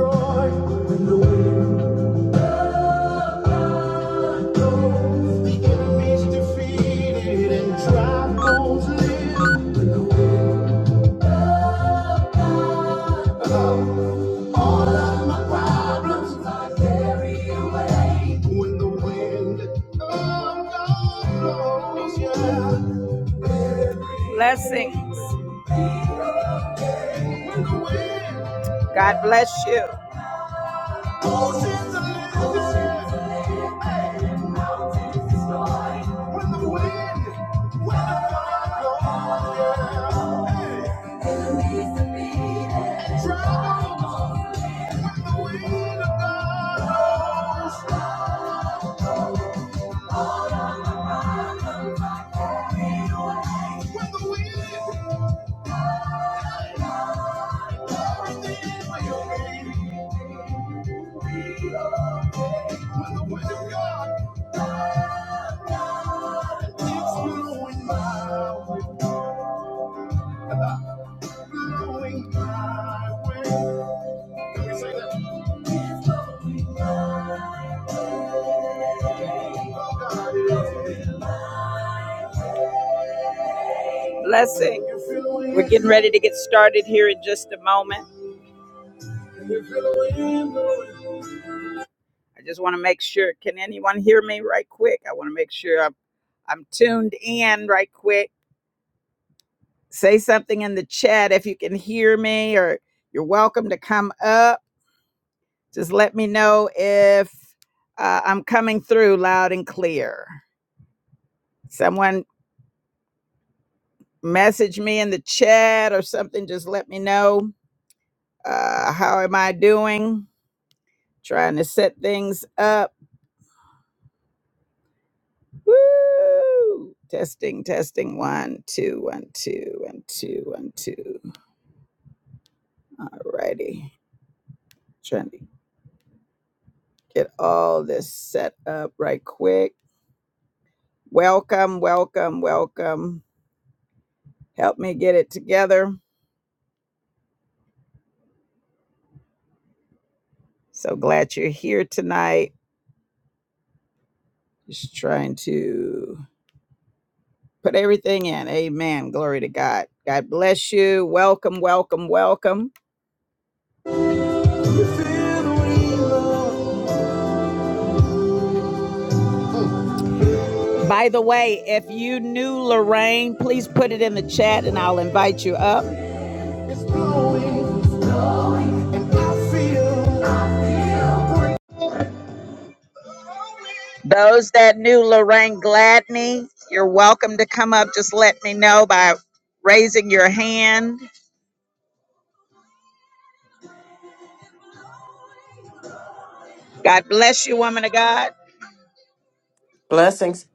When the wind blows, the enemy's defeated and trials live. When the wind, when the wind of God blows, yeah. Blessings. God bless you. Oceans are living when the wind, when the wind blows, yeah. Hey, when the wind, everything will be. free. When the wind of God Blessing. We're getting ready to get started here in just a moment. I just want to make sure. Can anyone hear me right quick? I want to make sure I'm I'm tuned in right quick. Say something in the chat if you can hear me, or you're welcome to come up. Just let me know if uh, I'm coming through loud and clear. Someone message me in the chat or something. Just let me know. Uh, how am I doing? Trying to set things up. Woo! Testing, testing. One, two, one, two, one, two, one, two. All righty. Trying to get all this set up right quick. Welcome, welcome, welcome. Help me get it together. So glad you're here tonight. Just trying to put everything in. Amen. Glory to God. God bless you. Welcome, welcome, welcome. By the way, if you knew Lorraine, please put it in the chat and I'll invite you up. Those that knew Lorraine Gladney, you're welcome to come up. Just let me know by raising your hand. God bless you, woman of God. Blessings.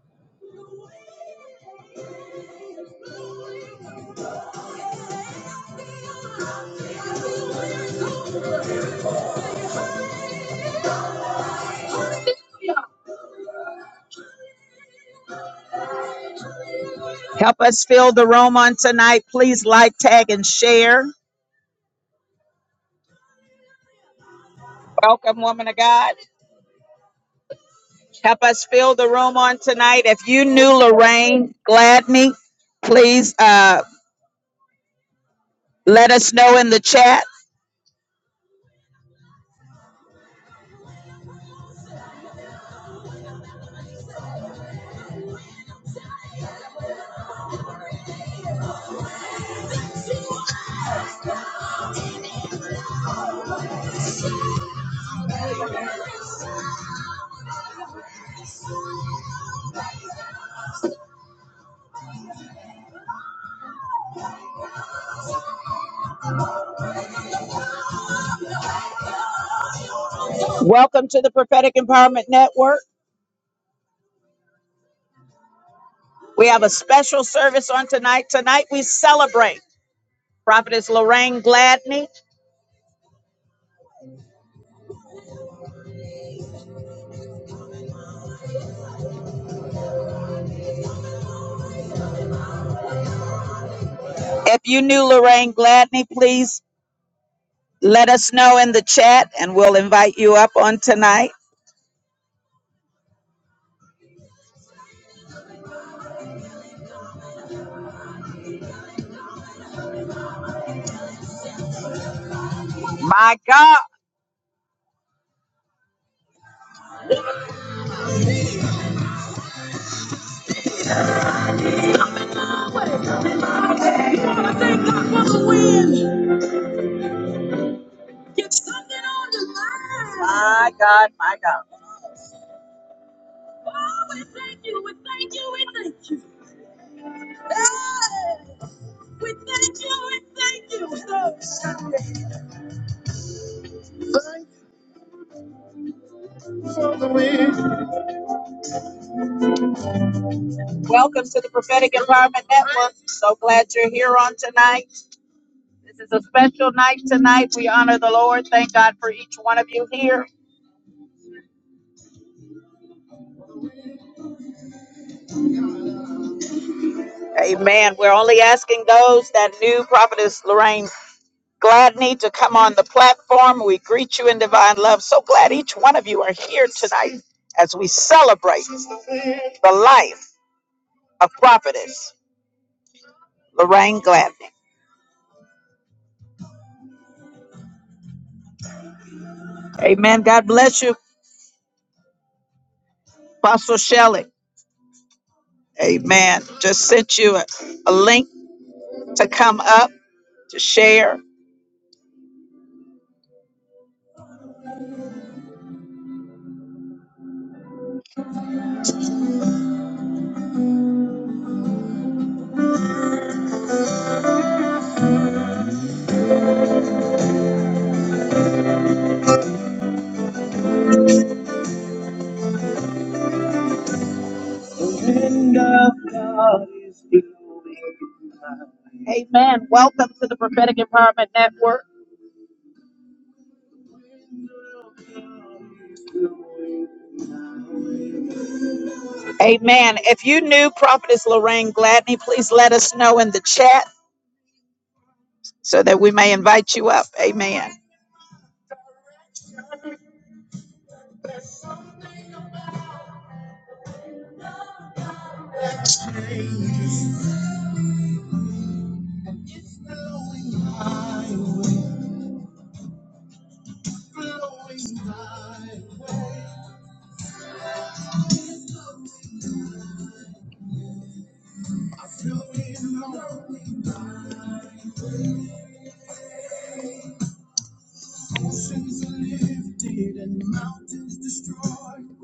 Help us fill the room on tonight. Please like, tag, and share. Welcome, woman of God. Help us fill the room on tonight. If you Those knew that were Lorraine Gladney, please uh, let us know in the chat. Welcome to the Prophetic Empowerment Network. We have a special service on tonight. Tonight we celebrate Prophetess Lorraine Gladney. If you knew Lorraine Gladney, please let us know in the chat and we'll invite you up on tonight. My God. You want to thank God for the win. Get something on your mind. My God, my God. Oh, we thank you, we thank you, we thank you. Hey, we thank you, we thank you. Welcome to the Prophetic Empowerment Network. So glad you're here on tonight. Tonight, tonight, we, Lord, thank God for each one of you here. Amen. We're only asking those that knew Prophetess Lorraine. Gladney to come on the platform. We greet you in divine love. So glad each one of you are here tonight as we celebrate the life of prophetess Lorraine Gladney. Amen. God bless you, Apostle Shelley. Amen. Just sent you a, a link to come up to share. Amen. Welcome to the Prophetic Empowerment Network. Amen. If you knew Prophetess Lorraine Gladney, please let us know in the chat so that we may invite you up. Amen. Blowing high, oceans are lifted and mountains destroyed.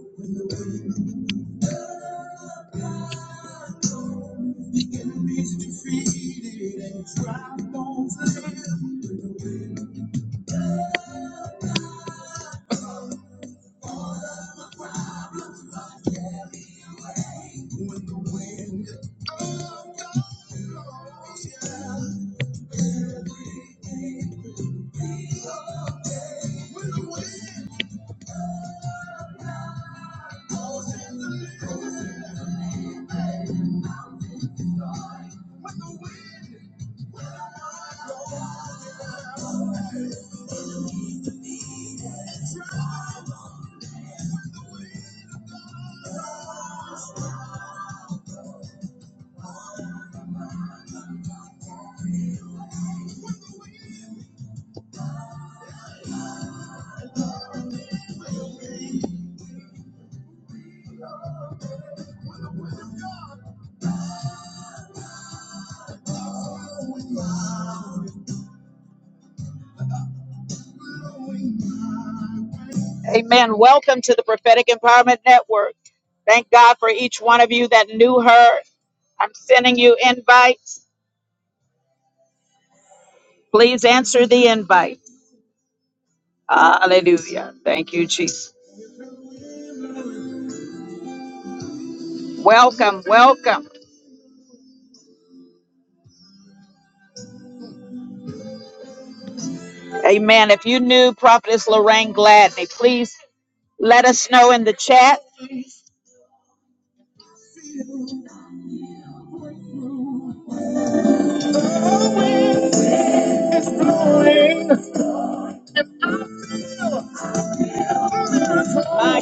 Amen. Welcome to the Prophetic Empowerment Network. Thank God for each one of you that knew her. I'm sending you invites. Please answer the invite. Hallelujah. Thank you, Jesus. Welcome, welcome. Amen. If you knew Prophetess Lorraine Gladney, please let us know in the chat. My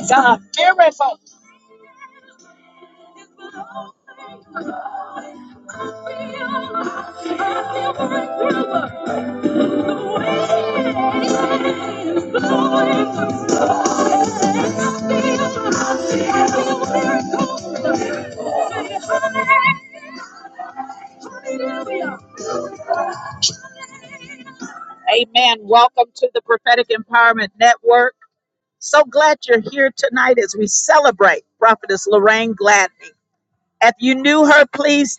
God, miracle. Amen. Welcome to the Prophetic Empowerment Network. So glad you're here tonight as we celebrate Prophetess Lorraine Gladney. If you knew her, please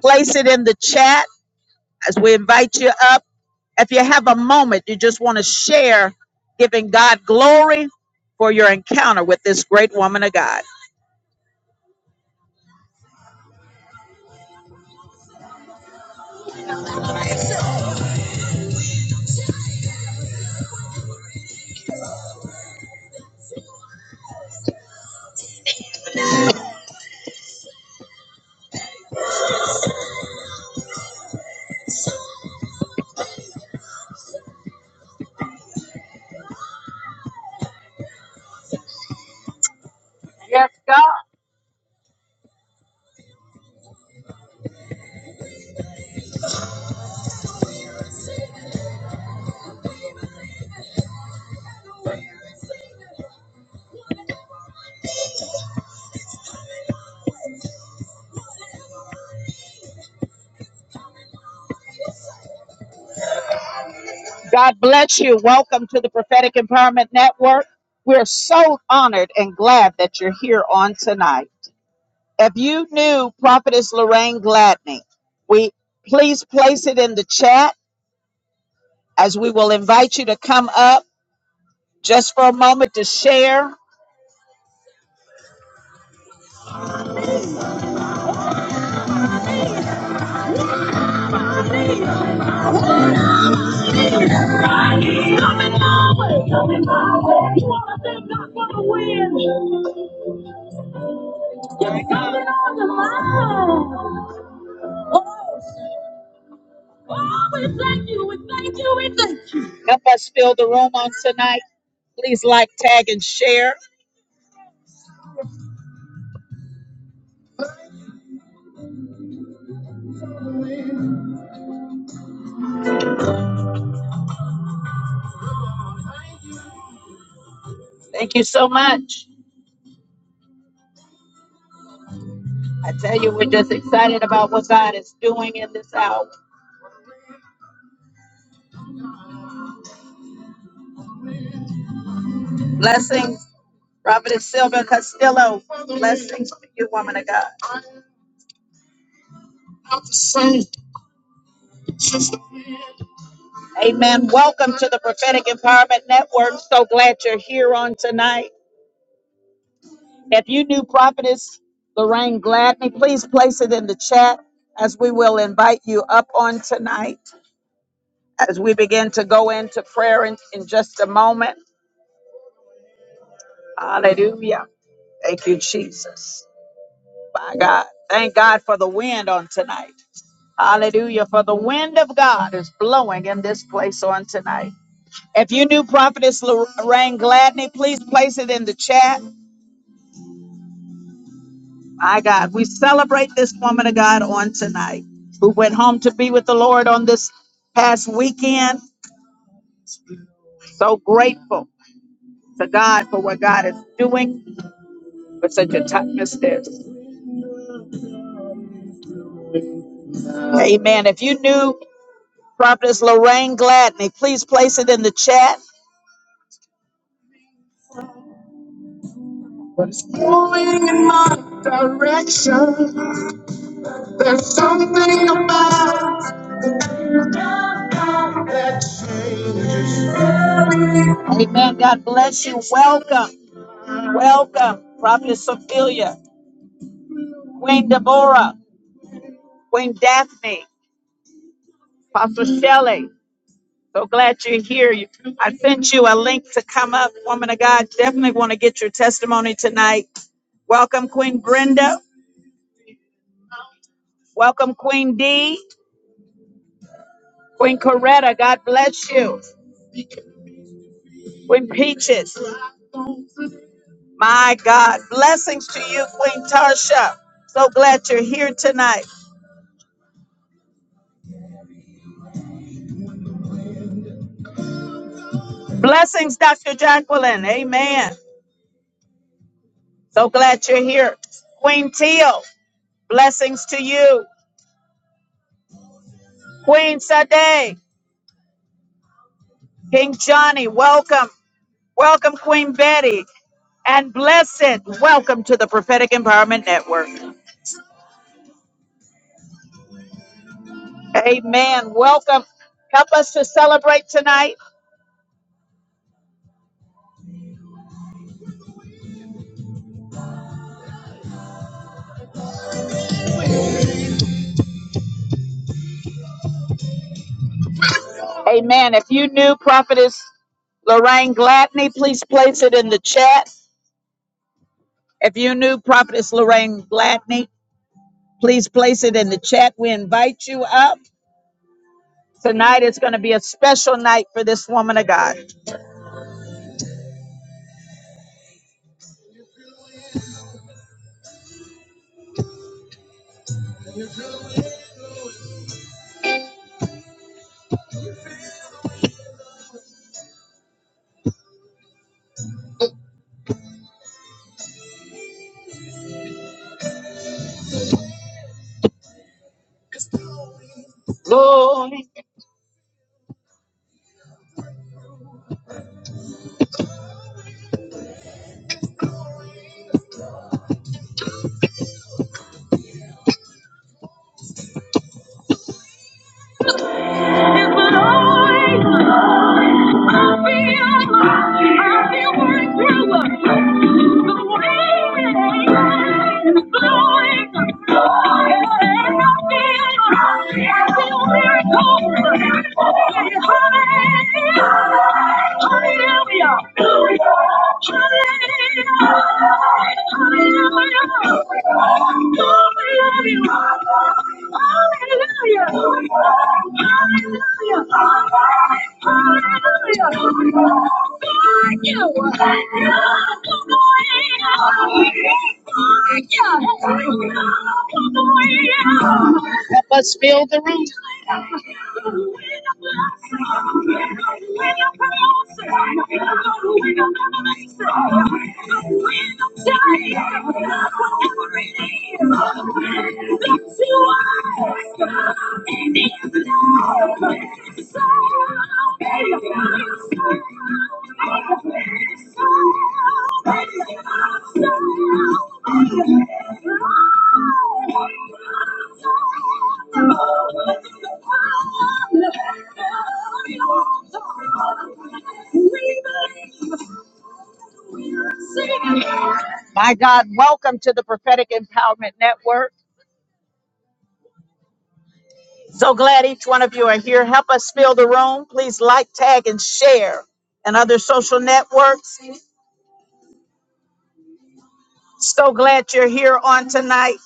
place it in the chat. As we invite you up, if you have a moment, you just want to share giving God glory for your encounter with this great woman of God. Yes, God. God bless you. Welcome to the Prophetic Empowerment Network. We're so honored and glad that you're here on tonight. If you knew Prophetess Lorraine Gladney, we please place it in the chat as we will invite you to come up just for a moment to share. I keep Coming my way, coming my way. You wanna thank God for the wind? It's coming on the line. Oh, oh, we thank you, we thank you, we thank you. Help us fill the room on tonight. Please like, tag, and share. Thank you so much. I tell you, we're just excited about what God is doing in this hour. Blessings, Prophetess Sylvia Castillo. Blessings to you, woman of God. Amen. Welcome to the Prophetic Empowerment Network. So glad you're here on tonight. If you knew Prophetess Lorraine Gladney, please place it in the chat as we will invite you up on tonight as we begin to go into prayer in, in just a moment. Hallelujah. Thank you, Jesus. My God. Thank God for the wind on tonight. Hallelujah. For the wind of God is blowing in this place on tonight. If you knew Prophetess Lorraine Gladney, please place it in the chat My God, we celebrate this woman of God on tonight who went home to be with the Lord on this past weekend. So grateful to God for what God is doing for such a time as this. Amen. If you knew Prophetess Lorraine Gladney, please place it in the chat. What's going on? Direction. There's something about that changes. Amen. God bless you. Welcome. Welcome. Prophetess Sophia. Queen Deborah. Queen Daphne, Apostle Shelley. So glad you're here. You- I sent you a link to come up, woman of God. Definitely want to get your testimony tonight. Welcome, Queen Brenda. Welcome, Queen D. Queen Coretta, God bless you. Queen Peaches, my God. Blessings to you, Queen Tarsha. So glad you're here tonight. Blessings, Dr. Jacqueline. Amen. So glad you're here. Queen Teal, blessings to you. Queen Sade, King Johnny, welcome. Welcome, Queen Betty. And blessed, welcome to the Prophetic Empowerment Network. Amen. Welcome. Help us to celebrate tonight. Amen. If you knew Prophetess Lorraine Gladney, please place it in the chat. If you knew Prophetess Lorraine Gladney, please place it in the chat. We invite you up. Tonight is going to be a special night for this woman of God. Hallelujah. Hallelujah. Hallelujah. Help us fill the room. My God, welcome to the Prophetic Empowerment Network. So glad each one of you are here. Help us fill the room. Please like, tag, and share and other social networks. So glad you're here on tonight.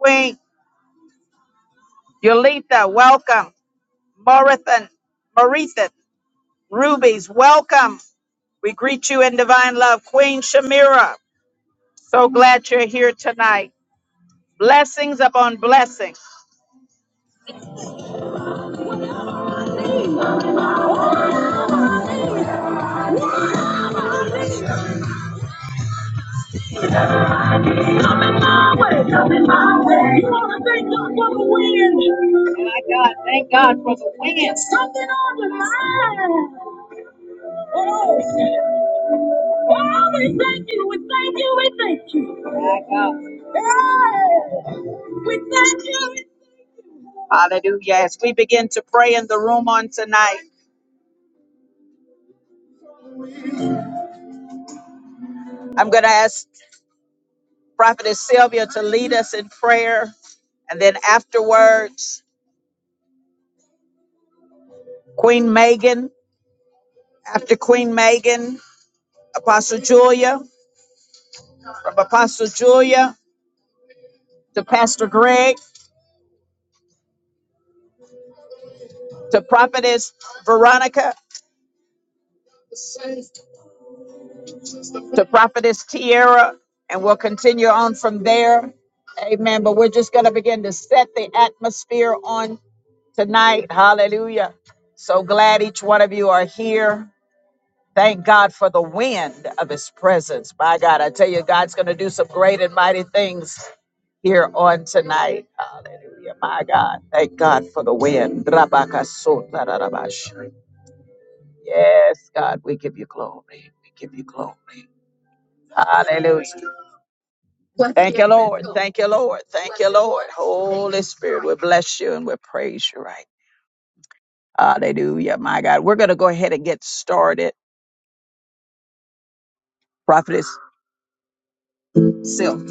Queen Yolita, welcome. Marithan, Marithan, Rubies, welcome. We greet you in divine love. Queen Shamira, so glad you're here tonight. Blessings upon blessings. my way, coming my way. You want to thank God for the wind. My God, thank God for the wind. Something on your mind. Oh, oh, we thank you, we thank you, we thank you. My God. Yeah. We thank you. Hallelujah. As we begin to pray in the room on tonight, I'm going to ask Prophetess Sylvia to lead us in prayer. And then afterwards, Queen Megan, after Queen Megan, Apostle Julia. from Apostle Julia to Pastor Greg to Prophetess Veronica to Prophetess Tierra, and we'll continue on from there. Amen. But we're just going to begin to set the atmosphere on tonight. Hallelujah. So glad each one of you are here. Thank God for the wind of his presence. My God, I tell you, God's going to do some great and mighty things here on tonight. Hallelujah. My God. Thank God for the wind. Rabakasota rarabash. Yes, God, we give you glory. We give you glory. Hallelujah. Thank you, Lord. Thank you, Lord. Thank you, Lord. Holy Spirit, we bless you and we praise you right. Hallelujah, my God. We're going to go ahead and get started. Prophetess Silk.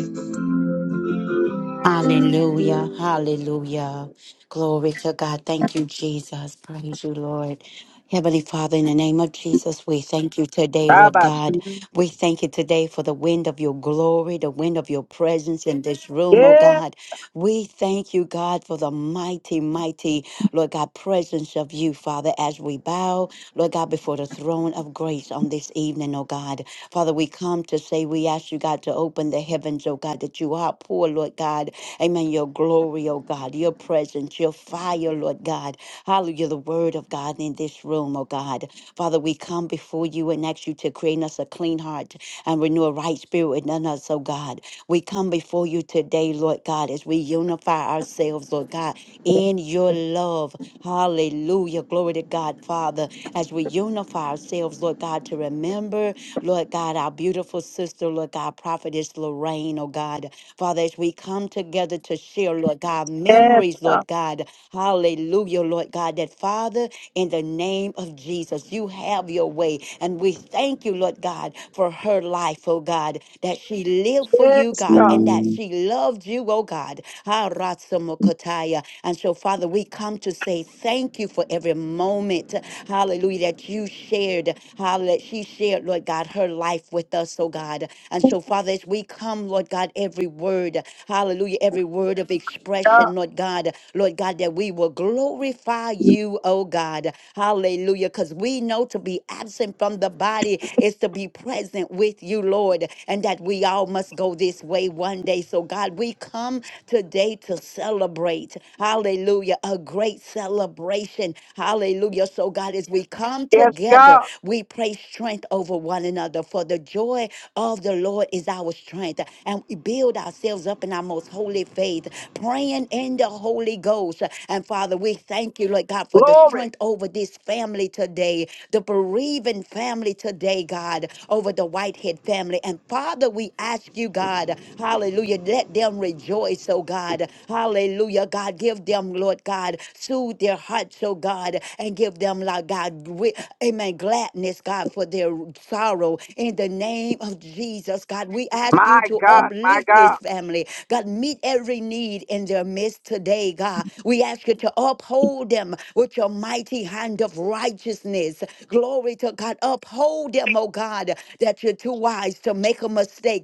Hallelujah. Hallelujah. Glory to God. Thank you, Jesus. Praise you, Lord. Heavenly Father, in the name of Jesus, we thank you today, Lord Rabash. God. We thank you today for the wind of your glory, the wind of your presence in this room, oh Yes, God. We thank you, God, for the mighty, mighty, Lord God, presence of you, Father, as we bow. Lord God, before the throne of grace on this evening, oh God. Father, we come to say, we ask you, God, to open the heavens, oh God, that you are poor, Lord God. Amen. Your glory, oh God, your presence, your fire, Lord God. Hallelujah, the word of God in this room, oh God. Father, we come before you and ask you to create in us a clean heart and renew a right spirit within us, oh God. We come before you today, Lord God, as we unify ourselves, Lord God, in your love. Hallelujah. Glory to God, Father, as we unify ourselves, Lord God, to remember, Lord God, our beautiful sister, Lord God, prophetess Lorraine, oh God. Father, as we come together to share, Lord God, memories, Lord God. Hallelujah, Lord God, that Father, in the name of Jesus, you have your way. And we thank you, Lord God, for her life, oh God, that she lived for you, God, and God. that she loved you, oh God. Sataya. And so, Father, we come to say thank you for every moment, hallelujah, that you shared, hallelujah, that she shared, Lord God, her life with us, oh God. And so, Father, as we come, Lord God, every word, hallelujah, every word of expression, Lord God, Lord God, that we will glorify you, oh God, hallelujah, because we know to be absent from the body is to be present with you, Lord, and that we all must go this way one day. So, God, God, we come today to celebrate. Hallelujah. A great celebration. Hallelujah. So, God, as we come Yes, together, God. we pray strength over one another. For the joy of the Lord is our strength. And we build ourselves up in our most holy faith, praying in the Holy Ghost. And Father, we thank you, Lord God, for the Glory. strength over this family today, the bereaving family today, God, over the Whitehead family. And Father, we we ask you, God, hallelujah, let them rejoice, oh God, hallelujah, God, give them, Lord God, soothe their hearts, oh God, and give them, Lord God, gri- amen, gladness, God, for their sorrow in the name of Jesus, God. We ask you My to God. My uplift this God. family, God, meet every need in their midst today, God. We ask you to uphold them with your mighty hand of righteousness. Glory to God, uphold them, oh God. God, that you're too wise to make a mistake.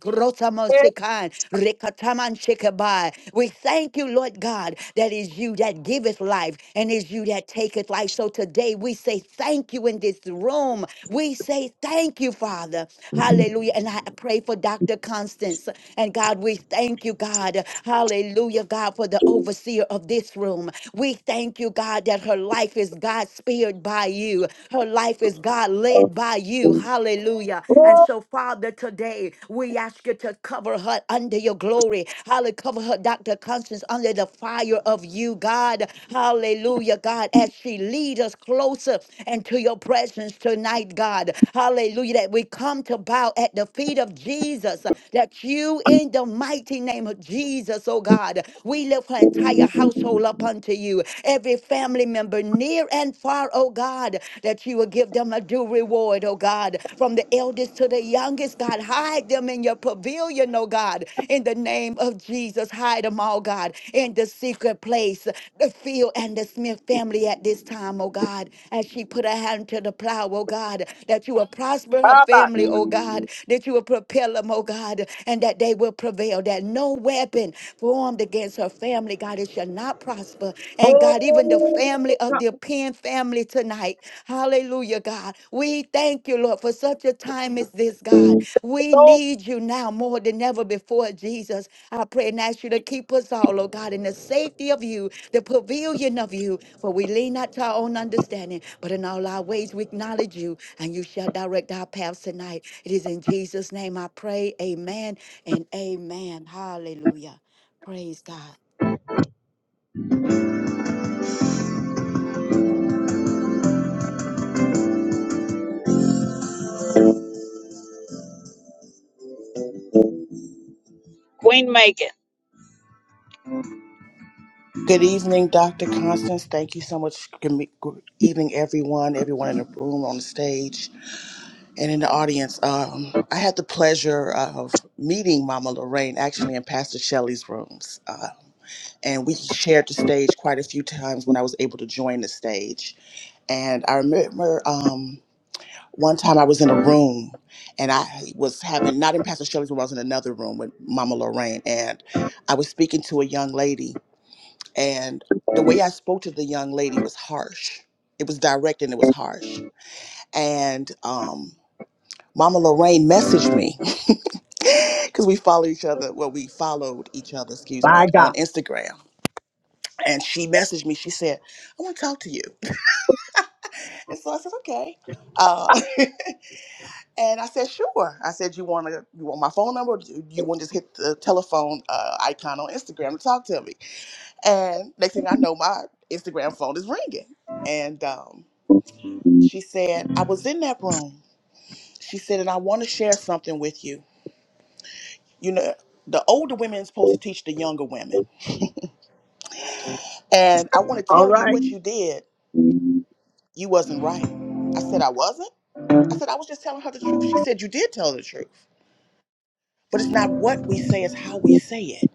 Yes, Rosamosikan, rekatamanshikabai. We thank you, Lord God, that is you that giveth life and is you that taketh life. So today we say thank you in this room. We say thank you, Father. Hallelujah. And I pray for Dr. Constance. And God, we thank you, God. Hallelujah, God, for the overseer of this room. We thank you, God, that her life is God speared by you. Her life is God led by you. Hallelujah. And so, Father, today we ask you to cover her under your glory. Hallelujah. Cover her, Dr. Constance, under the fire of you, God. Hallelujah, God, as she leads us closer into your presence tonight, God. Hallelujah. That we come to bow at the feet of Jesus. That you, in the mighty name of Jesus, oh God, we lift her entire household up unto you. Every family member, remember near and far, oh God, that you will give them a due reward, oh God, from the eldest to the youngest, God. Hide them in your pavilion, oh God, in the name of Jesus. Hide them all, God, in the secret place, the field and the Smith family at this time, oh God, as she put her hand to the plow, oh God, that you will prosper her Rabash. family, oh God, that you will propel them, oh God, and that they will prevail, that no weapon formed against her family, God, it shall not not prosper. And God, even the Oh, family of God. the Penn family tonight, hallelujah, God. We thank you, Lord, for such a time as this, God. We Oh, need you now more than ever before, Jesus. I pray and ask you to keep us all, oh God, in the safety of you, the pavilion of you, for we lean not to our own understanding, but in all our ways we acknowledge you, and you shall direct our paths tonight. It is in Jesus' name I pray. Amen and amen. Hallelujah. Praise God. Good evening, Dr. Constance. Thank you so much. Good me- good evening, everyone, everyone in the room, on the stage, and in the audience. Um, I had the pleasure of meeting Mama Lorraine actually in Pastor Shelley's rooms. Uh, and we shared the stage quite a few times when I was able to join the stage. And I remember um, one time I was in a room and I was having, not in Pastor Shelley's room, I was in another room with Mama Lorraine. And I was speaking to a young lady and the way I spoke to the young lady was harsh. It was direct and it was harsh. And um, Mama Lorraine messaged me because we follow each other. Well, we followed each other, excuse me, on God. Instagram. And she messaged me. She said, I want to talk to you. And so I said, okay. Uh, and I said, sure. I said, you want to, you want my phone number? Or do you want to just hit the telephone uh, icon on Instagram to talk to me? And next thing I know, my Instagram phone is ringing. And um, She said, I was in that room. She said, and I want to share something with you. You know, the older women is supposed to teach the younger women. And I want to All tell you right. what you did. You wasn't right. I said, I wasn't. I said, I was just telling her the truth. She said, You did tell the truth. But it's not what we say, it's how we say it.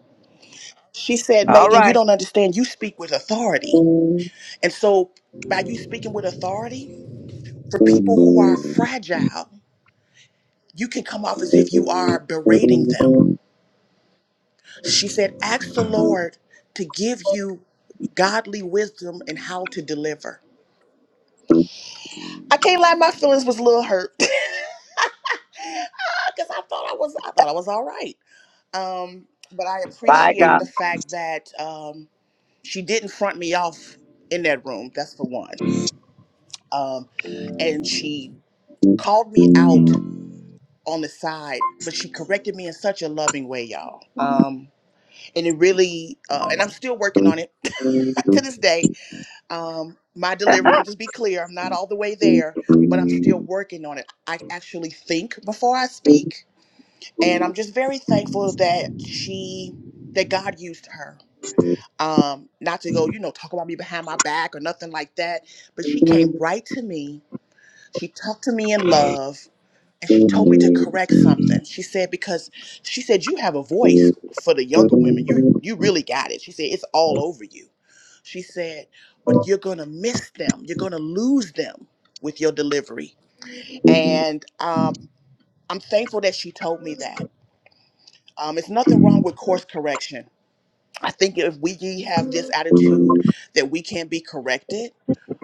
She said, All Megan, you right. don't understand. You speak with authority. And so by you speaking with authority, for people who are fragile, you can come off as if you are berating them She said, Ask the Lord to give you godly wisdom and how to deliver. I can't lie, my feelings was a little hurt. Because I thought I was I thought I was all right. Um, but I My appreciate God. the fact that um she didn't front me off in that room, that's for one. Um, and she called me out on the side, but she corrected me in such a loving way, y'all. Um, and it really uh, and I'm still working on it to this day um, my delivery. Let Ah, me just be clear. I'm not all the way there, but I'm still working on it. I actually think before I speak, and I'm just very thankful that she, that God used her. Um, not to go, you know, talk about me behind my back or nothing like that, but she came right to me. She talked to me in love and she told me to correct something. She said because she said you have a voice for the younger women. You you really got it. She said it's all over you. She said, but you're gonna miss them. You're gonna lose them with your delivery. And um, I'm thankful that she told me that. Um, it's nothing wrong with course correction. I think if we have this attitude that we can be corrected,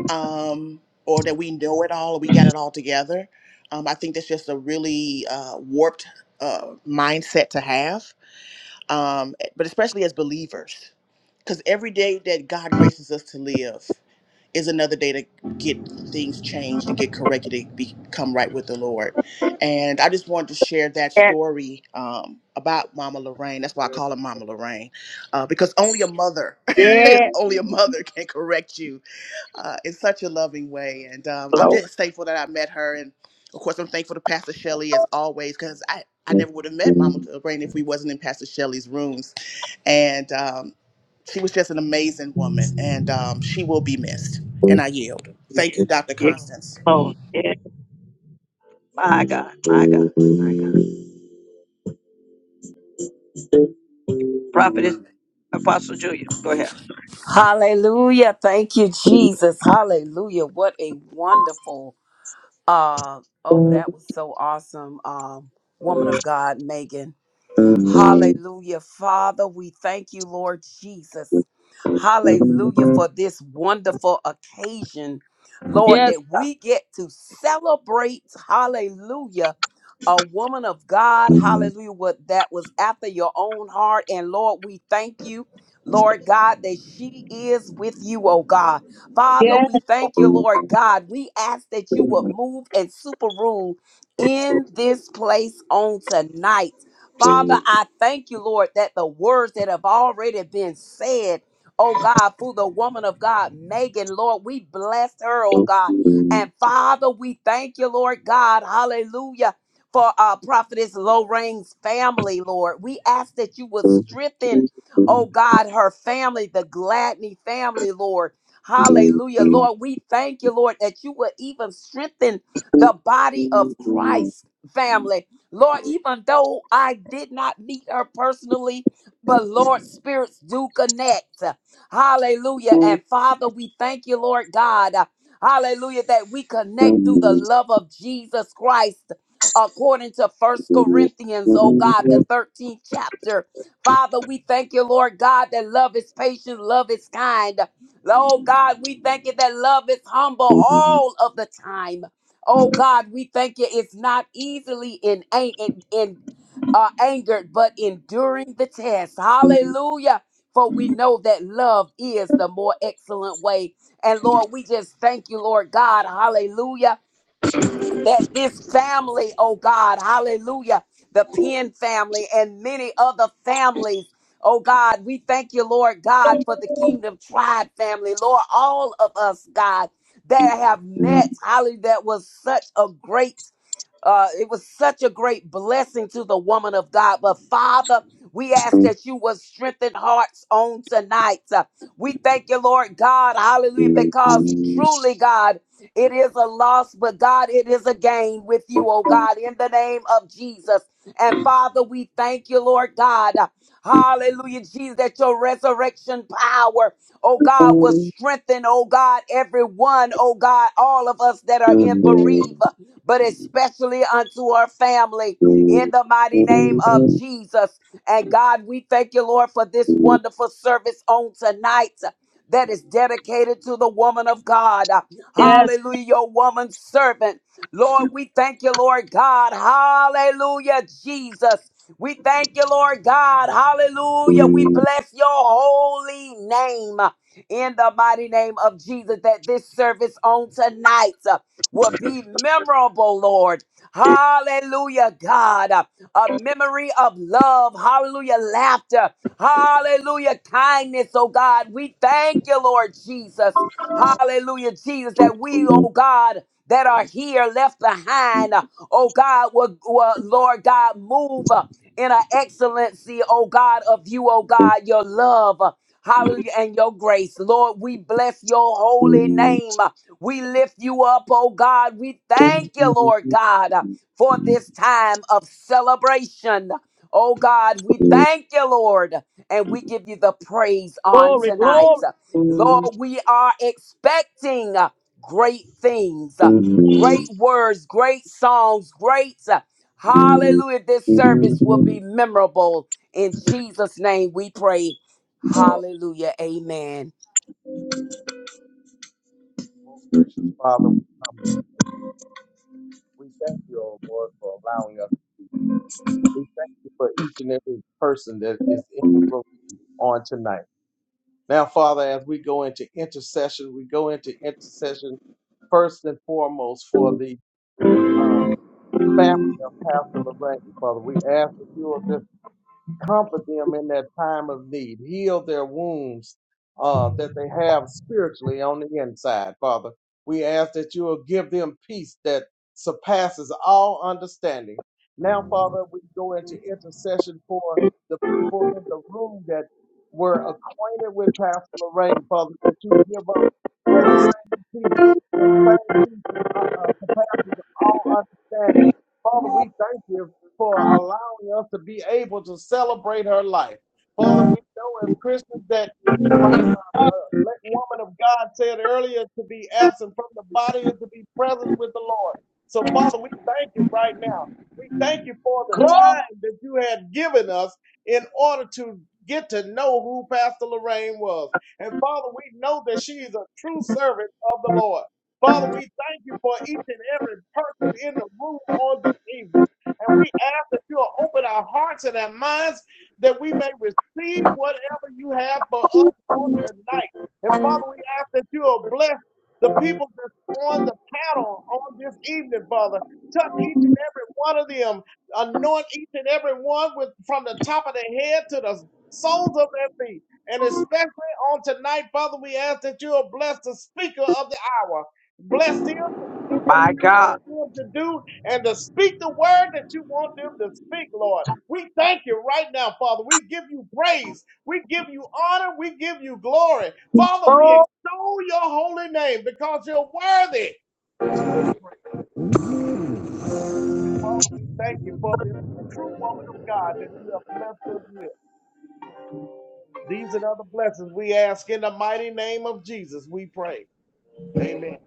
um, or that we know it all, we got it all together. Um, I think that's just a really uh, warped uh, mindset to have, um, eh, but especially as believers, because every day that God graces us to live is another day to get things changed and get corrected and become right with the Lord. And I just wanted to share that yes, story um, about Mama Lorraine. That's why I call her Mama Lorraine, uh, because only a mother, yes, only a mother can correct you uh, in such a loving way. And um, I'm Lord. just thankful that I met her. And of course, I'm thankful to Pastor Shelley as always, because I, I never would have met Mama Brain if we wasn't in Pastor Shelley's rooms. And um, she was just an amazing woman, and um, she will be missed. And I yield. Thank you, Dr. Yes, Constance. Lord. Yes, my God, my God. Prophetess, Apostle Julia, go ahead. Hallelujah. Thank you, Jesus. Hallelujah. What a wonderful uh oh, that was so awesome. Um, woman of God, Megan. Hallelujah. Father, we thank you, Lord Jesus. Hallelujah for this wonderful occasion, Lord, Yes. that we get to celebrate, hallelujah, a woman of God, hallelujah, what that was after your own heart. And Lord, we thank you, Lord God, that she is with you, oh God. Father, Yes, we thank you, Lord God. We ask that you would move and super rule in this place on tonight. Father, I thank you, Lord, that the words that have already been said, oh God, through the woman of God, Megan, Lord, we bless her, oh God. And Father, we thank you, Lord God, hallelujah, for uh, Prophetess Lorraine's family, Lord. We ask that you would strengthen, oh God, her family, the Gladney family, Lord. Hallelujah, Lord. We thank you, Lord, that you would even strengthen the body of Christ family Lord, even though I did not meet her personally, but Lord, spirits do connect. Hallelujah. And Father, we thank you, Lord God. Hallelujah, that we connect through the love of Jesus Christ. According to First Corinthians, oh God, the 13th chapter. Father, we thank you, Lord God, that love is patient, love is kind. Oh God, we thank you that love is humble all of the time. Oh God, we thank you. It's not easily in, an- in, in uh, angered, but enduring the test. Hallelujah. For we know that love is the more excellent way. And Lord, we just thank you, Lord God. Hallelujah that this family, oh God, hallelujah, the Penn family and many other families, oh God, we thank you, Lord God, for the Kingdom Tribe family, Lord, all of us, God, that have met, hallelujah, that was such a great uh, it was such a great blessing to the woman of God. But Father, we ask that you would strengthen hearts on tonight. Uh, we thank you, Lord God. Hallelujah. Because truly, God, it is a loss, but God, it is a gain with you, oh God, in the name of Jesus. And Father, we thank you, Lord God. Hallelujah, Jesus, that your resurrection power, oh God, will strengthen, oh God, everyone, oh God, all of us that are in bereavement but especially unto her family in the mighty name of Jesus. And God, we thank you, Lord, for this wonderful service on tonight that is dedicated to the woman of God. Hallelujah, your woman servant. Lord, we thank you, Lord God. Hallelujah, Jesus. We thank you, Lord God. Hallelujah. We bless your holy name in the mighty name of Jesus that this service on tonight will be memorable, Lord. Hallelujah, God. A memory of love. Hallelujah, laughter. Hallelujah, kindness, oh God. We thank you, Lord Jesus. Hallelujah, Jesus, that we, Yes. oh God, that are here left behind, oh God, will, will Lord God, move uh, in an excellency, oh God, of you, oh God, your love. uh, Hallelujah, and your grace. Lord, we bless your holy name. We lift you up, oh God. We thank you, Lord Glory, God, for this time of celebration. Oh God, we thank you, Lord, and we give you the praise on glory, tonight. glory, Lord, we are expecting great things, great words, great songs, great. Hallelujah. This service will be memorable. In Jesus' name we pray. Hallelujah. Amen. Most gracious Father, we come before you. We thank you, O Lord, for allowing us to be. We thank you for each and every person that is in the room on tonight. Now, Father, as we go into intercession, we go into intercession first and foremost for the uh, family of Pastor Lorraine. Father, we ask that you will just comfort them in that time of need, heal their wounds uh, that they have spiritually on the inside, Father. We ask that you will give them peace that surpasses all understanding. Now, Father, we go into intercession for the people in the room that were acquainted with Pastor Lorraine, Father, that you give that same peace, that same peace that uh, uh, surpasses all understanding. Father, we thank you for allowing us to be able to celebrate her life. Father, we know as Christians that uh, let woman of God said earlier, to be absent from the body is to be present with the Lord. So, Father, we thank you right now. We thank you for the time that you had given us in order to get to know who Pastor Lorraine was. And Father, we know that she is a true servant of the Lord. Father, we thank you for each and every person in the room on this evening. And we ask that you will open our hearts and our minds that we may receive whatever you have for us on tonight. And Father, we ask that you will bless the people that's on the panel on this evening, Father. Touch each and every one of them. Anoint each and every one with from the top of their head to the soles of their feet. And especially on tonight, Father, we ask that you will bless the speaker of the hour. Bless them to do what My God. you want them to do and to speak the word that you want them to speak, Lord. We thank you right now, Father. We give you praise. We give you honor. We give you glory. Father, we glory. extol your holy name because you're worthy to be praised. And Father, we thank you for this true woman of God that you have blessed us with. These and other blessings we ask in the mighty name of Jesus. We pray. Amen.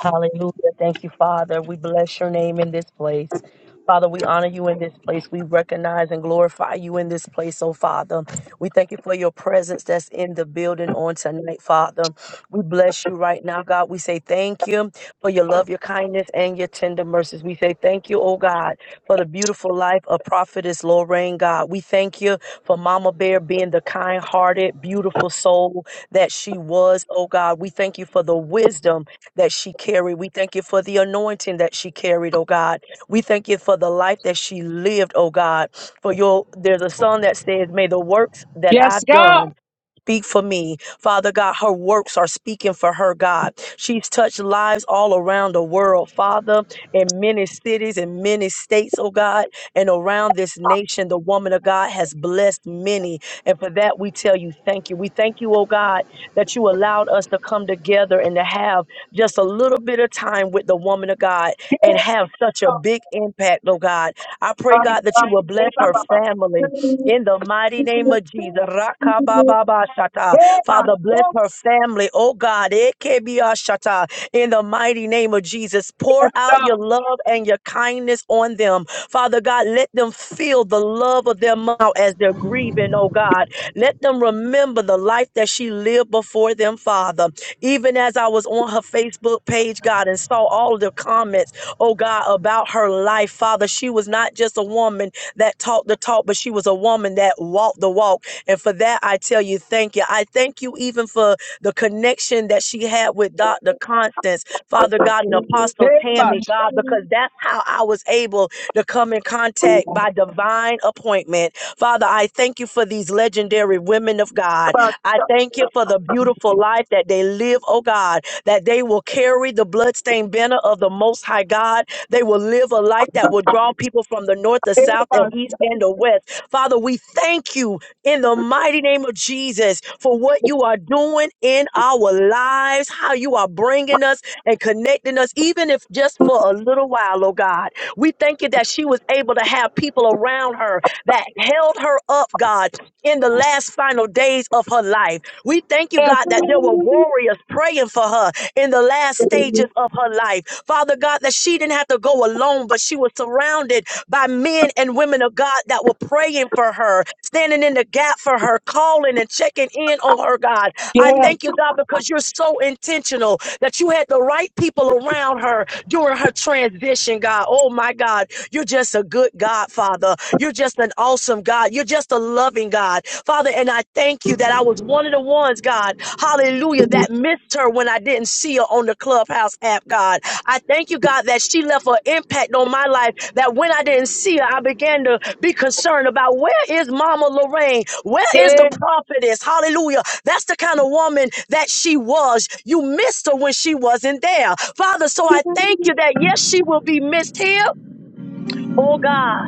Hallelujah. Thank you, Father. We bless your name in this place. Father, we honor you in this place. We recognize and glorify you in this place, oh Father. We thank you for your presence that's in the building on tonight, Father. We bless you right now, God. We say thank you for your love, your kindness, and your tender mercies. We say thank you, oh God, for the beautiful life of Prophetess Lorraine, God. We thank you for Mama Bear being the kind hearted, beautiful soul that she was, oh God. We thank you for the wisdom that she carried. We thank you for the anointing that she carried, oh God. We thank you for the life that she lived, oh God. For your there's a song that says, May the works that Yes, I've done God. Speak for me. Father God, her works are speaking for her, God. She's touched lives all around the world, Father, in many cities, in many states, oh God, and around this nation. The woman of God has blessed many. And for that, we tell you thank you. We thank you, oh God, that you allowed us to come together and to have just a little bit of time with the woman of God and have such a big impact, oh God. I Hey, pray, my God, that you God. will Yes, God. Hey, bless my God. her family Hey, in the mighty name of Jesus. Rakababashata. my God. Father, bless her family. Oh God, Ekebiashata. in the mighty name of Jesus. Pour Yes, out God. your love and your kindness on them. Father God, let them feel the love of their mouth as they're grieving, oh God. Let them remember the life that she lived before them, Father. Even as I was on her Facebook page, God, and saw all the comments, oh God, about her life, Father, she was not just a woman that talked the talk, but she was a woman that walked the walk. And for that, I tell you, thank you. I thank you even for the connection that she had with Dr. Constance, Father God, and Apostle Yes, Tammy, God, because that's how I was able to come in contact by divine appointment. Father, I thank you for these legendary women of God. I thank you for the beautiful life that they live, oh God, that they will carry the bloodstained banner of the Most High God. They will live a life that will draw people from the north, the south, the east, and the west. Father, we thank you in the mighty name of Jesus for what you are doing in our lives, how you are bringing us and connecting us, even if just for a little while, oh God. We thank you that she was able to have people around her that held her up, God, in the last final days of her life. We thank you, God, that there were warriors praying for her in the last stages of her life. Father God, that she didn't have to go alone, but she was surrounded by men and women of God that were praying for her, standing in the gap for her, calling and checking in on her, God. I thank you, God, because you're so intentional that you had the right people around her during her transition, God. Oh, my God. You're just a good God, Father. You're just an awesome God. God. You're just a loving God. Father, and I thank you that I was one of the ones, God, hallelujah, that missed her when I didn't see her on the Clubhouse app, God. I thank you, God, that she left an impact on my life, that when I didn't see her, I began to be concerned about where is Mama Lorraine? Where is the yes, prophetess? Hallelujah. That's the kind of woman that she was. You missed her when she wasn't there. Father, so I thank you that yes, she will be missed here. Oh God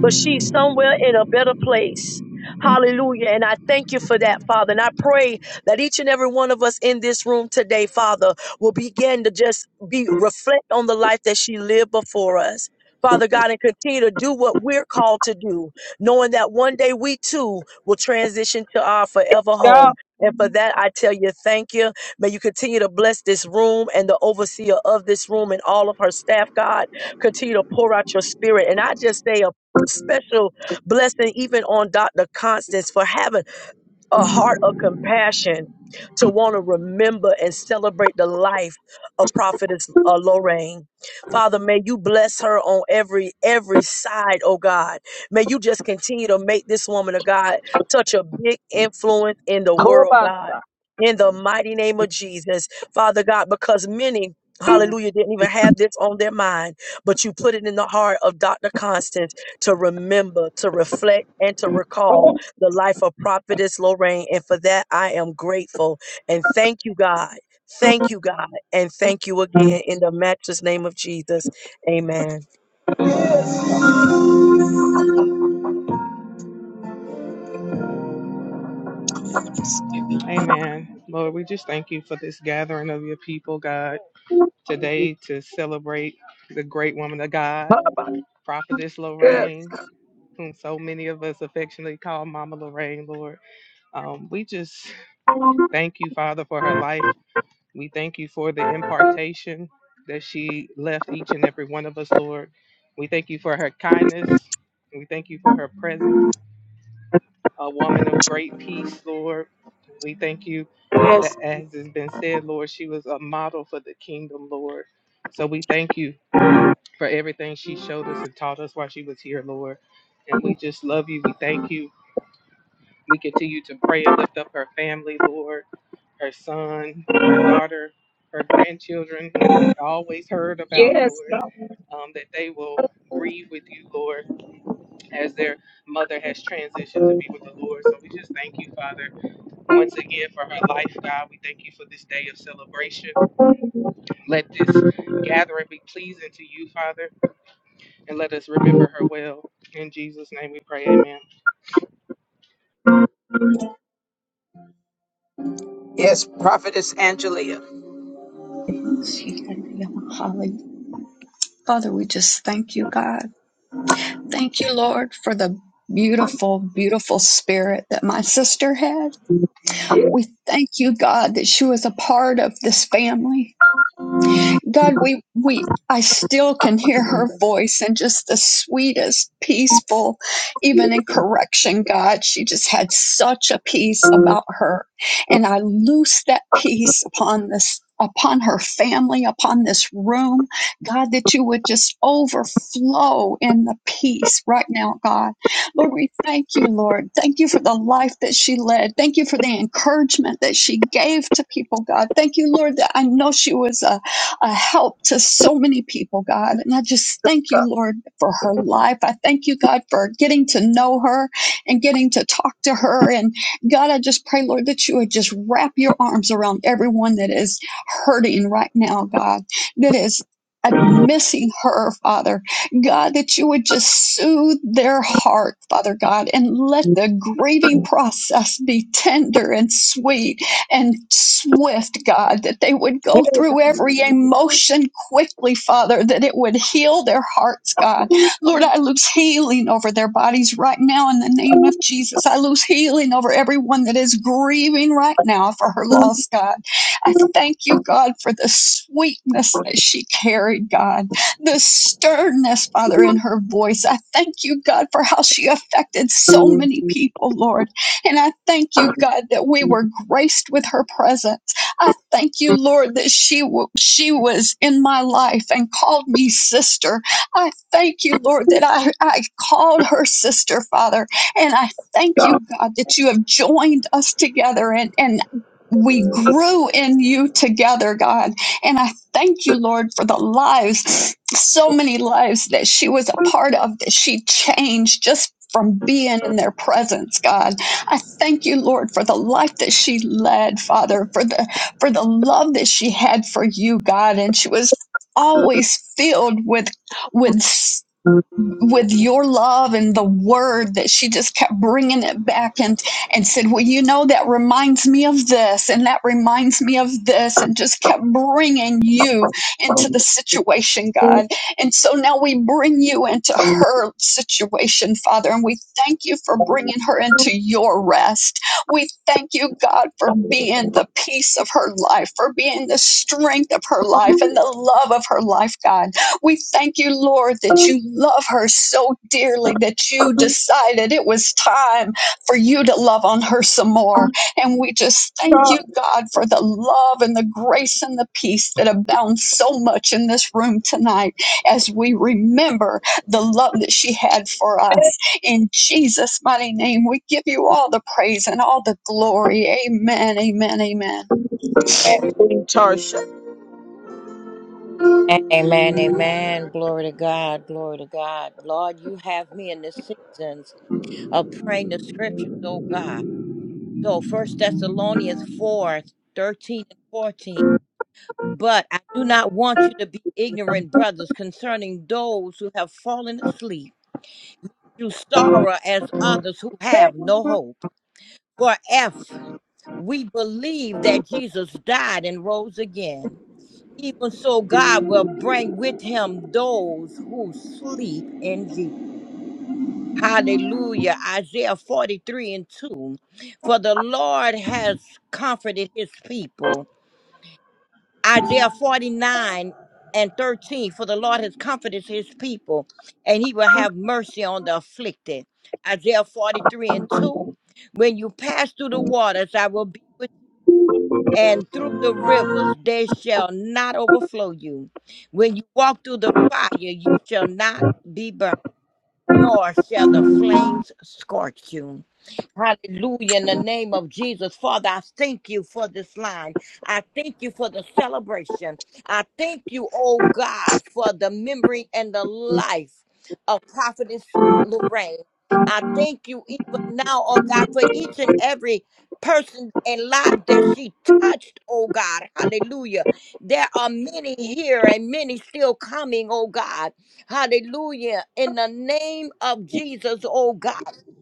but she's somewhere in a better place. Hallelujah. And I thank you for that, Father. And I pray that each and every one of us in this room today, Father, will begin to just be reflect on the life that she lived before us. Father God, and continue to do what we're called to do, knowing that one day we too will transition to our forever God. home. And for that, I tell you, thank you. May you continue to bless this room and the overseer of this room and all of her staff, God. Continue to pour out your spirit. And I just say a special blessing even on Dr. Constance for having a heart of compassion to want to remember and celebrate the life of prophetess uh, lorraine father may you bless her on every every side oh god may you just continue to make this woman of god such a big influence in the Come world god in the mighty name of jesus father god because many Hallelujah, didn't even have this on their mind, but you put it in the heart of Dr. Constance to remember, to reflect, and to on. recall Oh, the life of Prophetess Lorraine. And for that, I am grateful. And thank you, God. Thank you, God. And thank you again in the matchless name of Jesus. Amen. Amen. Lord, we just thank you for this gathering of your people, God, today to celebrate the great woman of God, Prophetess Lorraine, whom so many of us affectionately call Mama Lorraine, Lord. Um, we just thank you, Father, for her life. We thank you for the impartation that she left each and every one of us, Lord. We thank you for her kindness. We thank you for her presence. a woman of great peace, Lord. We thank you that, as has been said, Lord, she was a model for the kingdom, Lord. So we thank you for everything she showed us and taught us while she was here, Lord. And we just love you. We thank you. We continue to pray and lift up her family, Lord, her son, her daughter, her grandchildren, whom we always heard about, yes, Lord, God. um, that they will grieve with you, Lord, as their mother has transitioned to be with the Lord. So we just thank you, Father once again for her life, God. We thank you for this day of celebration. Let this gathering be pleasing to you, Father, and let us remember her well. In Jesus' name we pray, amen. Yes, Prophetess Angelia. Father, we just thank you, God. Thank you, Lord, for the beautiful, beautiful spirit that my sister had. We thank you, God, that she was a part of this family. God, we, we, I still can hear her voice and just the sweetest, peaceful, even in correction, God. She just had such a peace about her. And I loose that peace upon this, upon her family, upon this room. God, that you would just overflow in the peace right now, God. Lord, we thank you, Lord. Thank you for the life that she led. Thank you for the encouragement that she gave to people, God. Thank you, Lord, that I know she was a a help to so many people, God. And I just thank you, Lord, for her life. I thank you, God, for getting to know her and getting to talk to her. And God, I just pray, Lord, that you would just wrap your arms around everyone that is hurting right now, God, that is. uh, Missing her, Father God, that you would just soothe their heart, Father God, and let the grieving process be tender and sweet and swift, God, that they would go through every emotion quickly, Father, that it would heal their hearts, God. Lord, I lose healing over their bodies right now in the name of Jesus. I lose healing over everyone that is grieving right now for her loss, God. I thank you, God, for the sweetness that she carried, God, the sternness, Father, in her voice. I thank you, God, for how she affected so many people, Lord. And I thank you, God, that we were graced with her presence. I thank you, Lord, that she, w- she was in my life and called me sister. I thank you, Lord, that I, I called her sister, Father. And I thank you, God, that you have joined us together and, and we grew in you together, God. And I thank you, Lord, for the lives, so many lives that she was a part of that she changed just from being in their presence, God. I thank you, Lord, for the life that she led, Father, for the for the love that she had for you, God, and she was always filled with with with your love and the word that she just kept bringing it back and and said well you know that reminds me of this and that reminds me of this and just kept bringing you into the situation god and so now we bring you into her situation father and we thank you for bringing her into your rest we thank you god for being the peace of her life for being the strength of her life and the love of her life god we thank you, Lord, that you love her so dearly that you decided it was time for you to love on her some more. And we just thank you, God, for the love and the grace and the peace that abounds so much in this room tonight as we remember the love that she had for us. In Jesus' mighty name, we give you all the praise and all the glory. Amen, amen, amen. Amen, amen. Glory to God, glory to God. Lord, you have me in the seasons of praying the scriptures, oh God. So first Thessalonians 4 13 and 14. But I do not want you to be ignorant, brothers, concerning those who have fallen asleep, through sorrow as others who have no hope. For if we believe that Jesus died and rose again, Even so, God will bring with him those who sleep in thee. Hallelujah. Isaiah 43 and 2. For the Lord has comforted his people. Isaiah 49 and 13. For the Lord has comforted his people, and he will have mercy on the afflicted. Isaiah 43 and 2. When you pass through the waters, I will be with you and through the rivers they shall not overflow you. When you walk through the fire, you shall not be burned, nor shall the flames scorch you. Hallelujah. In the name of Jesus. Father, I thank you for this line. I thank you for the celebration. I thank you, oh God, for the memory and the life of Prophetess Lorraine. I thank you even now, oh God, for each and every person and life that she touched, oh God. Hallelujah. There are many here and many still coming, oh God. Hallelujah. In the name of Jesus, oh God.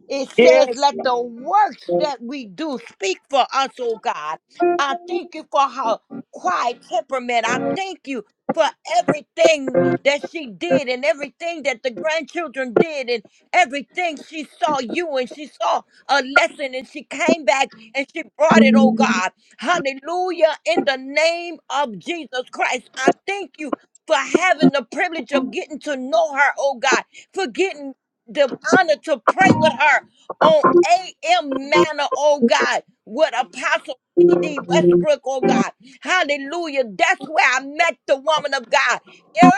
It says, Yes. let the works that we do speak for us, oh God. I thank you for her quiet temperament. I thank you for everything that she did and everything that the grandchildren did and everything she saw you and she saw a lesson and she came back and she brought it, oh God. Hallelujah. In the name of Jesus Christ, I thank you for having the privilege of getting to know her, oh God, for getting the honor to pray with her on AM manner, oh God, with Apostle P.D. Yeah. Westbrook, oh God. Hallelujah. That's where I met the woman of God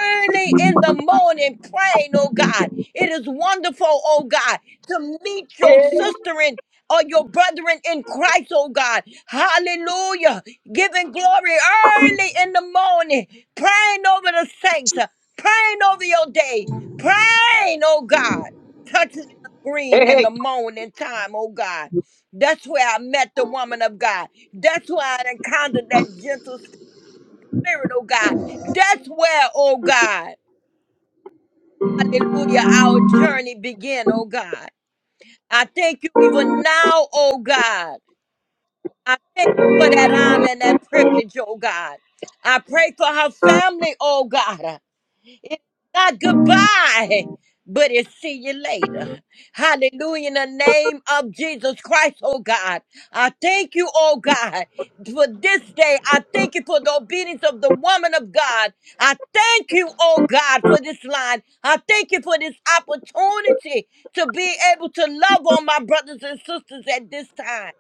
early in the morning praying, oh God. It is wonderful, oh God, to meet your sister in. Or your brethren in Christ, oh God. Hallelujah. Giving glory early in the morning. Praying over the saints. uh, Praying over your day. Praying, oh God touching the green in Hey. the morning time, oh God. That's where I met the woman of God. That's where I encountered that gentle spirit, oh God. That's where, oh God, hallelujah, our journey began, oh God. I thank you even now, oh God. I thank you for that honor and that privilege, oh God. I pray for her family, oh God. It's not goodbye, but it's see you later. Hallelujah. In the name of Jesus Christ, oh God. I thank you, oh God, for this day. I thank you for the obedience of the woman of God. I thank you, oh God, for this line. I thank you for this opportunity to be able to love on my brothers and sisters at this time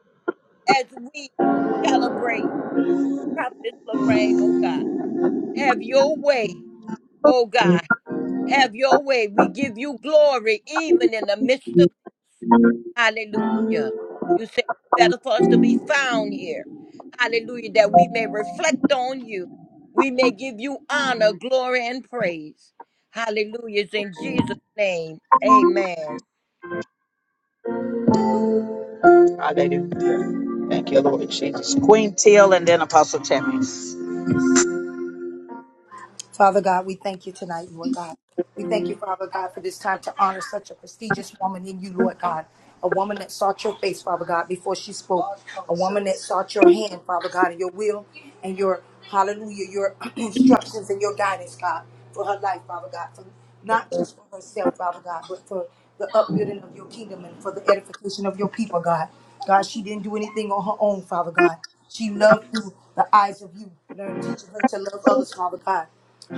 as we celebrate Prophetess Lorraine, oh God. Have your way, oh God. Have your way. We give you glory even in the midst of hallelujah. You say it's better for us to be found here. Hallelujah. That we may reflect on you. We may give you honor, glory, and praise. Hallelujah. It's in Jesus' name. Amen. Hallelujah. Thank you, Lord Jesus. Queen Till and then Apostle Tammy. Father God, we thank you tonight, Lord God. We thank you, Father God, for this time to honor such a prestigious woman in you, Lord God. A woman that sought your face, Father God, before she spoke. A woman that sought your hand, Father God, and your will and your hallelujah, your instructions and your guidance, God, for her life, Father God. For not just for herself, Father God, but for the upbuilding of your kingdom and for the edification of your people, God. God, she didn't do anything on her own, Father God. She loved through the eyes of you, learned, teaching her to love others, Father God.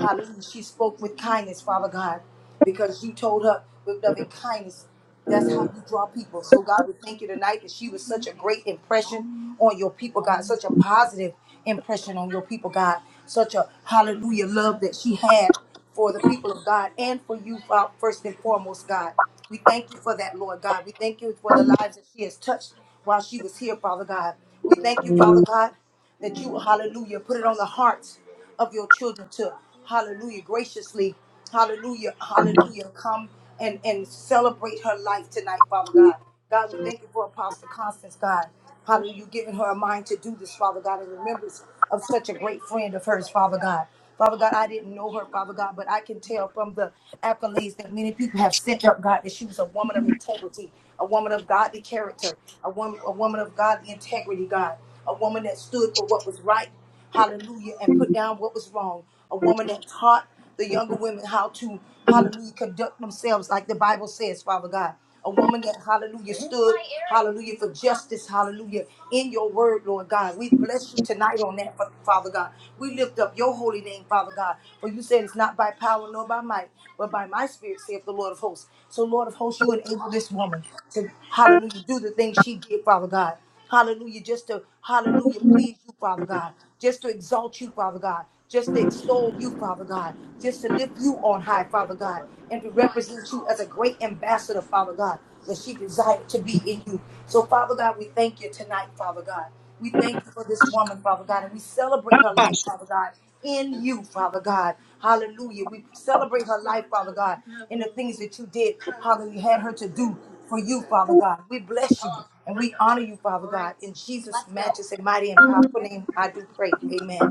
Hallelujah. She spoke with kindness, Father God, because you told her with loving kindness. That's how you draw people. So, God, we thank you tonight that she was such a great impression on your people, God, such a positive impression on your people, God, such a hallelujah love that she had for the people of God and for you, Fa- first and foremost, God. We thank you for that, Lord God. We thank you for the lives that she has touched while she was here, Father God. We thank you, Father God that you, hallelujah, put it on the hearts of your children to, hallelujah, graciously, hallelujah, hallelujah, come and, and celebrate her life tonight, Father God. God, we thank you for Apostle Constance, God. Hallelujah, you giving her a mind to do this, Father God, in remembrance of such a great friend of hers, Father God. Father God, I didn't know her, Father God, but I can tell from the accolades that many people have sent up, God, that she was a woman of integrity, a woman of godly character, a woman, a woman of godly integrity, God, a woman that stood for what was right hallelujah, and put down what was wrong. A woman that taught the younger women how to, hallelujah, conduct themselves like the Bible says, Father God. A woman that, hallelujah, stood, hallelujah, for justice, hallelujah, in your word, Lord God. We bless you tonight on that, Father God. We lift up your holy name, Father God. For you said it's not by power nor by might, but by my spirit, saith the Lord of hosts. So, Lord of hosts, you enable this woman to, hallelujah, do the things she did, Father God. Hallelujah. Just to, hallelujah, please you, Father God. Just to exalt you, Father God. Just to extol you, Father God. Just to lift you on high, Father God. And to represent you as a great ambassador, Father God, that she desired to be in you. So, Father God, we thank you tonight, Father God. We thank you for this woman, Father God, and we celebrate her life, Thank Father God in you, Father God. Hallelujah. We celebrate her life, Father God, and the things that you did, Hallelujah! you had her to do for you, Father God. We bless you and we honor you, Father God. In Jesus' matchless and mighty and powerful name, I do pray. Amen.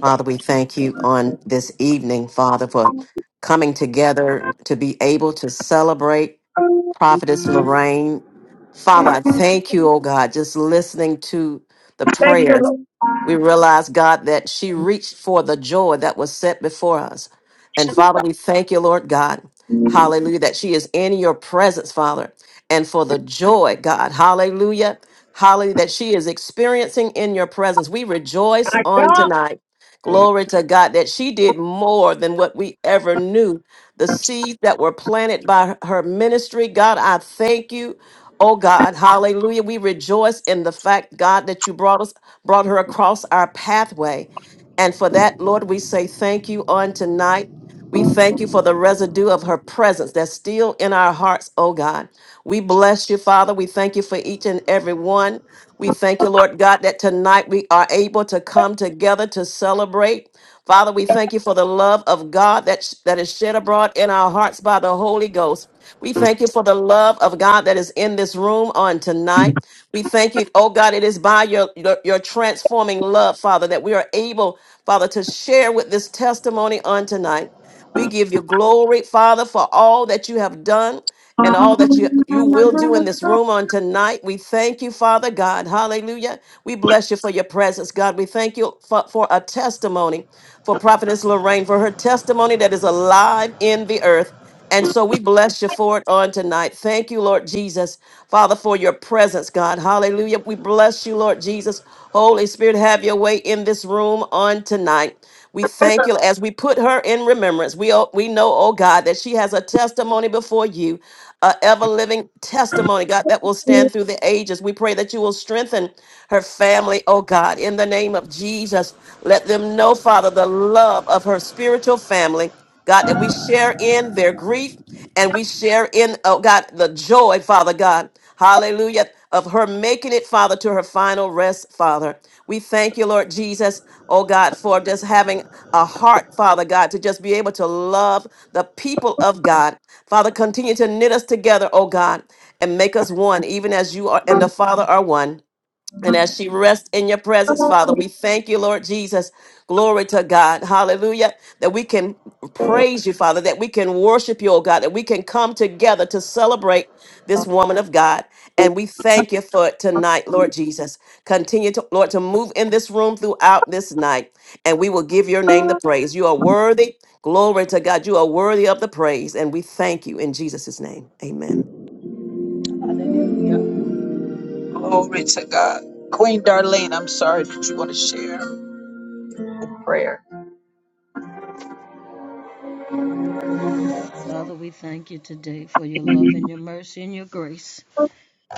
Father, we thank you on this evening, Father, for coming together to be able to celebrate Prophetess Lorraine. Father, I thank you, oh God, just listening to the you, prayers. Lord. We realize, God, that she reached for the joy that was set before us. And Father, we thank you, Lord God. Hallelujah, that she is in your presence, Father. And for the joy, God, hallelujah, hallelujah, that she is experiencing in your presence. We rejoice My on God. tonight. Glory to God that she did more than what we ever knew. The seeds that were planted by her ministry, God, I thank you. Oh God, hallelujah. We rejoice in the fact, God, that you brought us brought her across our pathway. And for that, Lord, we say thank you on tonight. We thank you for the residue of her presence that's still in our hearts, oh God. We bless you, Father. We thank you for each and every one. We thank you, Lord God, that tonight we are able to come together to celebrate. Father, we thank you for the love of God that, that is shed abroad in our hearts by the Holy Ghost. We thank you for the love of God that is in this room on tonight. We thank you, oh God, it is by your, your, your transforming love, Father, that we are able, Father, to share with this testimony on tonight. We give you glory, Father, for all that you have done and all that you, you will do in this room on tonight. We thank you, Father God. Hallelujah. We bless you for your presence, God. We thank you for, for a testimony for Prophetess Lorraine, for her testimony that is alive in the earth. And so we bless you for it on tonight. Thank you, Lord Jesus, Father, for your presence, God. Hallelujah. We bless you, Lord Jesus. Holy Spirit, have your way in this room on tonight. We thank you as we put her in remembrance. We, oh, we know, oh God, that she has a testimony before you, a ever living testimony, God, that will stand through the ages. We pray that you will strengthen her family, oh God, in the name of Jesus. Let them know, Father, the love of her spiritual family. God, that we share in their grief and we share in, oh God, the joy, Father God. Hallelujah. Of her making it, Father, to her final rest, Father. We thank you, Lord Jesus, oh God, for just having a heart, Father God, to just be able to love the people of God. Father, continue to knit us together, oh God, and make us one, even as you are and the Father are one. And as she rests in your presence, Father, we thank you, Lord Jesus. Glory to God. Hallelujah. That we can praise you, Father, that we can worship you, oh God, that we can come together to celebrate this woman of God. And we thank you for it tonight, Lord Jesus. Continue to, Lord, to move in this room throughout this night. And we will give your name the praise. You are worthy. Glory to God. You are worthy of the praise. And we thank you in Jesus' name. Amen. Glory to God. Queen Darlene, I'm sorry. Did you want to share prayer? Father, we thank you today for your love and your mercy and your grace.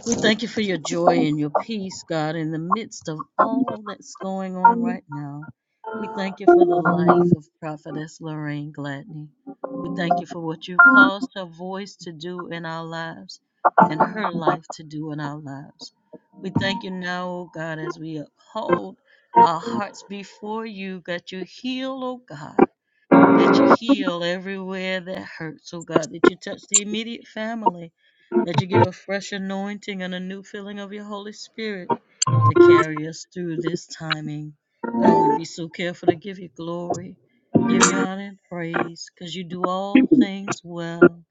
We thank you for your joy and your peace, God, in the midst of all that's going on right now. We thank you for the life of Prophetess Lorraine Gladney. We thank you for what you've caused her voice to do in our lives and her life to do in our lives. We thank you now, O God, as we uphold our hearts before you, that you heal, O God that you heal everywhere that hurts, oh God, that you touch the immediate family, that you give a fresh anointing and a new filling of your Holy Spirit to carry us through this timing. God, we be so careful to give you glory, give you honor and praise, because you do all things well.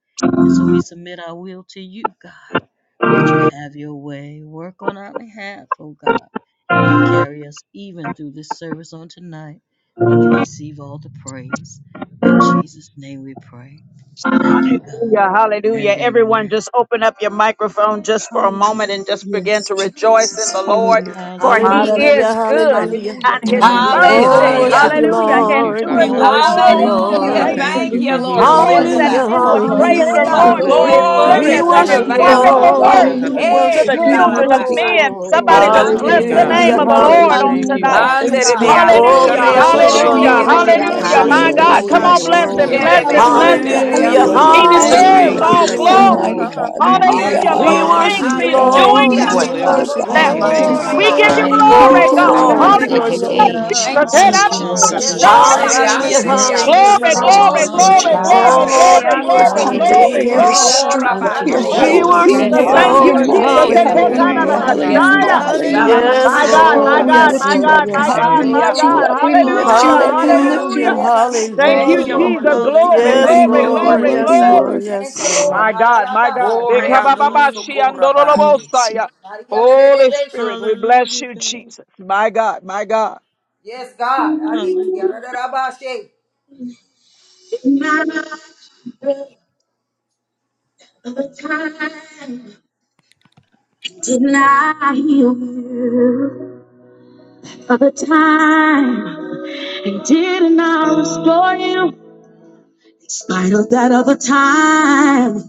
And so we submit our will to you, God, that you have your way. Work on our behalf, oh God and carry us even through this service on tonight. And you receive all the praise. In Jesus' name we pray. Thank you, God, Hallelujah, hallelujah. and Everyone, amen. just open up your microphone just for a moment Hallelujah. and just begin Yes, to rejoice in Jesus. the Lord, Hallelujah. for he Hallelujah. Hallelujah. is Hallelujah. Hallelujah. good Hallelujah. Hallelujah. and his Hallelujah, Glory to your Hallelujah, Oh, we Hallelujah. name, mercy, worship Hallelujah. Lord. Hallelujah. you, hallelujah, hallelujah, We hallelujah, thank you, Lord. We endures Father. to Glory. worship Hallelujah. you, all hallelujah, Hallelujah. Hallelujah. We Lord. thank generations. Thank you for you, hallelujah, who Thank Lord you, hallelujah, you All Lord are, that hallelujah, Jesus. Hallelujah, Jesus. God. men would Lord. hallelujah. Hallelujah, praise the Yes, God. Hallelujah. Thank hallelujah. Lord you, for We Lord. his thank Thank Hallelujah, you, Glory We you. goodness worship to and Thank the his you, worship you, hallelujah, Lord Lamb Hallelujah. of wonderful God. Hallelujah, you. Lord. hallelujah, works Lord. God. We Hallelujah. Hallelujah. Jesus. We to hallelujah, Hey, worship the you, Yes, You're God. children of worthy, Jesus. glorify, God. men. Sharabakatu You're Rebe Somebody worthy. just Lord. Glory oh You're to bless the worthy. Yes, name God. Hallelujah, of You're Anderebeasi. Hallelujah, the God. We Lord God. worthy. God. And on thank you you, do hallelujah. tonight. all Yes, Father, things for who well. God. you Manderebeasi are. Oh, we Hallelujah, Kere worship We you, Hallelujah. Bless you, thank Andorose Hallelujah. Hallelujah, you, hallelujah, Lord. We Kerebe Lord. Father, We Jesus. bless hallelujah. you, for My the Andorose worship Lord. you, We God, Ke. come blessing Hallelujah. on, bless you you, bless Jesus. are him, to Lord. Glory bless to all Yes, of him, Corona Sherebeki bless Hallelujah, God. Hallelujah. him. humanity, roso Hallelujah, Messi, You God. Thank Hallelujah. He Hallelujah, you, Andoroso Corona Lord. Thank We are deserves Hallelujah. thank Jesus. Rabase, Jesus. you, all worthy. Kurabate. Yes, you, hallelujah. Redeemer. glory. Almighty Lord. hallelujah, We God, thank mighty you, Yes, Thank Hallelujah. Hallelujah. For you, God, We Glo- the Healer. Lord. things thank Hallelujah. worship you, you you, he's We all we thank doing Yanaris, you, thank in Lord. you, us Hallelujah. need, Lord We Hallelujah, God. Corona Father God. Deliverer. worship you, God. Lord. Thank now. We We Thank give you, Boshe, you thank you, Kora Jesus. Hallelujah, you. We glory, Lord. give Thank you glory. Provider. you, We Haratabashaya give Ah, you Jesus. glory, Lord. Korabashekerebe Oh, We Yes, God. glory. glory. thank Lord, We Lord. you, we give Glory, you worship Anderebeasi. Abba. you, Hallelujah. glory. rosokorosetete. Lord. Thank hallelujah, Jesus. you, glory, Head Jesus, Thank out you, glory. Lord of Jesus, Yes, Hallelujah. God, God. Zion. Jesus. hallelujah, Jesus, rebe Baba Hallelujah. Hallelujah, Thank Jesus, Yashatatatahayanaheyakatai. you, Lord Mm, Anderebeasi God. Sede, yes, Glory, Jesus, hallelujah. Kerobo God. glory, Jesus, Yes, glory, Shekerebe glory, Oh God. Hallelujah. Jesus. God. Lord, glory, Yes, we Your glory, worship Lord. Corona Anderebeasi you, comforter, oh glory, Messi, your Hallelujah. Rokotoshandianasiyakatahoyanahe. glory. Jesus. glory, strength, Corona Thank Thank you, Rabasana, your you, Thank We Lord. you, holy, Jesus. your worship Hallelujah, Jesus. you, Yes, Thank worthy, your Lord. you, Lord. Jesus. Jesus. Hallelujah. mighty. Yes, hallelujah, Korabakikandoroshekerebeandoroseke. Thank Lord. you, Hallelujah. Lord Hallelujah. Thank Yes, Jesus. Roshotokandianasiyakatahoyanaheyakatai. you, Hallelujah. Ekotanarabashaya. Lord. Jesus. Hallelujah, Hallelujah. Yes, My hallelujah, hallelujah. God, Hallelujah. my Oh, Lord. we God, Sharabakandribiasi. Yes, lift my you Lord. up, God, my Yes, God. Yashatatahayanaheyakatai. God, We Lord. my lift you God. oh, up. We Thank lift you, Hallelujah. you oh Lord up. We Hallelujah. Jesus. lift glory, Mandriasikareandorosokorabande. you Hallelujah. Hallelujah. Sede up. Nasi, Thank Corona Oh, Hallelujah. Thank you, you, you Bo. are Lord Jesus. worthy, Jesus. Yeah, Glory, worthy, Thank glory, you, Hallelujah. worthy, Lord glory, yeah. worthy, Jesus. glory. worthy. Thank you, Lord. Mo- My Lord. God, my Halalabase, God. glory. Hallelujah, God. Koreandorosokorabande. Yes. Ekabababashiandorobosaya. Maria Holy Spirit, Rede we bless Hallelujah, you, God. Jesus. My God, my God. Yes, God. Arisi, Hallelujah. Rada Rabashe. Other time didn't I heal you? Other time didn't I restore you? In spite of that other time,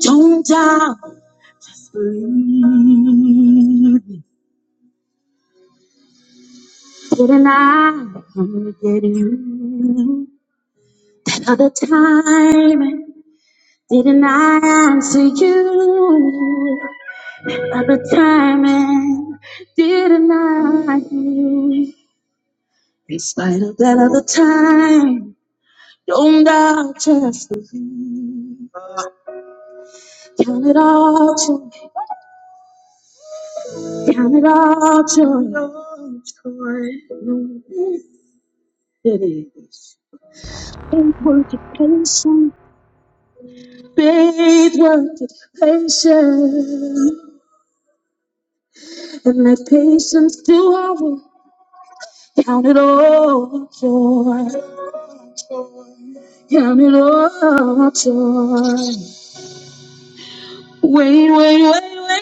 don't I believe? Didn't I get you? That other time, didn't I answer you? At the time and didn't like you. In spite of that other time, don't doubt yourself. Count it all joy, count it all joy. Knowing That it is faith work it patience, faith work it patience, and let patience do our work. Count it all joy. Count it all joy. Wait, wait,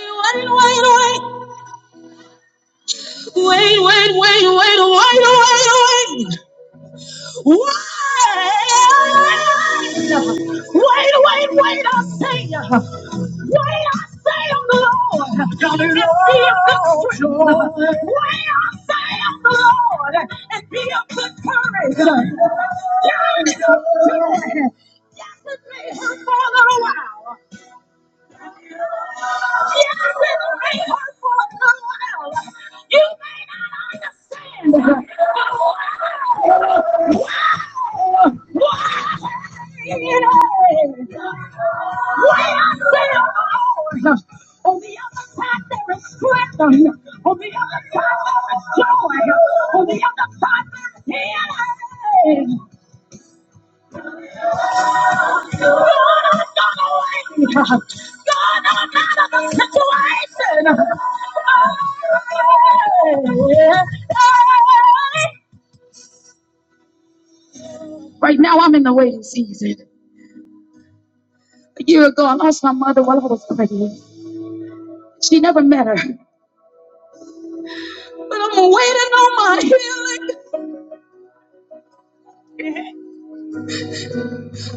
Wait, wait, wait, wait, wait, wait, wait, wait, wait, wait, wait, wait, I say, wait, I say on the Lord, and be of good strength. Wait, I say on the Lord, and be of good courage. God is good. It may hurt for a little while. Yes, it may hurt for a little while. You may not understand. On the other side there is strength. On the other side there is joy. On the other side there is healing. God has gone away. God I'm out of the situation. Right now I'm in the waiting season. A year ago I lost my mother while I was pregnant. She never met her. But I'm waiting on my healing.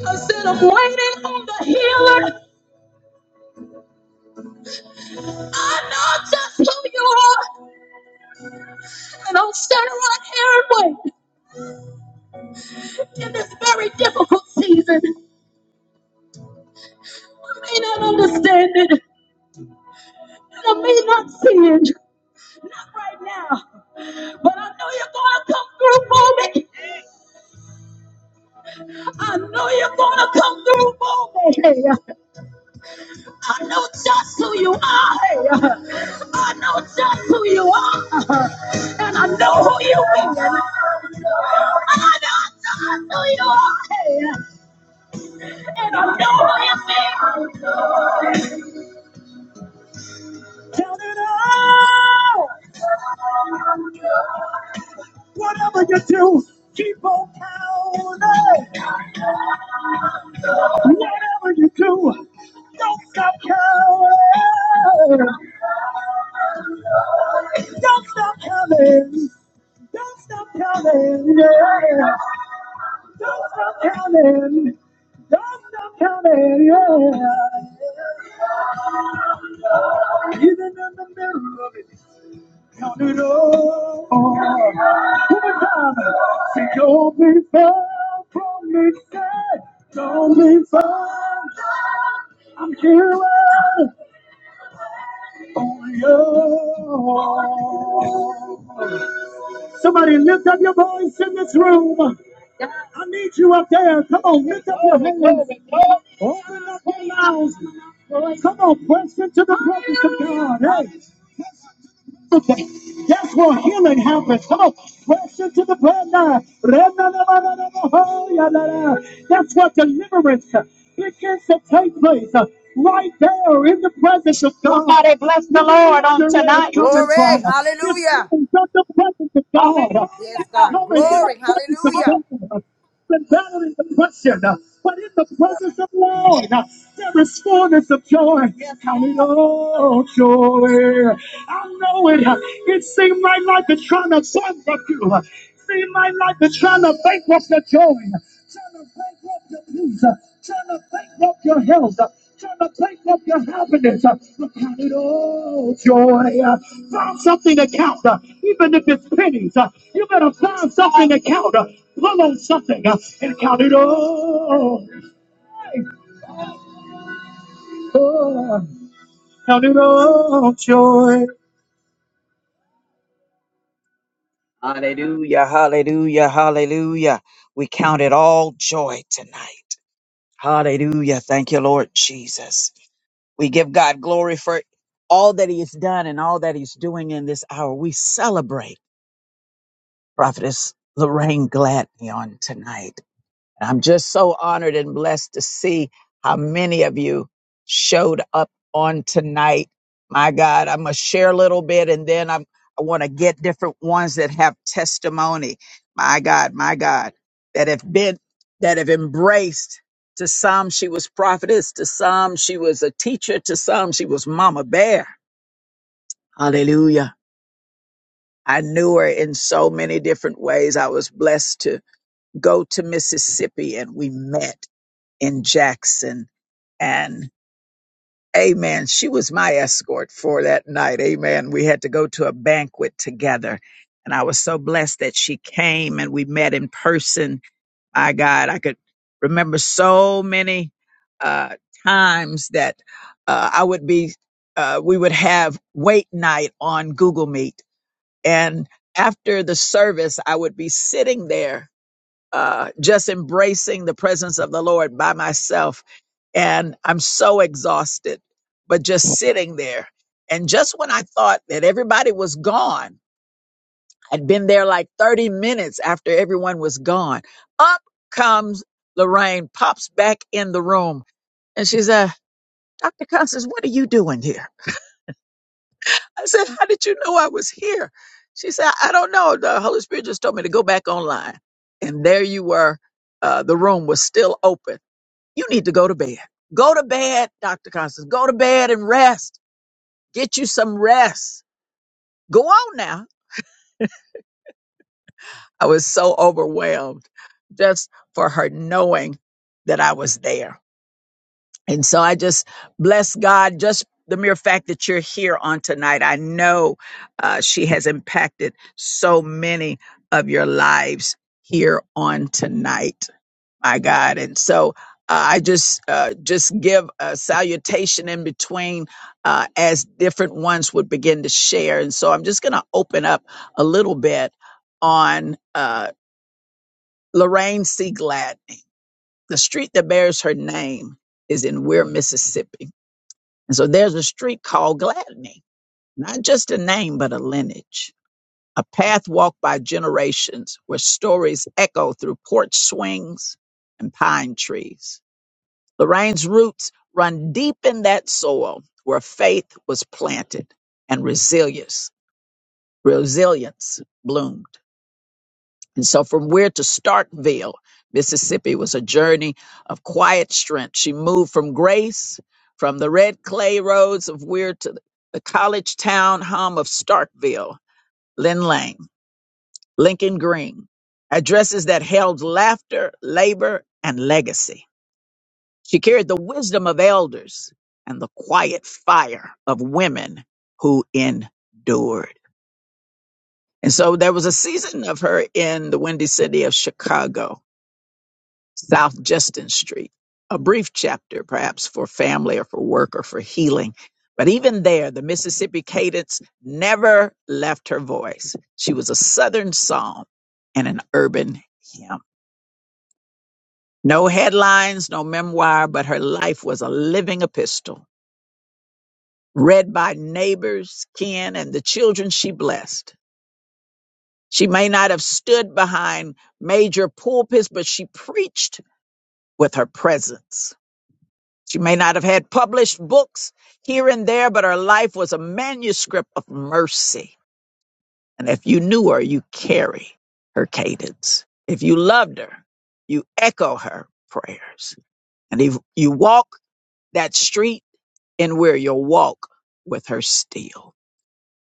I said, I'm waiting on the healer. I know just who you are. And I'll stand right here and wait in this very difficult season. I may not understand it. And I may not see it right now. But I know you're going to come through for me. I know you're going to come through for me. Hey, I know just who you are. Hey, I know just who you are. I know who you are. And I know. Whatever you do, keep on counting. Whatever you do, don't stop counting. Don't stop counting. Don't stop counting. Yeah. Don't stop counting. Don't stop counting. Yeah. Even in the middle of it, count it all. One time. Say, don't be far from me, God. Don't be far from here. Somebody lift up your voice in this room. I need you up there. Come on, lift up your hands. Open up your mouths. Come on, press into the presence of God. Hey. Okay. That's where healing happens. Come on, press into the bloodline. That's where deliverance begins to take place. uh, Right there in the presence of God. Somebody bless the Lord on where there is tonight. It's coming from. Glory, It's hallelujah. coming from the presence of God. Yes, It's God. coming in the Glory. presence of Hallelujah. God and battling depression. But in the presence of the Lord, there is fullness of joy. Count it all joy. I know it. It seemed like life is trying to bankrupt you. It seemed like life is trying to bankrupt your joy, trying to bankrupt your peace, trying to bankrupt your health. Trying to bankrupt your happiness, but count it all joy. Find something to count, even if it's pennies. You better find something to count. Pull on something Hallelujah, hallelujah, hallelujah. We count it all joy tonight. Hallelujah. Thank you, Lord Jesus. We give God glory for all that He has done and all that He's doing in this hour. We celebrate Prophetess Lorraine Gladney on tonight. I'm just so honored and blessed to see how many of you showed up on tonight. My God, I'm gonna share a little bit and then I'm I want to get different ones that have testimony. My God, my God, that have been that have embraced to some she was prophetess, to some she was a teacher, to some she was mama bear. Hallelujah. I knew her in so many different ways. I was blessed to go to Mississippi and we met in Jackson. And amen, she was my escort for that night. Amen. We had to go to a banquet together. And I was so blessed that she came and we met in person. My God, I could remember so many uh, times that uh, I would be, uh, we would have wait night on Google Meet. And after the service, I would be sitting there uh, just embracing the presence of the Lord by myself. And I'm so exhausted, but just sitting there. And just when I thought that everybody was gone, I'd been there like 30 minutes after everyone was gone. Up comes Lorraine, pops back in the room, and she said, Dr. Constance, what are you doing here? I said, How did you know I was here? She said, I don't know. The Holy Spirit just told me to go back online. And there you were. Uh, the room was still open You need to go to bed. Go to bed, Dr. Constance. Go to bed and rest. Get you some rest. Go on now. I was so overwhelmed just for her knowing that I was there And so I just bless God, just the mere fact that you're here on tonight. I know uh, she has impacted so many of your lives here on tonight, my God. And so uh, I just uh, just give a salutation in between uh, as different ones would begin to share. And so I'm just going to open up a little bit on uh, Lorraine C. Glad. The street that bears her name is in Weir, Mississippi. And so there's a street called Gladney, not just a name, but a lineage, a path walked by generations where stories echo through porch swings and pine trees. Lorraine's roots run deep in that soil where faith was planted and resilience, resilience bloomed. And so, from Weir to Starkville, Mississippi, was a journey of quiet strength. She moved from grace, from the red clay roads of Weir to the college town home of Starkville, Lynn Lang, Lincoln Green, addresses that held laughter, labor, and legacy. She carried the wisdom of elders and the quiet fire of women who endured. And so there was a season of her in the Windy City of Chicago South Justin Street. A brief chapter, perhaps for family or for work or for healing. But even there, the Mississippi cadence never left her voice. She was a Southern psalm and an urban hymn. No headlines, no memoir, but her life was a living epistle, read by neighbors, kin, and the children she blessed. She may not have stood behind major pulpits, but she preached with her presence She may not have had published books here and there, but her life was a manuscript of mercy. And if you knew her, you carry her cadence. If you loved her, you echo her prayers. And if you walk that street in where you'll walk with her still.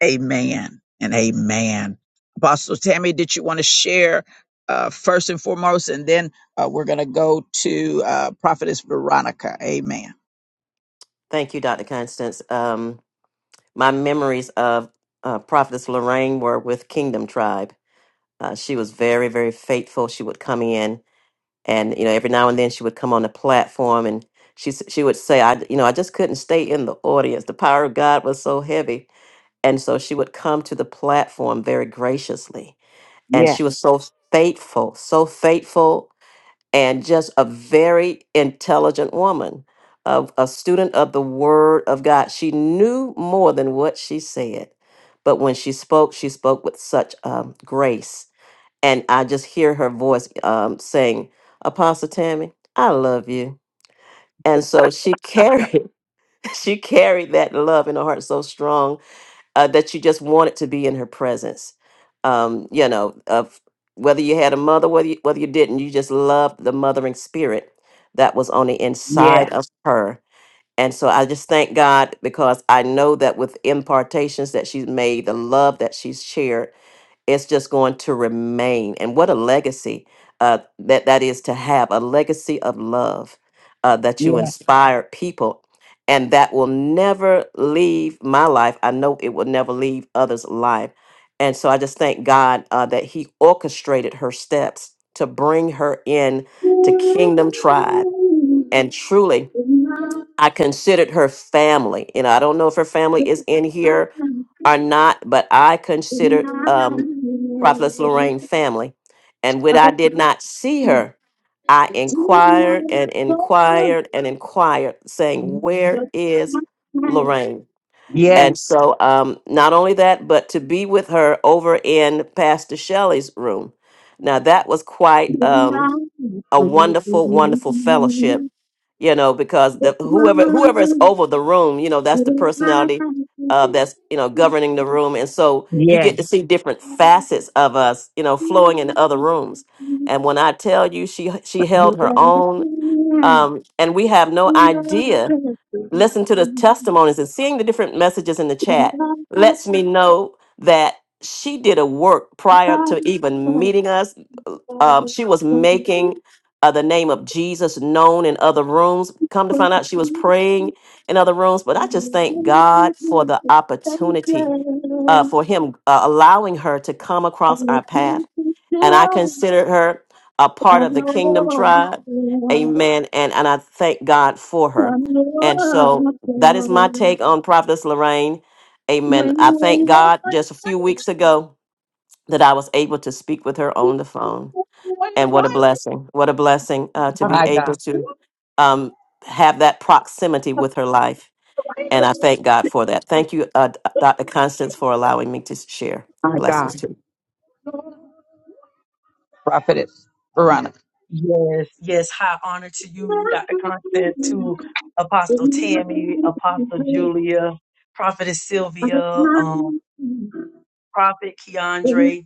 Amen and amen. Apostle Tammy, did you want to share uh, first and foremost? And then uh, we're going to go to uh, Prophetess Veronica. Amen. Thank you, Dr. Constance. Um, my memories of uh, Prophetess Lorraine were with Kingdom Tribe. Uh, she was very, very faithful. She would come in, and you know, every now and then she would come on the platform, and she s- she would say, "I, you know, I just couldn't stay in the audience. The power of God was so heavy." And so she would come to the platform very graciously. And Yes, she was so faithful, so faithful, and just a very intelligent woman, of a student of the Word of God. She knew more than what she said. But when she spoke, she spoke with such um, grace. And I just hear her voice um, saying, Apostle Tammy, I love you. And so she carried, she carried that love in her heart so strong uh, that you just wanted to be in her presence. Um, you know, of whether you had a mother, whether you, whether you didn't, you just loved the mothering spirit that was on the Yeah. inside of her. And so I just thank God because I know that with impartations that she's made, the love that she's shared it's just going to remain. And what a legacy uh, that that is to have a legacy of love uh, that you inspire people, and that will never leave my life. I know it will never leave others' life. And so I just thank God uh, that He orchestrated her steps to bring her in to Kingdom Tribe, and truly. I considered her family. You know, I don't know if her family is in here are not, but I considered um, Prophetess Lorraine family. And when I did not see Yeah. her, I inquired and inquired and inquired, saying, Where is Lorraine? And so, um, not only that, but to be with her over in Pastor Shelley's room. Now, that was quite um, a wonderful, wonderful fellowship you know, because the whoever whoever is over the room, you know, that's the personality uh, that's you know governing the room, and so you Yeah. get to see different facets of us, you know, flowing in the other rooms. And when I tell you, she she held her own, um, and we have no idea. Listen to the testimonies and seeing the different messages in the chat lets me know that she did a work prior to even meeting us um, she was making uh, the name of Jesus known in other rooms. Come to find out, she was praying in other rooms. But I just thank God for the opportunity uh, for Him uh, allowing her to come across our path. And I consider her a part of the kingdom tribe. Amen. And, and I thank God for her. And so that is my take on Prophetess Lorraine. Amen. My, I thank God just a few weeks ago that I was able to speak with her on the phone. And what a blessing. What a blessing uh, to be able to um, have that proximity with her life. And I thank God for that. Thank you, uh, D- Dr. Constance, for allowing me to share. my Blessings God, to you. prophetess Veronica. Yes, yes. High honor to you, Dr. Constance, to Apostle Tammy, Apostle Julia, Prophetess Sylvia, um, Prophet Keandre.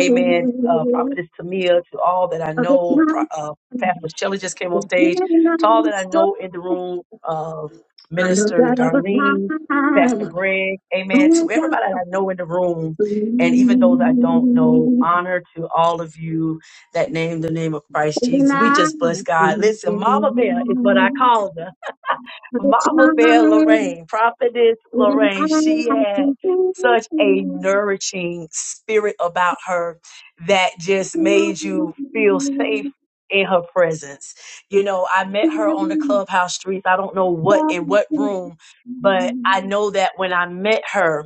Amen. Uh, Prophetess Tamia, to all that I know, Pro- uh, Pastor Shelley just came on stage. To all that I know in the room, uh, I know Minister that of a time, Darlene, Pastor Greg, amen. oh To God, everybody I know in the room, and even believe those I don't know, honor to all of you that name the name of Christ in Jesus. We I just bless God. can Listen, Mama Bear is what I believe. call her. Of a Mama time Bear Lorraine, Prophetess when Lorraine, she had such a nourishing spirit about her that I just made can you feel believe. safe in her presence. You know, I And my patience do met her on the clubhouse streets. I don't know what in what room, but I overcome know that when I met her,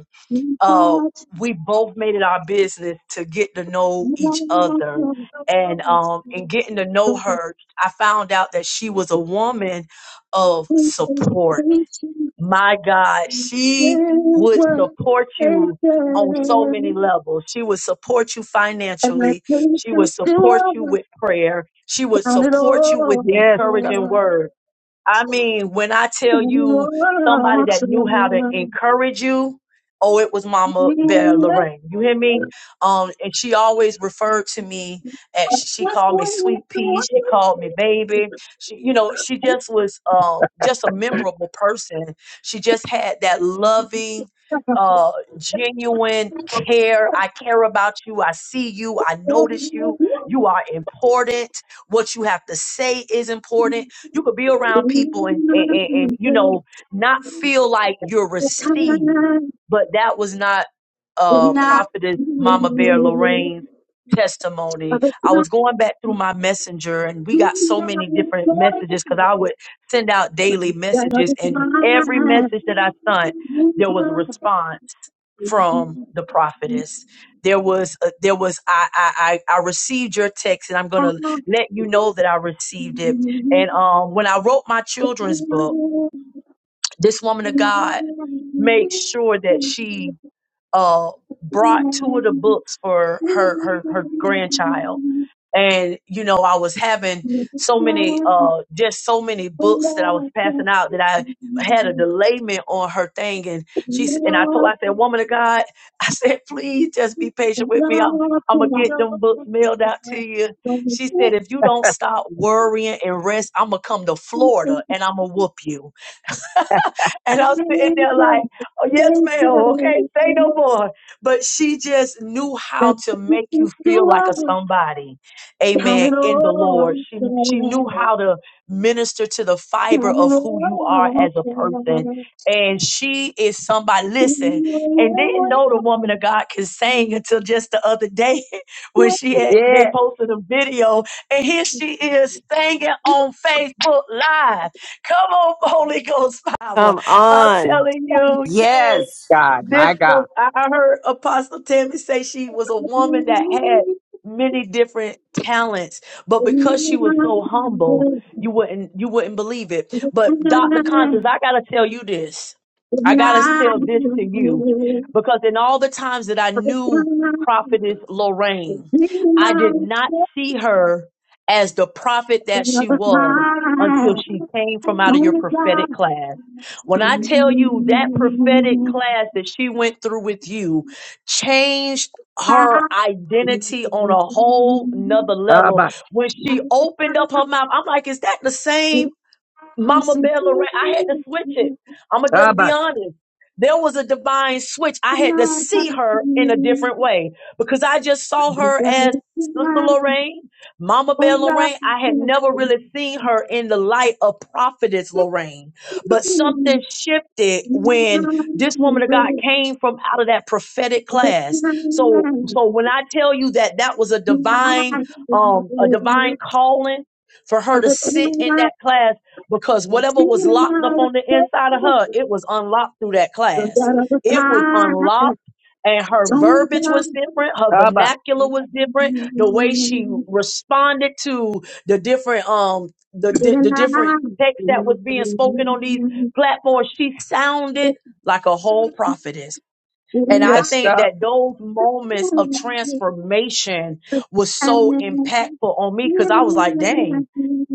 uh, we both made it our business to get to know each other. And um, in getting to know her, I found out that she was a woman of support. My God, she would support you on so many levels. She would support you financially. She would support you with prayer. She would it support you with all. Yes, God. encouraging words. I mean, when I tell you somebody that knew how to encourage you, oh, it was Mama Bear Lorraine. You hear me? Um, and she always referred to me as she, she called me sweet pea. She called me baby. She, you know, she just was um just a memorable person. She just had that loving uh genuine care i care about you i see you i notice you you are important what you have to say is important you could be around people and, and, and, and, you And know, not feel like you're received, water. but that was not uh, Now, of Prophetess Mama Bear Lorraine's the testimony. I time, was going back through my messenger and we got so many different messages because I would send out daily of messages the and every message that I sent, there was a response from the prophetess. There was a, there was I, I I I received your text and I'm gonna let you know that I received it. And um when I wrote my children's book, this woman of God made sure that she uh brought two of the books for her her her grandchild and you know i was having so many uh just so many books that i was passing out that i had a delayment on her thing and she s- and i told her i said time, woman of god i said please just be patient Count with me it i'm i'm gonna all, get them books mailed out to you she said if you don't stop worrying and rest i'm gonna come to florida and i'm gonna whoop you and I'm sitting there like, oh, yes, ma'am. Okay, say no more. But she just knew how to make you feel like a somebody. count Amen. it In the Lord. She, she knew how to minister to the fiber of who you are all, as a person. And she is somebody, listen, and didn't know the woman of God could sing until just the other day when she had, they Yeah, posted a video and here she is singing on Facebook Live. Come on, Holy Ghost power. Come I'm on, telling you, yes, Yes. God, my this was, God. I heard Apostle Tammy say she was a woman that had many different talents, but because she was so humble, you wouldn't, you wouldn't believe it. But Dr. Constance, I gotta tell you this. I gotta tell this to you because in all the times that I knew prophetess Lorraine, I did not see her as the prophet that she was until she came from out of your prophetic class when I tell you that prophetic Shabash, class that she went through with you changed her identity on a whole nother level. When she opened up her mouth, I'm like, is that the same? Mama shabash, Bear Lorraine, I had to switch it. I'm gonna just be honest. There was a divine switch. I had to see her in a different way because I just saw her as Sister Lorraine, Mama Bear Lorraine. I had never really seen her in the light of Prophetess Lorraine. But something shifted when this woman of God came from out of that prophetic class. So, so when I tell you that that was a divine, um, a divine calling for her to sit in that class because whatever was locked up on the inside of her, it was unlocked through that class. It was unlocked, and her verbiage was different. Her Abba. vernacular was different. The way she responded to the different um the di- the different text that was being spoken on these platforms, she sounded like a whole prophetess. And I Yes, think God. that those moments of transformation was so impactful on me because I was like, dang.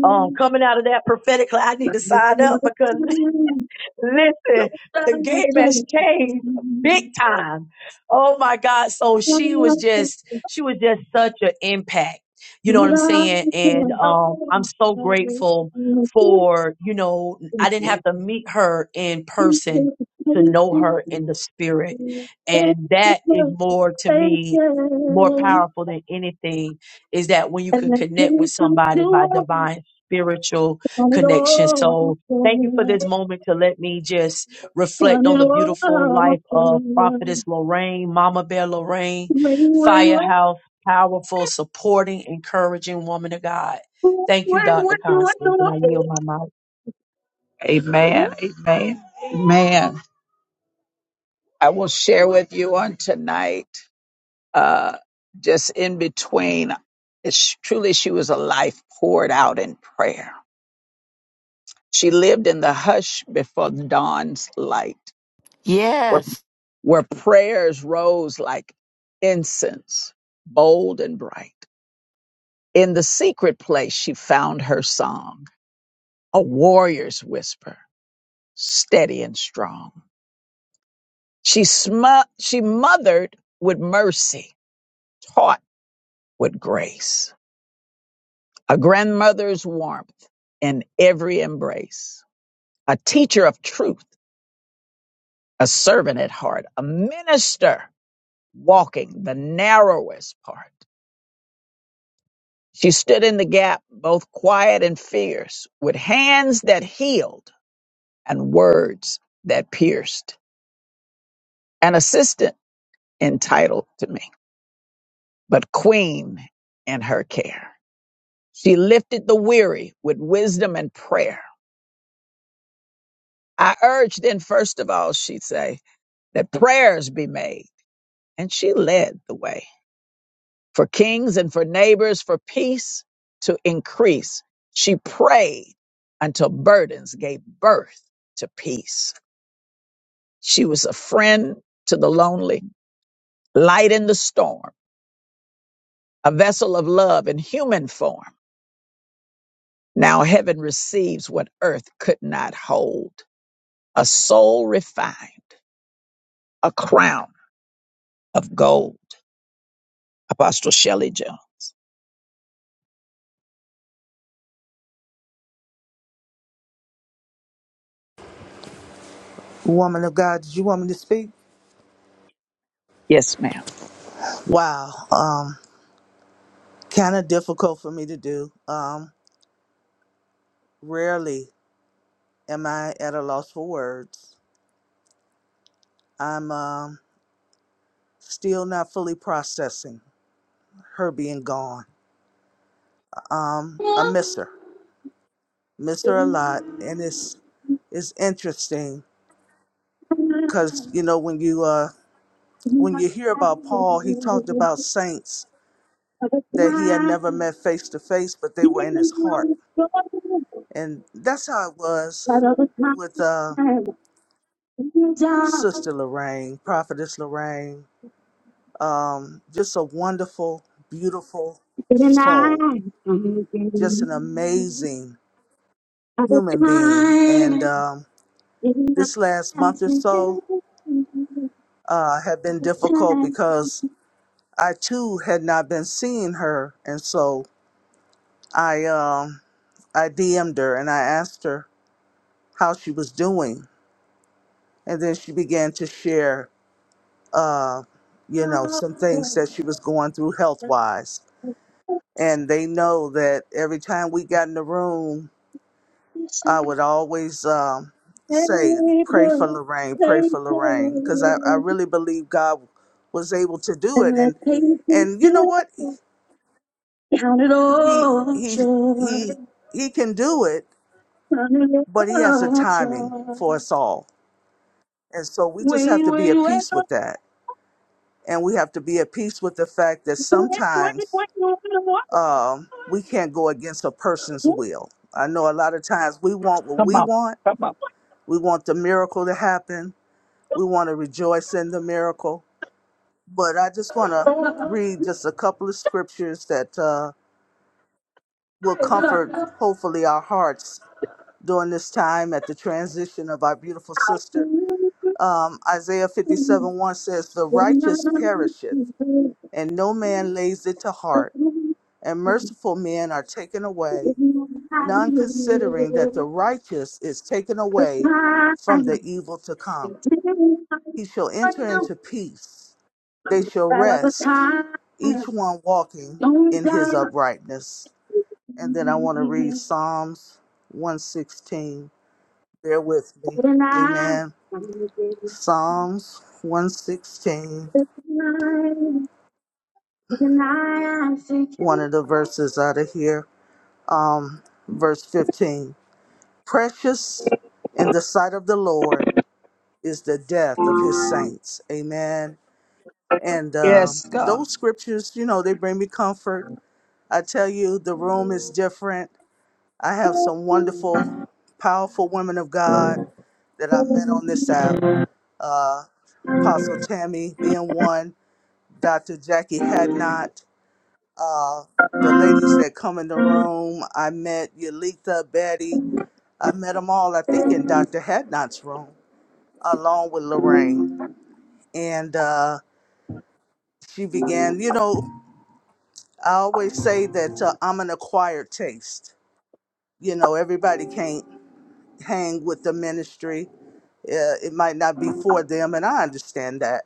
Um, coming out of that prophetic, cla- I need to sign up because Listen, the game has changed big time. Oh my God. So she was just, she was just such an impact. You know what I'm saying? And um, I'm so grateful for, you know, And I didn't have to meet her in the patience person to do know her in the spirit. And that is more to me, more powerful than anything is that when you could connect with it somebody by all divine spiritual turn it connection. all When, So, Thank you for this moment to let me just reflect on the beautiful life of Prophetess Lorraine, Mama Bear when, Lorraine, when, Firehouse, powerful, supporting, encouraging woman of God. when, Thank you, when, Dr. when, Constance, and I when. yield my mic. Amen. Amen. Amen. I will share with you on tonight, uh, just in between. It's truly, she was a life poured out in prayer. She lived in the hush before the dawn's light, where, Yes. where prayers rose like incense, bold and bright. In the secret place, she found her song, a warrior's whisper, steady and strong. She, sm- she mothered with mercy, taught with grace, a grandmother's warmth in every embrace, a teacher of truth, a servant at heart, a minister walking the narrowest part. She stood in the gap, both quiet and fierce, with hands that healed and words that pierced. An assistant entitled to me, but queen in her care. She lifted the weary with wisdom and prayer. I urged then, first of all, she'd say, that prayers be made, and she led the way. for kings and for neighbors, for peace to increase. She prayed until burdens gave birth to peace. She was a friend to the lonely, light in the storm, a vessel of love in human form. Now heaven receives what earth could not hold a soul refined, a crown of gold. Apostle Shelley Jones. Woman of God, did you want me to speak? Yes, ma'am. Wow, um, kind of difficult for me to do. Um, rarely am I at a loss for words. I'm um, still not fully processing her being gone. I miss her, miss her a lot, and it's it's interesting because you know when you uh when you hear about Paul, he talked about saints of a that he had never time, met face to face, but they living were in his on heart, the shore, and that's how it was but of a with uh time, in the dark, Sister Lorraine, Prophetess Lorraine. Um, just a wonderful, beautiful in the soul, night, I'm just an thinking amazing of a human being. And time, um, in the this last month hands or of so you, uh, had of been a difficult time, because I too had not been seeing her, and so I um, I DM'd her and I asked her how she was doing, and then she began to share, uh, you know, oh, some things that she was going through health but wise and they know that every time we got in the room, this I time, would always um, say, "Pray for Savior, Lorraine, pray for Savior, Lorraine," because I, I really believe God was able to do and it, let and patience and you know do what it. Count it he all he joy, he he can do it, count it but he has a all timing joy. for us all, and so we Wait, just have wait, to be wait, at wait, peace with that, and we have to be at peace with the fact that wait, wait, sometimes wait, wait. wait. um, we can't go against a person's will. I know a lot of times we want what Come we on, want come on. We want the miracle to happen. We want to rejoice in the miracle. But I just want to read just a couple of scriptures that uh, will comfort, hopefully, our hearts during this time at the transition of our beautiful sister. Um, Isaiah 57 1 says, The righteous perisheth, and no man lays it to heart, and merciful men are taken away, none considering that the righteous is taken away from the evil to come. He shall enter into peace They shall rest, each one walking in his uprightness. And then I want to read Psalms 116. Bear with me. Amen. Psalms 116, Tonight, I'm one of the verses out of here. Um, verse 15. Precious in the sight of the Lord is the death of his saints. Amen. And uh, Yes, God. those scriptures, you know, they bring me comfort. I tell you, the room is different I have some wonderful, powerful women of God that I met on this app. Uh, Apostle Tammy being one, Dr. Jackie Hadnot, uh, the ladies that come in the room. I met Yalitha, Betty. I met them all, I think, in Dr. Hadnot's room, along with Lorraine. And uh, she began, you know, I always say that uh, I'm an acquired taste. You know, everybody can't hang with the ministry uh, it might not be for them, and I understand that.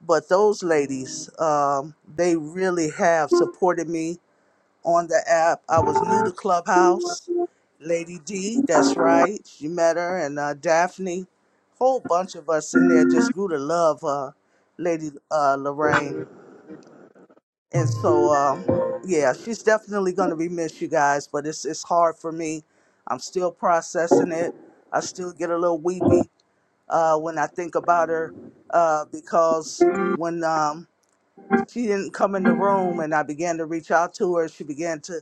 But those ladies, um, they really have supported me on the app. I was new to Clubhouse. Lady D, that's right. You met her, and uh, Daphne. Whole bunch of us in there just grew to love uh, Lady uh, Lorraine. And so, um, yeah, she's definitely going to be missed, you guys. But it's it's hard for me. I'm still processing it. I still get a little weepy uh, when I think about her uh, because when um, she didn't come in the room and I began to reach out to her, she began to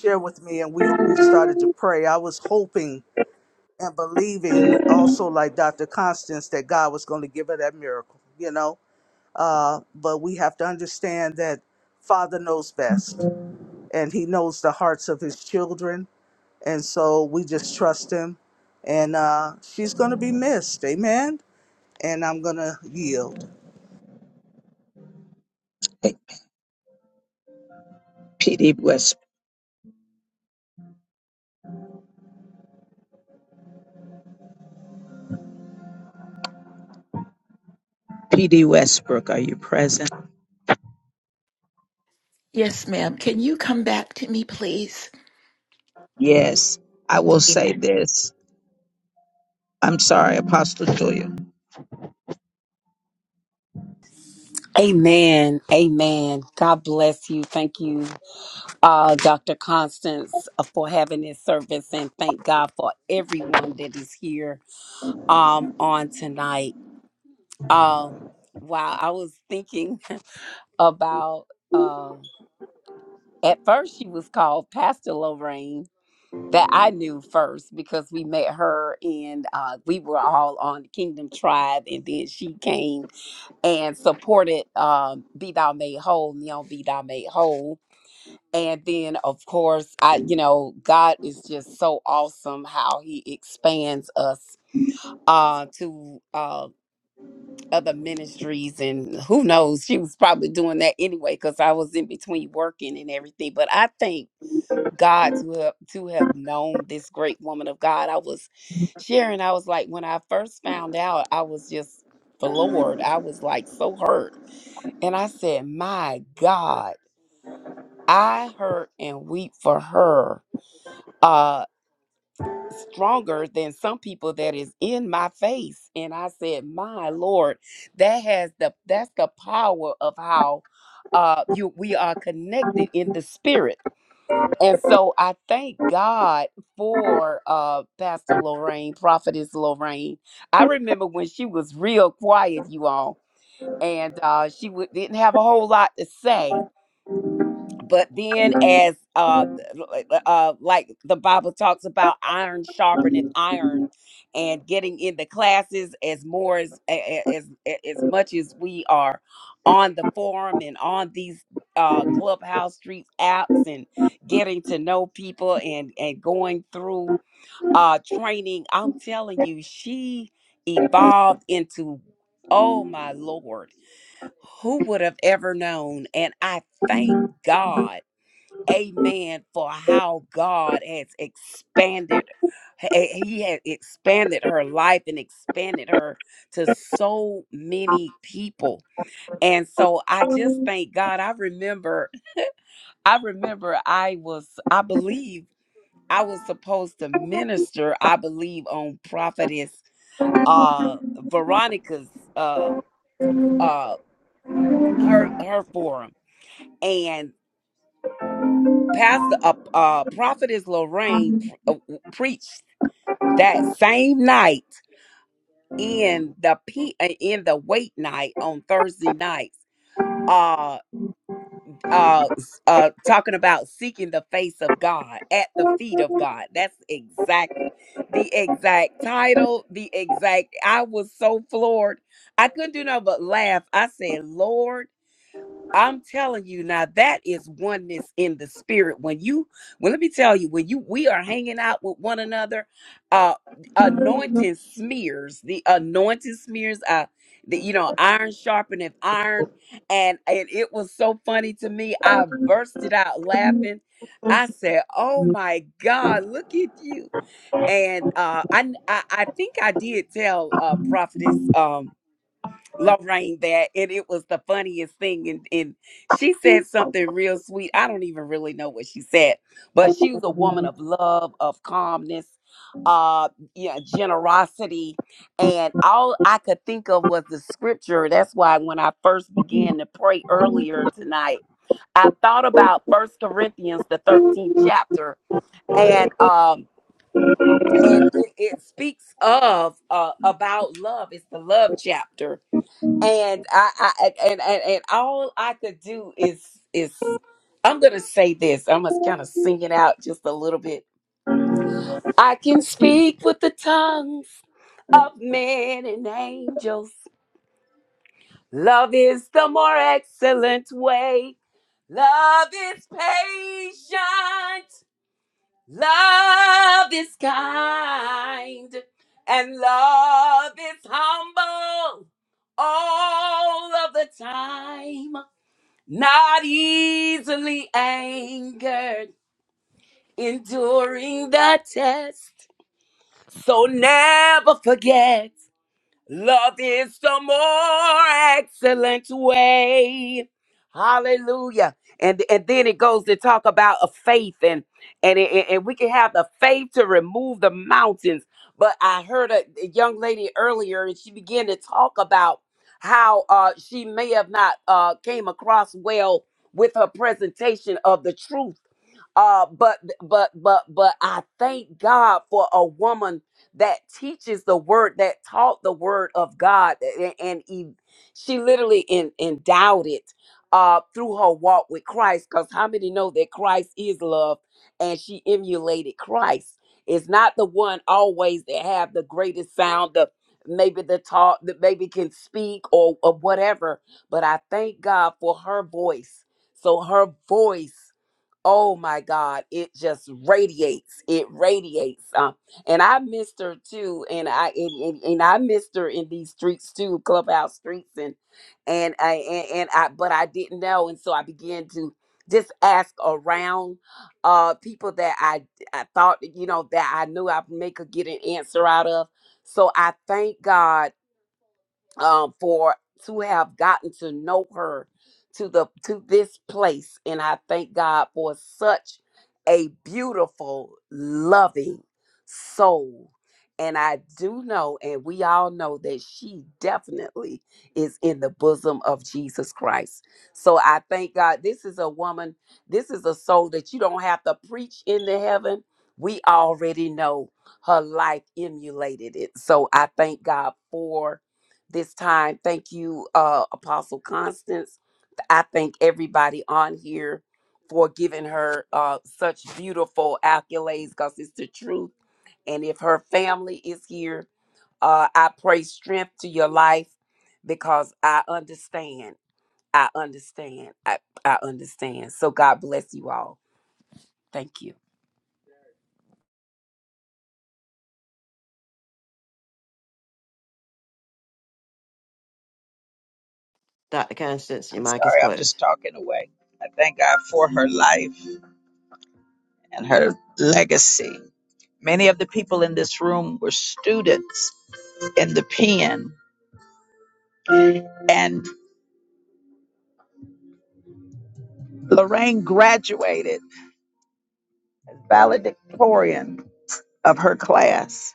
share with me and we, we started to pray. I was hoping and believing also like Dr. Constance that God was going to give her that miracle, you know. Uh, but we have to understand that Father knows best and he knows the hearts of his children. And so we just trust him. And uh, she's going to be missed. Amen and I'm gonna yield. Hey, P.D. West PD Westbrook, are you present? Yes, ma'am. Can you come back to me, please? Yes, I will say Amen. this. I'm sorry, Apostle Julia. Amen. Amen. God bless you. Thank you, uh, Dr. Constance, uh, for having this service and thank God for everyone that is here. um on tonight. Um wow, I was thinking about uh at first she was called Pastor Lorraine that I knew first because we met her and uh we were all on Kingdom Tribe and then she came and supported um Be Thou Made Whole, Neon Be Thou Made Whole. And then of course I you know God is just so awesome how he expands us uh to um other ministries and who knows she was probably doing that anyway because i was in between working and everything but i thank god to have to have known this great woman of god i was sharing i was like when i first found out i was just floored i was like so hurt and i said my god i hurt and weep for her uh, stronger than some people that is in my face and i said my lord that has the that's the power of how uh you we are connected in the spirit and so i thank god for uh pastor lorraine prophetess lorraine i remember when she was real quiet you all and uh she would, didn't have a whole lot to say but then as uh uh like the bible talks about iron sharpeneth iron and getting in the classes as more as as as much as we are on the forum and on these uh clubhouse street apps and getting to know people and and going through uh training i'm telling you she evolved into oh my lord who would have ever known and i thank god amen for how God has expanded. h- He has expanded her life and expanded her to so many people. And so I just thank God. I remember, I remember I was, I believe I was supposed to minister, I believe, on prophetess uh Veronica's uh uh her her forum. And Pastor uh, uh Prophetess Lorraine pre- uh, w- preached that same night in the p uh, in the wait night on Thursday nights uh uh s- uh talking about seeking the face of God at the feet of God that's exactly the exact title the exact I was so floored I couldn't do nothing but laugh I said Lord I'm telling you now that is oneness in the spirit. When you well, let me tell you, when you we are hanging out with one another, uh anointing smears, the anointing smears, uh the you know, iron sharpeneth iron. And and it was so funny to me. I bursted out laughing. I said, Oh my God, look at you. And uh I I, I think I did tell uh prophetess um Lorraine that, and it was the funniest thing. And, and she said something real sweet. I don't even really know what she said, but she was a woman of love, of calmness, uh, yeah, generosity, and all I could think of was the scripture. That's why when I first began to pray earlier tonight, I thought about First Corinthians, the thirteenth chapter, and um, and it, it speaks of uh about love. It's the love chapter and I, I and, and and all I could do is is I'm gonna say this. I'm gonna kind of sing it out just a little bit. I can speak with the tongues of men and angels. Love is the more excellent way. Love is patient. Love is kind. And love is humble all of the time. not easily angered, enduring the test. So never forget Love is the more excellent way. Hallelujah. And, and then it goes to talk about a faith and and, it, and and we can have the faith to remove the mountains. But I heard a, a young lady earlier and she began to talk about how uh, she may have not uh, came across well with her presentation of the truth uh, but but but but I thank God for a woman that teaches the word, that taught the word of God, and, and e- she literally en- endowed it uh, through her walk with Christ. Because how many know that Christ is love, and she emulated Christ. It's not the one always that have the greatest sound, the maybe the talk that maybe can speak or, or whatever. But I thank God for her voice. So her voice oh my god it just radiates it radiates um, and i missed her too and i and, and, and i missed her in these streets too clubhouse streets and and i and, and i but i didn't know and so i began to just ask around uh people that i i thought you know that i knew i may could get an answer out of so i thank god um, for to have gotten to know her to the to this place and i thank god for such a beautiful loving soul and i do know and we all know that she definitely is in the bosom of jesus christ so i thank god this is a woman this is a soul that you don't have to preach into heaven we already know her life emulated it so i thank god for this time. Thank you, uh, Apostle Constance. I thank everybody on here for giving her uh, such beautiful accolades because it's the truth. And if her family is here, uh, I pray strength to your life because I understand. I understand. I, I understand. So God bless you all. Thank you. Dr. Constance. Your I'm mic is sorry, I'm closed. just talking away. I thank God for her life and her legacy. Many of the people in this room were students in the pen, and Lorraine graduated valedictorian of her class.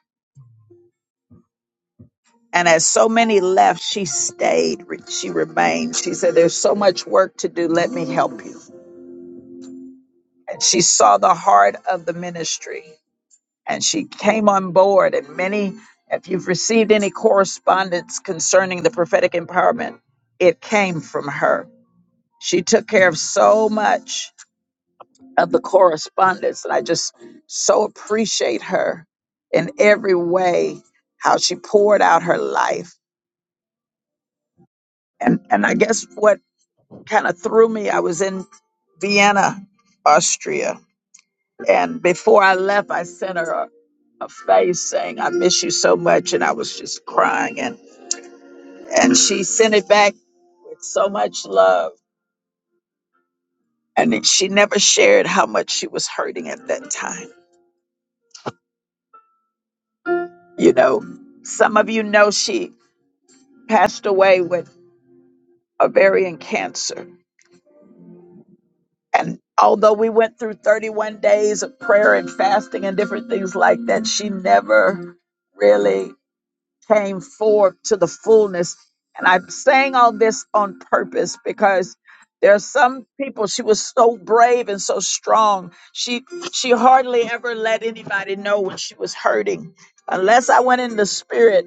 And as so many left, she stayed, re- she remained. She said, There's so much work to do, let me help you. And she saw the heart of the ministry and she came on board. And many, if you've received any correspondence concerning the prophetic empowerment, it came from her. She took care of so much of the correspondence. And I just so appreciate her in every way, how she poured out her life and and I guess what kind of threw me. I was in Vienna, Austria, and before I left, I sent her a, a face saying, "I miss you so much," and I was just crying, and and she sent it back with so much love, and then she never shared how much she was hurting at that time. You know, some of you know she passed away with ovarian cancer, and although we went through 31 days of prayer and fasting and different things like that, she never really came forth to the fullness. And I'm saying all this on purpose because there are some people she was so brave and so strong. She she hardly ever let anybody know when she was hurting. Unless I went in the spirit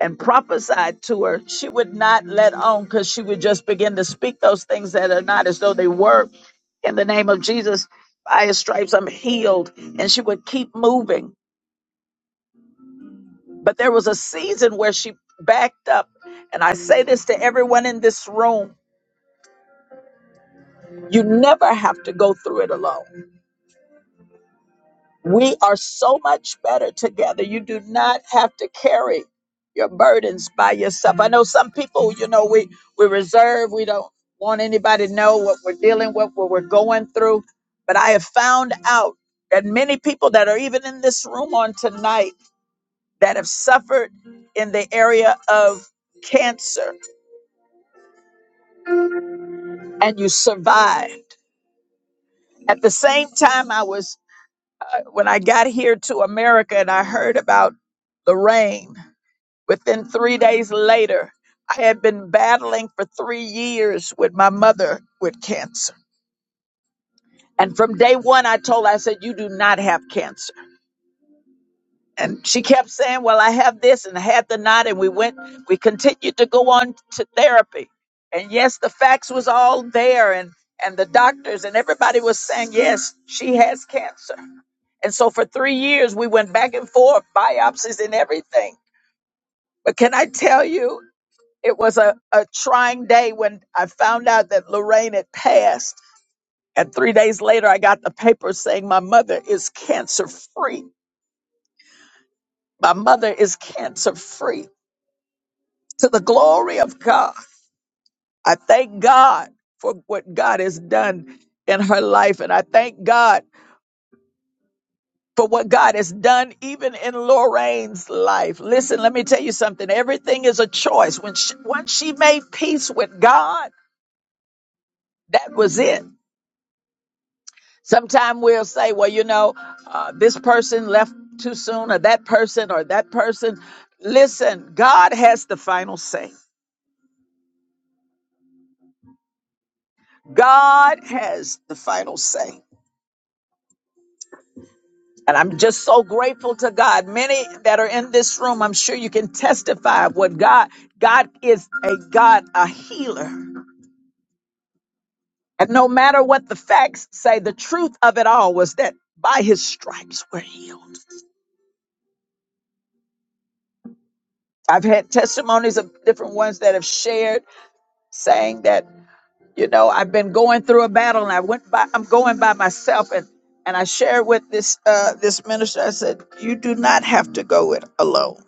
and prophesied to her, she would not let on because she would just begin to speak those things that are not as though they were. In the name of Jesus, by his stripes I'm healed. And she would keep moving. But there was a season where she backed up. And I say this to everyone in this room you never have to go through it alone. We are so much better together. You do not have to carry your burdens by yourself. I know some people, you know, we, we reserve, we don't want anybody to know what we're dealing with, what we're going through. But I have found out that many people that are even in this room on tonight that have suffered in the area of cancer and you survived. At the same time, I was, uh, when I got here to America and I heard about the rain, within three days later, I had been battling for three years with my mother with cancer. And from day one, I told her, I said, You do not have cancer. And she kept saying, Well, I have this and I have the not. And we went, we continued to go on to therapy. And yes, the facts was all there. And, and the doctors and everybody was saying, Yes, she has cancer And so for three years, we went back and forth, biopsies and everything. But can I tell you, it was a, a trying day when I found out that Lorraine had passed. And three days later, I got the paper saying my mother is cancer free. My mother is cancer free. To the glory of God, I thank God for what God has done in her life. And I thank God. for what God has done, even in Lorraine's life. Listen, let me tell you something. Everything is a choice. When she, once she made peace with God, that was it. Sometimes we'll say, well, you know, uh, this person left too soon, or that person, or that person. Listen, God has the final say. God has the final say. And I'm just so grateful to God. Many that are in this room, I'm sure you can testify of what God, God is a God, a healer. And no matter what the facts say, the truth of it all was that by his stripes we're healed. I've had testimonies of different ones that have shared saying that, you know, I've been going through a battle and I went by I'm going by myself and and I shared with this uh this minister, I said, You do not have to go it alone.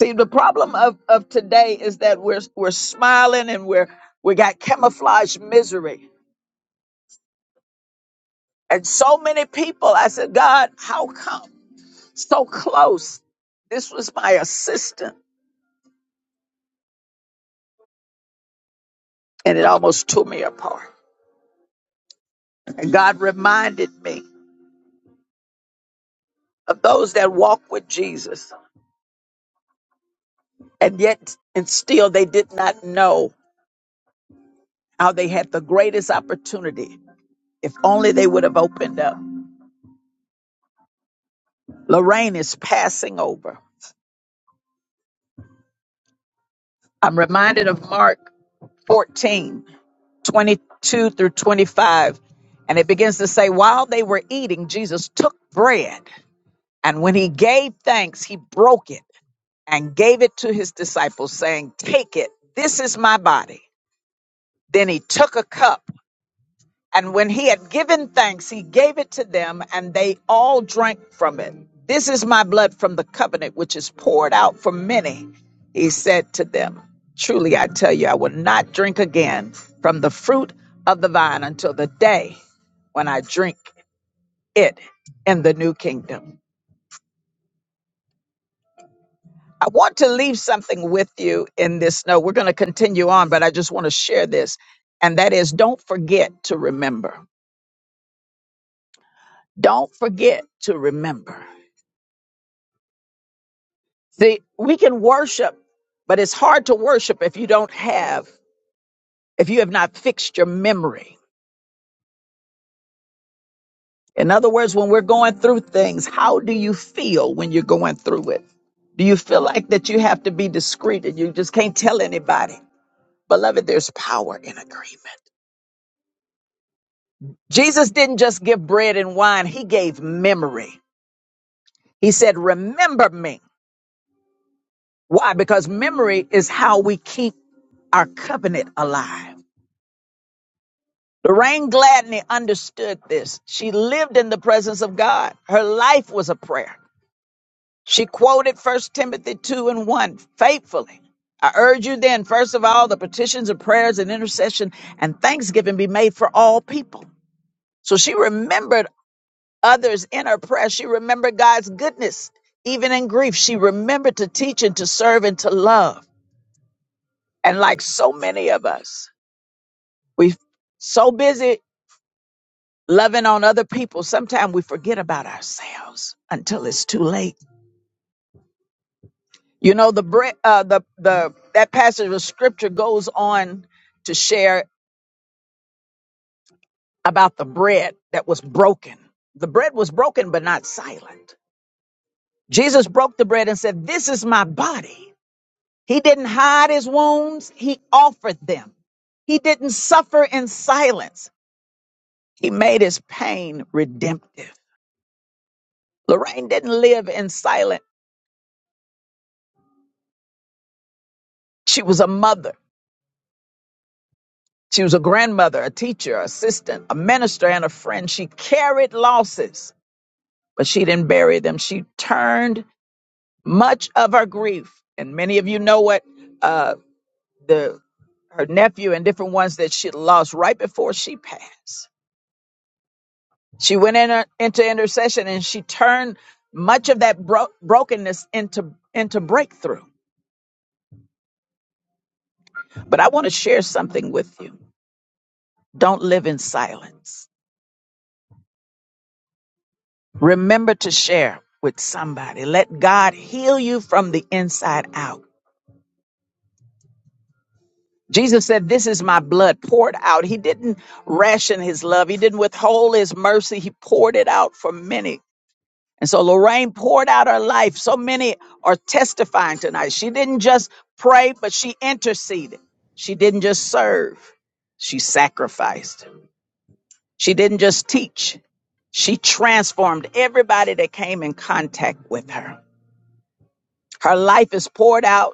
See, the problem of, of today is that we're we're smiling and we're we got camouflage misery. And so many people, I said, God, how come? so close. This was my assistant, and it almost tore me apart. And God reminded me of those that walked with Jesus, and yet, and still, they did not know how they had the greatest opportunity. If only they would have opened up. Lorraine is passing over. I'm reminded of Mark 14, 22 through 25. And it begins to say, while they were eating, Jesus took bread. And when he gave thanks, he broke it and gave it to his disciples, saying, Take it, this is my body. Then he took a cup, and when he had given thanks, he gave it to them, and they all drank from it. This is my blood from the covenant, which is poured out for many. He said to them, Truly I tell you, I will not drink again from the fruit of the vine until the day when I drink it in the new kingdom. I want to leave something with you in this note. We're going to continue on, but I just want to share this. And that is don't forget to remember. Don't forget to remember. See, we can worship, but it's hard to worship if you don't have, if you have not fixed your memory. In other words, when we're going through things, how do you feel when you're going through it? Do you feel like that you have to be discreet and you just can't tell anybody? Beloved, there's power in agreement. Jesus didn't just give bread and wine, he gave memory. He said, Remember me. Why? Because memory is how we keep our covenant alive. Lorraine Gladney understood this. She lived in the presence of God. Her life was a prayer. She quoted First Timothy 2 and 1 faithfully. I urge you then, first of all, the petitions and prayers and intercession and thanksgiving be made for all people. So she remembered others in her prayer. She remembered God's goodness. Even in grief, she remembered to teach and to serve and to love. And like so many of us, we so busy loving on other people, sometimes we forget about ourselves until it's too late. You know, the bre- uh, the the that passage of scripture goes on to share about the bread that was broken. The bread was broken, but not silent. Jesus broke the bread and said, "This is my body." He didn't hide his wounds, he offered them. He didn't suffer in silence, he made his pain redemptive. Lorraine didn't live in silence. She was a mother, she was a grandmother, a teacher, assistant, a minister, and a friend. She carried losses, but she didn't bury them. She turned much of her grief, and many of you know what uh, the her nephew and different ones that she lost right before she passed. She went in her, into intercession and she turned much of that bro- brokenness into into breakthrough. But I want to share something with you. Don't live in silence. Remember to share with somebody. Let God heal you from the inside out. Jesus said, "This is my blood poured out." He didn't ration his love. He didn't withhold his mercy. He poured it out for many And so Lorraine poured out her life. So many are testifying tonight. She didn't just pray, but she interceded. She didn't just serve, she sacrificed. She didn't just teach, she transformed everybody that came in contact with her. Her life is poured out,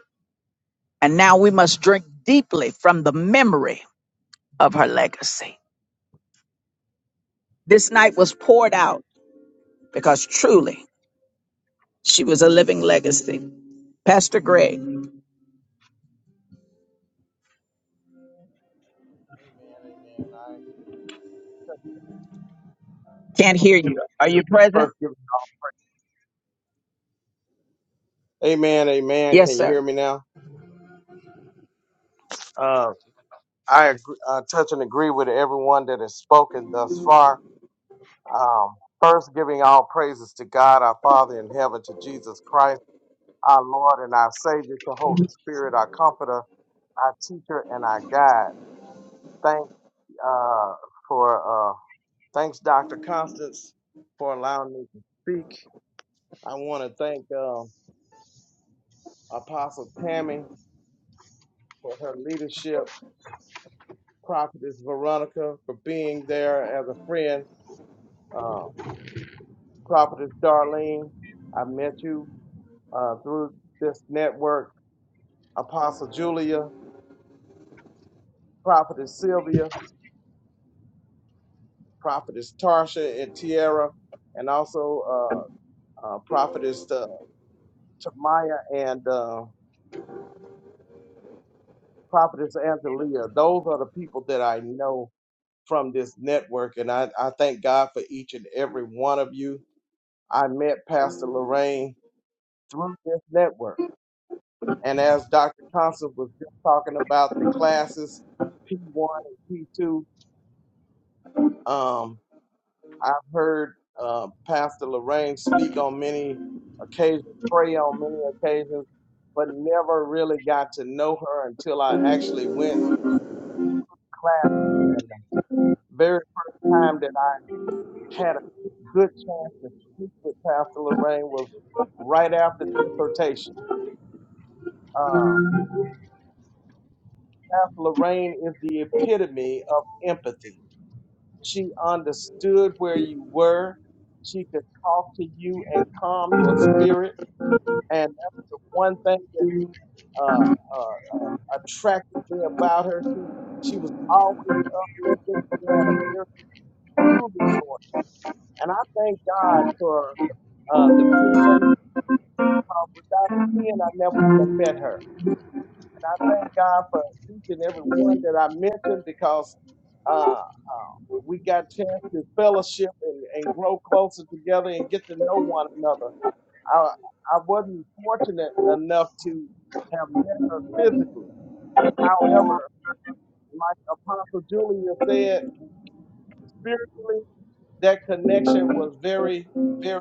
and now we must drink deeply from the memory of her legacy. This night was poured out because truly she was a living legacy. Pastor Greg, Amen, amen. I can't hear you. Are you present? first give. Amen, amen. Yes, Can you hear sir. me now? Uh, I agree, uh, touch and agree with everyone that has spoken thus far. Um, first, giving all praises to God, our Father in heaven, to Jesus Christ, our Lord and our Savior, to Holy Spirit, our Comforter, our Teacher, and our Guide. Thank uh, for uh, thanks, Dr. Constance, for allowing me to speak. I want to thank um, Apostle Tammy for her leadership, Prophetess Veronica for being there as a friend, uh, Prophetess Darlene. I met you uh, through this network, Apostle Julia, Prophetess Sylvia, Prophetess Tarsha and Tiara, and also uh, uh, Prophetess uh, Tamaya and. uh, Prophetess Angelia, those are the people that I know from this network. And I, I thank God for each and every one of you. I met Pastor Lorraine through this network. And as Dr. Constance was just talking about the classes, P1 and P2, um, I've heard uh, Pastor Lorraine speak on many occasions, pray on many occasions, but never really got to know her until I actually went classes. And the very first time that had a good chance to speak with Pastor Lorraine was right after dissertation. Um, Pastor Lorraine is the epitome of empathy. She understood where you were. She could talk to you and calm your spirit. And that's the one thing that uh, uh, attracted me about her. She, she was always uplifting. She had a very soothing voice. And I thank God for uh, the pen. Without him, I never would have met her. And I thank God for each and every one that I mentioned because uh, uh, we got a chance to fellowship and, and grow closer together and get to know one another. I, I wasn't fortunate enough to have met her physically. However, like Apostle Julia said, spiritually, that connection was very, very.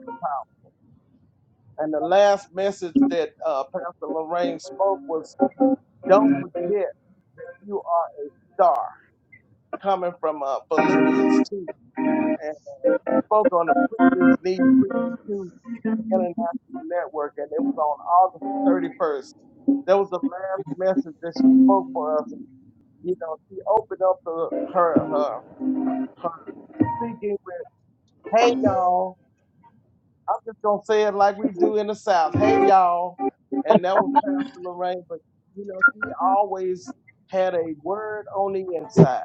And the last message that uh, Pastor Lorraine spoke was Don't forget that you are a star coming from uh, Philippians 2 and spoke on the Preachers Need Preaching 2 International Network, and it was on August 31st. That was the last message that she spoke for us. And, you know, she opened up the, her, her, her speaking with, hey, y'all. I'm just going to say it like we do in the South. Hey, y'all. And that was Pastor Lorraine. But, you know, she always had a word on the inside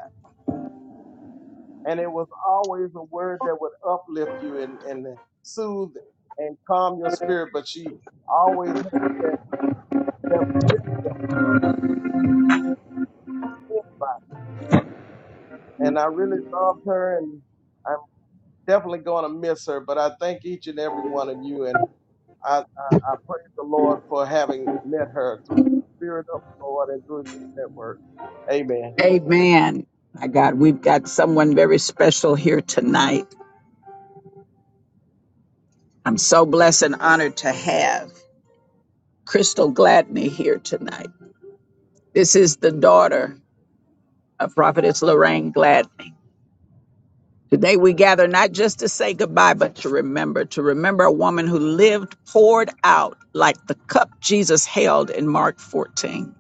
and it was always a word that would uplift you and, and soothe and calm your spirit. But she always had that that wisdom, and I really loved her, and I'm definitely going to miss her. But I thank each and every one of you, and I, I I praise the Lord for having met her through the Spirit of the Lord and through this network. Amen. Amen. My God, we've got someone very special here tonight. I'm so blessed and honored to have Crystal Gladney here tonight. This is the daughter of Prophetess Lorraine Gladney. Today we gather not just to say goodbye, but to remember, to remember a woman who lived poured out like the cup Jesus held in Mark 14,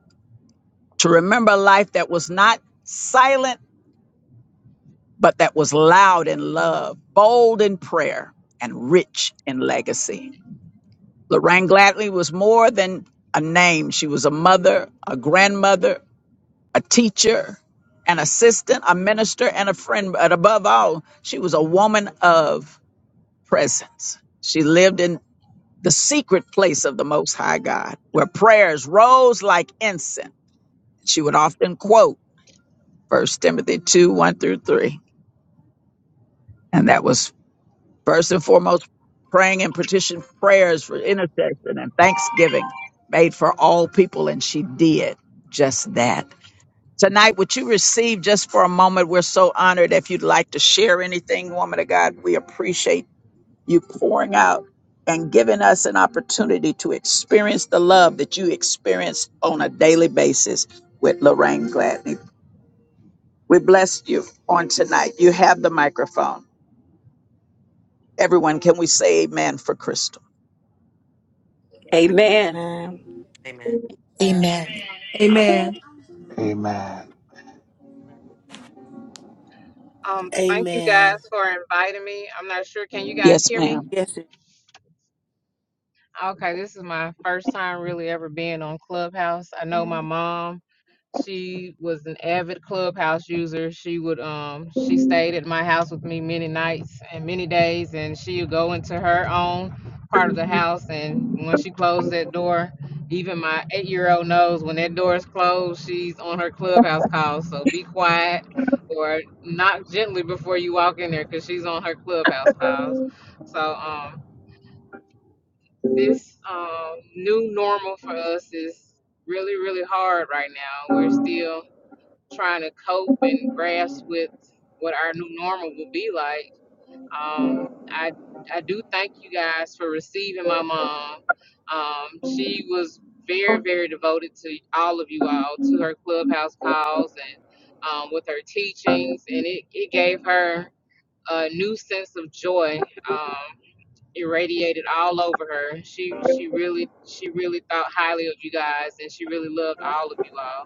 to remember a life that was not silent but that was loud in love, bold in prayer, and rich in legacy. Lorraine Gladney was more than a name. She was a mother, a grandmother, a teacher, an assistant, a minister, and a friend. But above all, she was a woman of presence. She lived in the secret place of the Most High God, where prayers rose like incense. She would often quote First Timothy 2 1 through 3. And that was First and foremost, praying and petition prayers for intercession and thanksgiving made for all people, and she did just that. Tonight, what you received just for a moment, we're so honored. If you'd like to share anything, woman of God, we appreciate you pouring out and giving us an opportunity to experience the love that you experience on a daily basis with Lorraine Gladney. We bless you on tonight. You have the microphone. Everyone, can we say amen for Crystal? Amen. Man. and Amen. Amen. Amen. Um, thank you Amen. guys for inviting me. I'm not sure. Can you guys Yes, hear me? ma'am. Yes, it Okay, this is my first time really ever being on Clubhouse. I know my mom, she was an avid Clubhouse user. She would um she stayed at my house with me many nights and many days and she would go into her own part of the house and when she closed that door, even my 8-year-old knows when that door is closed, she's on her Clubhouse call. So be quiet or knock gently before you walk in there cuz she's on her Clubhouse calls. So um this um, new normal for us is really, really hard right now. We're still trying to cope and grasp with what our new normal will be like. Um, I I do thank you guys for receiving my mom. Um, she was very, very devoted to all of you all, to her clubhouse calls and um, with her teachings, and it, it gave her a new sense of joy um, irradiated all over her. She she really she really thought highly of you guys, and she really loved all of you all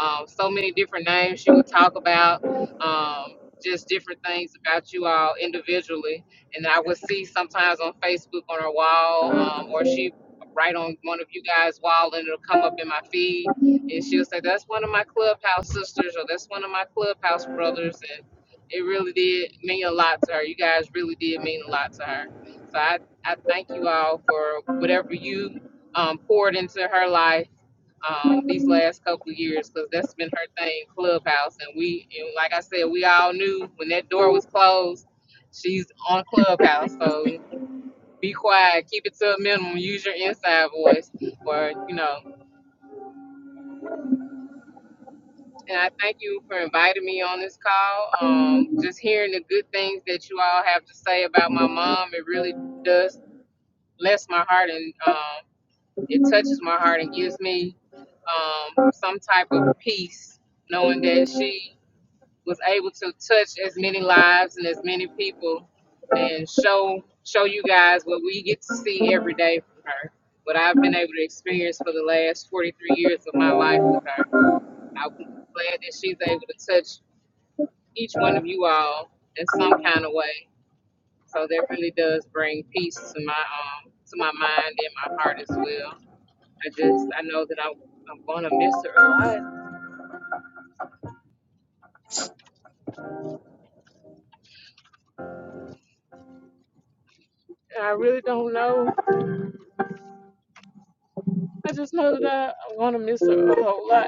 um, so many different names she would talk about, um, just different things about you all individually. And I would see sometimes on Facebook on her wall, um, or she right on one of you guys' wall, and it'll come up in my feed. And she'll say, "That's one of my clubhouse sisters," or "That's one of my clubhouse brothers," and it really did mean a lot to her. You guys really did mean a lot to her. So I, I thank you all for whatever you um, poured into her life um, these last couple of years because that's been her thing, Clubhouse. And we, and like I said, we all knew when that door was closed, she's on Clubhouse. So be quiet, keep it to a minimum, use your inside voice, or you know. And I thank you for inviting me on this call. Um, just hearing the good things that you all have to say about my mom, it really does bless my heart and um, it touches my heart and gives me um, some type of peace knowing that she was able to touch as many lives and as many people and show show you guys what we get to see every day from her what i've been able to experience for the last 43 years of my life with her i'm glad that she's able to touch each one of you all in some kind of way so that really does bring peace to my um to my mind and my heart as well i just i know that i'm, I'm gonna miss her a lot and i really don't know i just know that i, I want to miss her a whole lot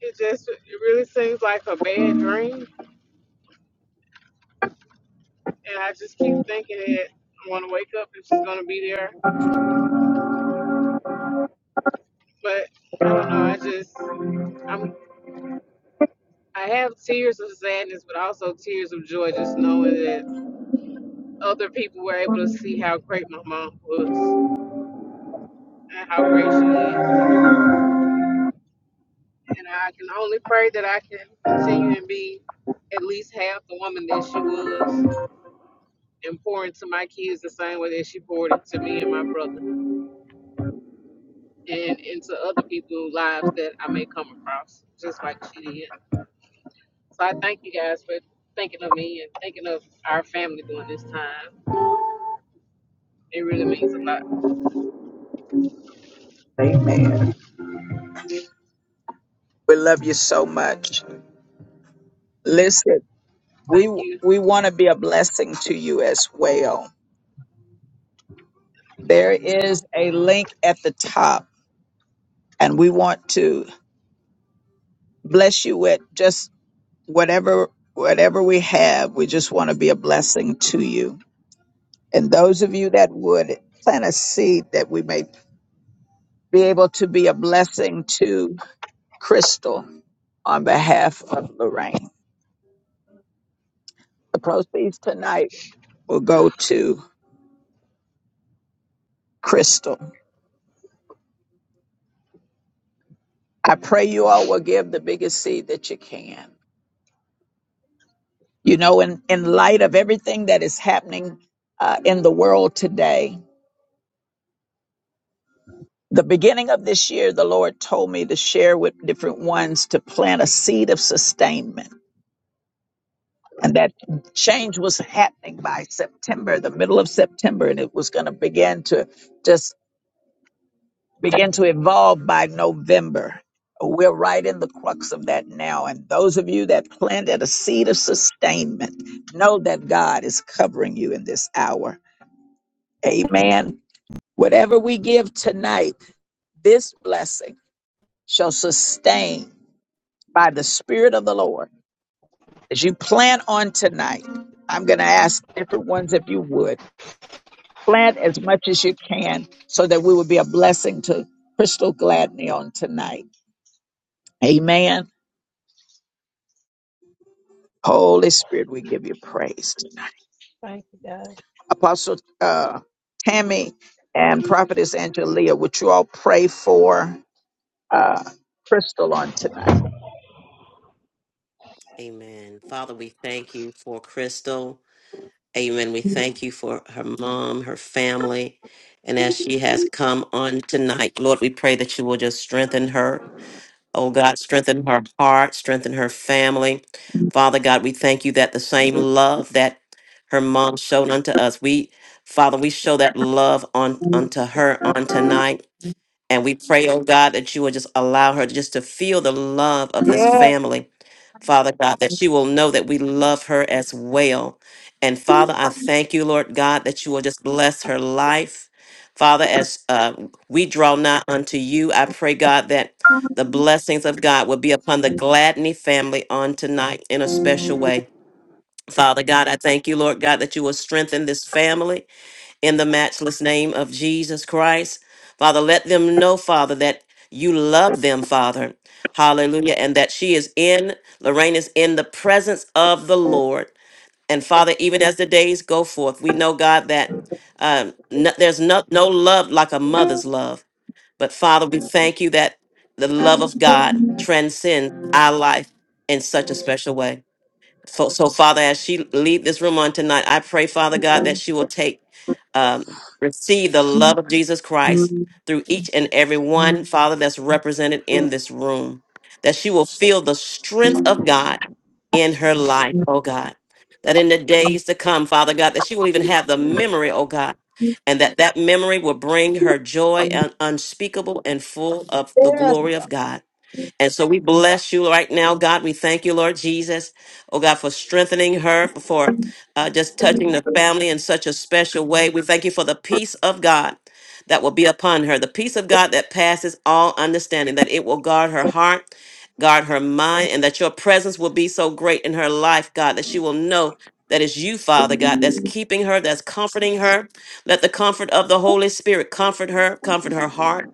It just it really seems like a bad dream, and I just keep thinking that I want to wake up and she's gonna be there. But I don't know. I just I'm I have tears of sadness, but also tears of joy, just knowing that other people were able to see how great my mom was and how great she is. And I can only pray that I can continue and be at least half the woman that she was, and pour into my kids the same way that she poured into me and my brother. and into other people's lives that I may come across, just like she did. So I thank you guys for thinking of me and thinking of our family during this time. It really means a lot. Amen. We love you so much. Listen, we Thank you. we want to be a blessing to you as well. There is a link at the top, and we want to bless you with just whatever whatever we have. We just want to be a blessing to you. And those of you that would plant a seed that we may be able to be a blessing to Crystal on behalf of Lorraine. The proceeds tonight will go to Crystal I pray you all will give the biggest seed that you can. You know, in, in light of everything that is happening uh, in the world today, the beginning of this year, the Lord told me to share with different ones to plant a seed of sustainment. And that change was happening by September, the middle of September, and it was going to begin to just begin to evolve by November. We're right in the crux of that now. And those of you that planted a seed of sustainment, know that God is covering you in this hour. Amen. Whatever we give tonight, this blessing shall sustain by the Spirit of the Lord. As you plan on tonight, I'm going to ask different ones if you would. Plant as much as you can so that we would be a blessing to Crystal Gladney on tonight. Amen. Holy Spirit, we give you praise tonight. Thank you, guys. Apostle uh, Tammy and Prophetess Angelia, would you all pray for uh, Crystal on tonight? Amen. Father, we thank you for Crystal. Amen. We thank you for her mom, her family. And as she has come on tonight, Lord, we pray that you will just strengthen her. Oh God, strengthen her heart, strengthen her family. Father God, we thank you that the same love that her mom showed unto us, we, Father, we show that love on unto her on tonight. And we pray, oh God, that you will just allow her just to feel the love of this Yes, family. Father God, that she will know that we love her as well. And Father, I thank you, Lord God, that you will just bless her life. Father, as uh, we draw nigh unto you, I pray, God, that the blessings of God will be upon the Gladney family on tonight in a special way. Father God, I thank you, Lord God, that you will strengthen this family in the matchless name of Jesus Christ. Father, let them know, Father, that you love them, Father. Hallelujah. And that she is in, Lorraine is in the presence of the Lord. And Father, even as the days go forth, we know, God, that um, no- there's no, no love like a mother's love. But Father, we thank you that the love of God transcends our life in such a special way. So, so Father, as she leave this room on tonight, I pray, Father God, that she will take, um, receive the love of Jesus Christ through each and every one, Father, that's represented in this room. That she will feel the strength of God in her life, oh God. That in the days to come, Father God, that she will even have the memory, oh God, and that that memory will bring her joy and unspeakable and full of the glory of God. And so we bless you right now, God. We thank you, Lord Jesus. Oh, God, for strengthening her, for uh, just touching the family in such a special way. We thank you for the peace of God that will be upon her, the peace of God that passes all understanding, that it will guard her heart, guard her mind, and that your presence will be so great in her life, God, that she will know. that it's you, Father God, that's keeping her, that's comforting her. Let the comfort of the Holy Spirit comfort her, comfort her heart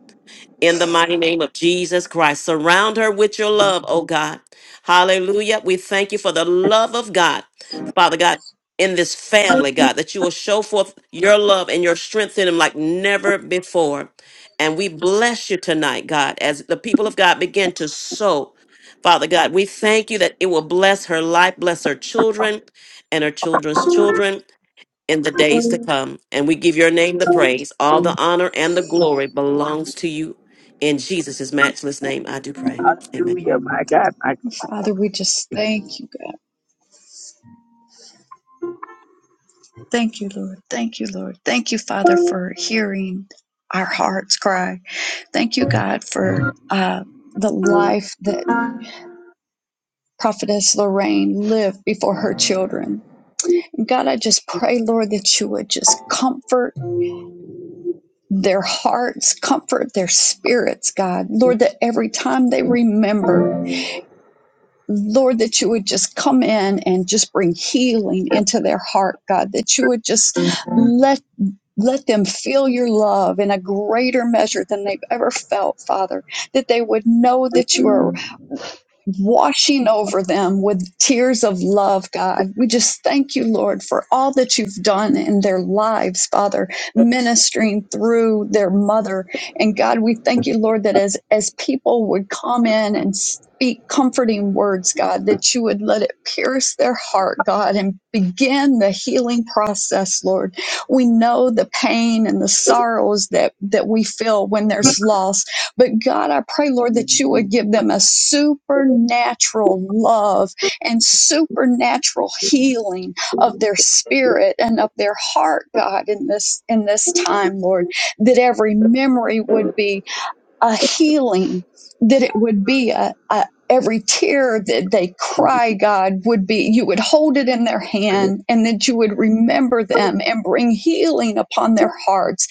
in the mighty name of Jesus Christ. Surround her with your love, oh God. Hallelujah. We thank you for the love of God, Father God, in this family, God, that you will show forth your love and your strength in them like never before. And we bless you tonight, God, as the people of God begin to sow. Father God, we thank you that it will bless her life, bless her children and her children's children in the days to come. And we give your name the praise. All the honor and the glory belongs to you. In Jesus' matchless name, I do pray. Amen. hallelujah, my God, my God. Father, we just thank you, God. Thank you, Lord. Thank you, Lord. Thank you, Father, for hearing our hearts cry. Thank you, God, for uh, the life that Prophetess Lorraine lived before her children. God, I just pray, Lord, that you would just comfort. their hearts, comfort their spirits, God. Lord, that every time they remember, Lord, that you would just come in and just bring healing into their heart, God, that you would just let let them feel your love in a greater measure than they've ever felt, Father, that they would know that you are washing over them with tears of love, God. We just thank you, Lord, for all that you've done in their lives, Father, ministering through their mother. And God, we thank you, Lord, that as, as people would come in and speak comforting words, God, that you would let it pierce their heart, God, and begin the healing process, Lord. We know the pain and the sorrows that, that we feel when there's loss. But God, I pray, Lord, that you would give them a supernatural love and supernatural healing of their spirit and of their heart, God, in this, in this time, Lord, that every memory would be a healing, that it would be a, a every tear that they cry, God, would be you would hold it in their hand and that you would remember them and bring healing upon their hearts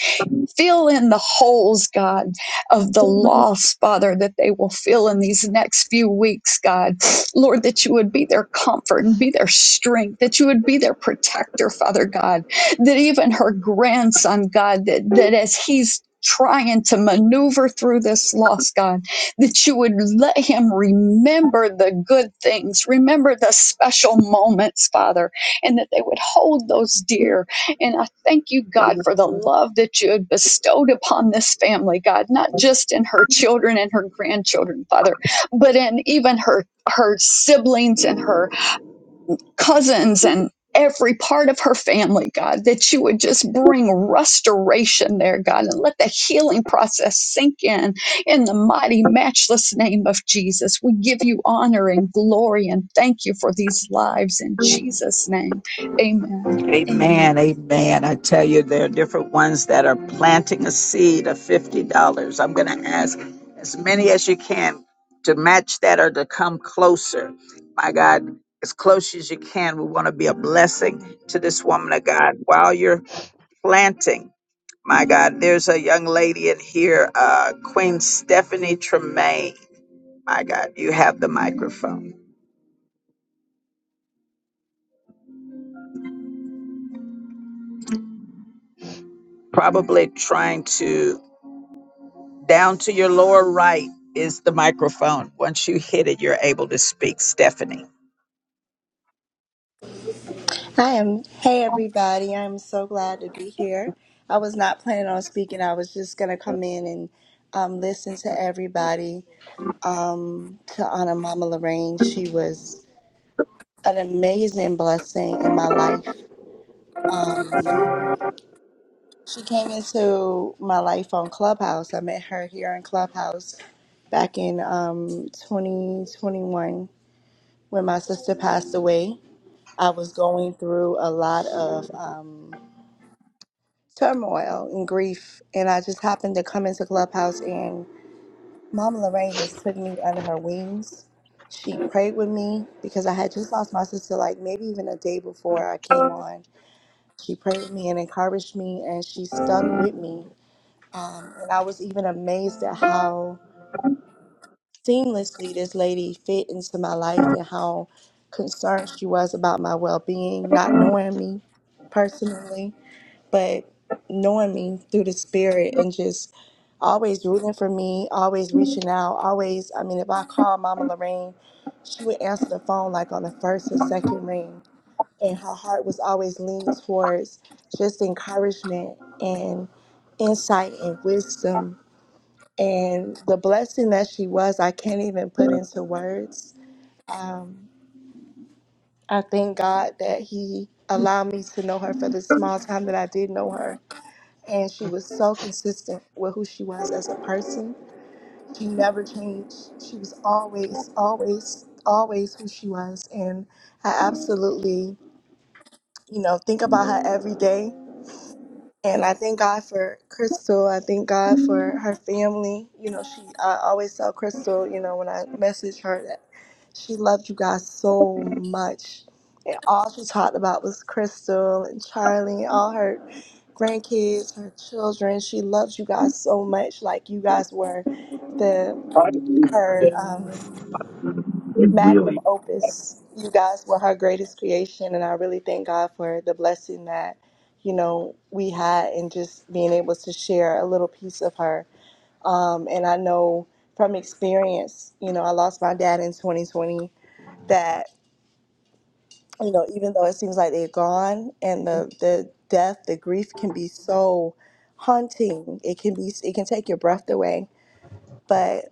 Fill in the holes, God, of the loss, Father, that they will fill in these next few weeks, God. Lord, that you would be their comfort and be their strength, that you would be their protector, Father God, that even her grandson, God, that, that as he's trying to maneuver through this loss, God, that you would let him remember the good things, remember the special moments, Father, and that they would hold those dear and I thank you, God, for the love that you had bestowed upon this family, God, not just in her children and her grandchildren, Father, but in even her her siblings and her cousins and every part of her family, God, that you would just bring restoration there, God, and let the healing process sink in in the mighty, matchless name of Jesus. We give you honor and glory and thank you for these lives in Jesus' name. Amen. Amen. Amen, amen. I tell you, there are different ones that are planting a seed of $50. I'm going to ask as many as you can to match that or to come closer. My God, as close as you can, we want to be a blessing to this woman of God. While you're planting. My God, there's a young lady in here, uh, Queen Stephanie Tremaine. My God, you have the microphone. Probably trying to, down to your lower right is the microphone. Once you hit it, you're able to speak, Stephanie. I am. Hey, everybody. I'm so glad to be here. I was not planning on speaking. I was just going to come in and um, listen to everybody. Um, to honor Mama Lorraine, she was an amazing blessing in my life. Um, she came into my life on Clubhouse. I met her here in Clubhouse back in um, 2021 when my sister passed away. I was going through a lot of. Um, turmoil and grief. And I just happened to come into Clubhouse, and Mama Lorraine just took me under her wings. She prayed with me because I had just lost my sister, like maybe even a day before I came on. She prayed with me and encouraged me, and she stuck with me. Um, and I was even amazed at how seamlessly this lady fit into my life and how concerned she was about my well being, not knowing me personally but knowing me through the spirit and just always rooting for me, always reaching out, always. I mean, if I call Mama Lorraine, she would answer the phone like on the first or second ring, and her heart was always leaning towards just encouragement and insight and wisdom and the blessing that she was. I can't even put into words. Um, I thank God that He allowed me to know her for the small time that I did know her and she was so consistent with who she was as a person. She never changed. She was always, always, always who she was. And I absolutely, you know, think about her every day. And I thank God for Crystal. I thank God for her family. You know, she I always tell Crystal, you know, when I message her that she loved you guys so much. And all she talked about was Crystal and Charlie and all her grandkids, her children. She loves you guys so much. Like you guys were the It her um magnum Really? opus. You guys were her greatest creation, and I really thank God for the blessing that you know we had and just being able to share a little piece of her. Um, and I know from experience, you know, I lost my dad in 2020. That you know, even though it seems like they're gone, and the the death, the grief can be so haunting. It can be, it can take your breath away. but.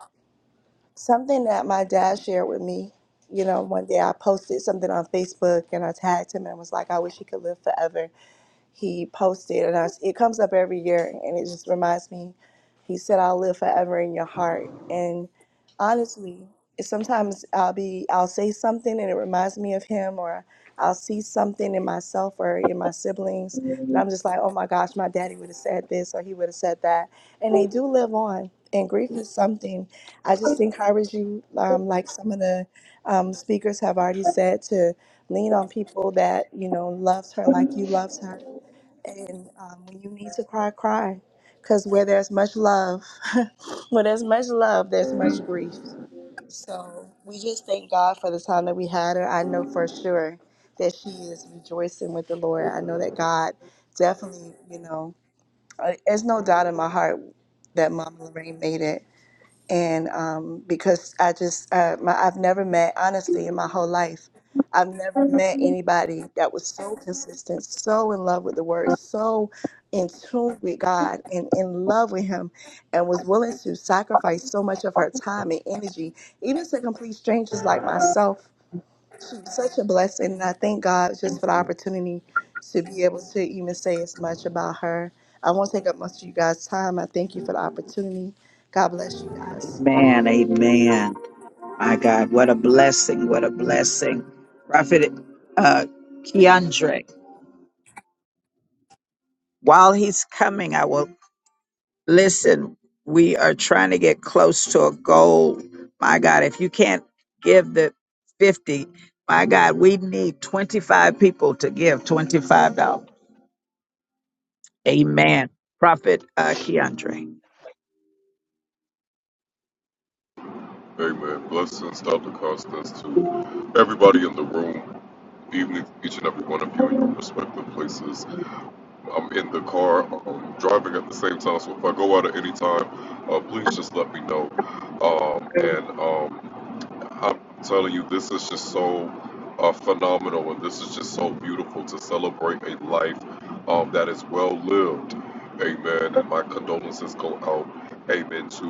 Something that my dad shared with me, you know, one day I posted something on Facebook and I tagged him and was like, I wish he could live forever he posted, and I, it comes up every year, and it just reminds me. He said, "I'll live forever in your heart." And honestly, sometimes I'll be, I'll say something, and it reminds me of him, or I'll see something in myself or in my siblings, and I'm just like, "Oh my gosh, my daddy would have said this, or he would have said that," and they do live on. And grief is something. I just encourage you, um, like some of the um, speakers have already said, to lean on people that you know loves her like you loved her and um, when you need to cry, cry. Because where there's much love, where there's much love, there's much grief. So we just thank God for the time that we had her. I know for sure that she is rejoicing with the Lord. I know that God definitely, you know, uh, there's no doubt in my heart that Mama Lorraine made it and um, because I just uh, my, I've never met honestly in my whole life, I've never met anybody that was so consistent, so in love with the Word, so in tune with God and in love with Him, and was willing to sacrifice so much of her time and energy, even to complete strangers like myself. She was such a blessing, and I thank God just for the opportunity to be able to even say as much about her. I won't take up much of you guys' time. I thank you for the opportunity. God bless you guys. Man, amen. My God, what a blessing, what a blessing. Prophet uh, Keandre. while he's coming, I will listen. We are trying to get close to a goal. My God, if you can't give the 50, my God, we need 25 people to give $25. Amen. Prophet uh, Keandre. Amen. Blessings, Dr. Costas, to everybody in the room, even each and every one of you in your respective places. I'm in the car, um, driving at the same time, so if I go out at any time, uh, please just let me know. Um, and um, I'm telling you, this is just so uh, phenomenal, and this is just so beautiful to celebrate a life um, that is well lived. Amen. And my condolences go out, amen, to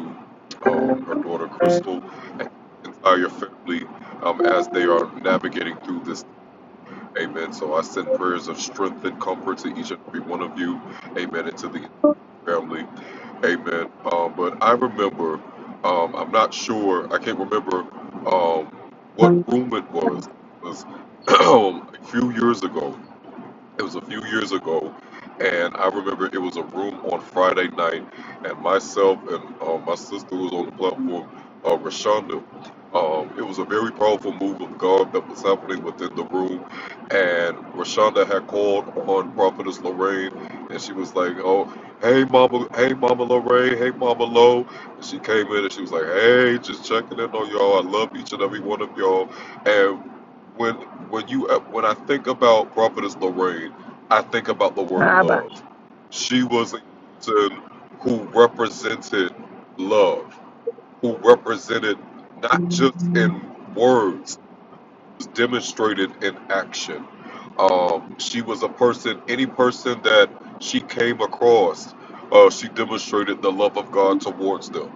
um, her daughter Crystal and the entire family um, as they are navigating through this. Amen. So I send prayers of strength and comfort to each and every one of you. Amen. And to the family. Amen. Um, but I remember, um, I'm not sure, I can't remember um, what room it was. It was a few years ago. It was a few years ago, and I remember it was a room on Friday night, and myself and uh, my sister was on the platform, uh, Rashonda. Um, it was a very powerful move of God that was happening within the room, and Rashonda had called on Prophetess Lorraine, and she was like, "Oh, hey Mama, hey Mama Lorraine, hey Mama Lo." And she came in and she was like, "Hey, just checking in on y'all. I love each and every one of y'all." and." when when you uh, when I think about Prophetess Lorraine, I think about the word Abba. love. She was a person who represented love, who represented not just in words demonstrated in action. Um, she was a person, any person that she came across, uh, she demonstrated the love of God towards them.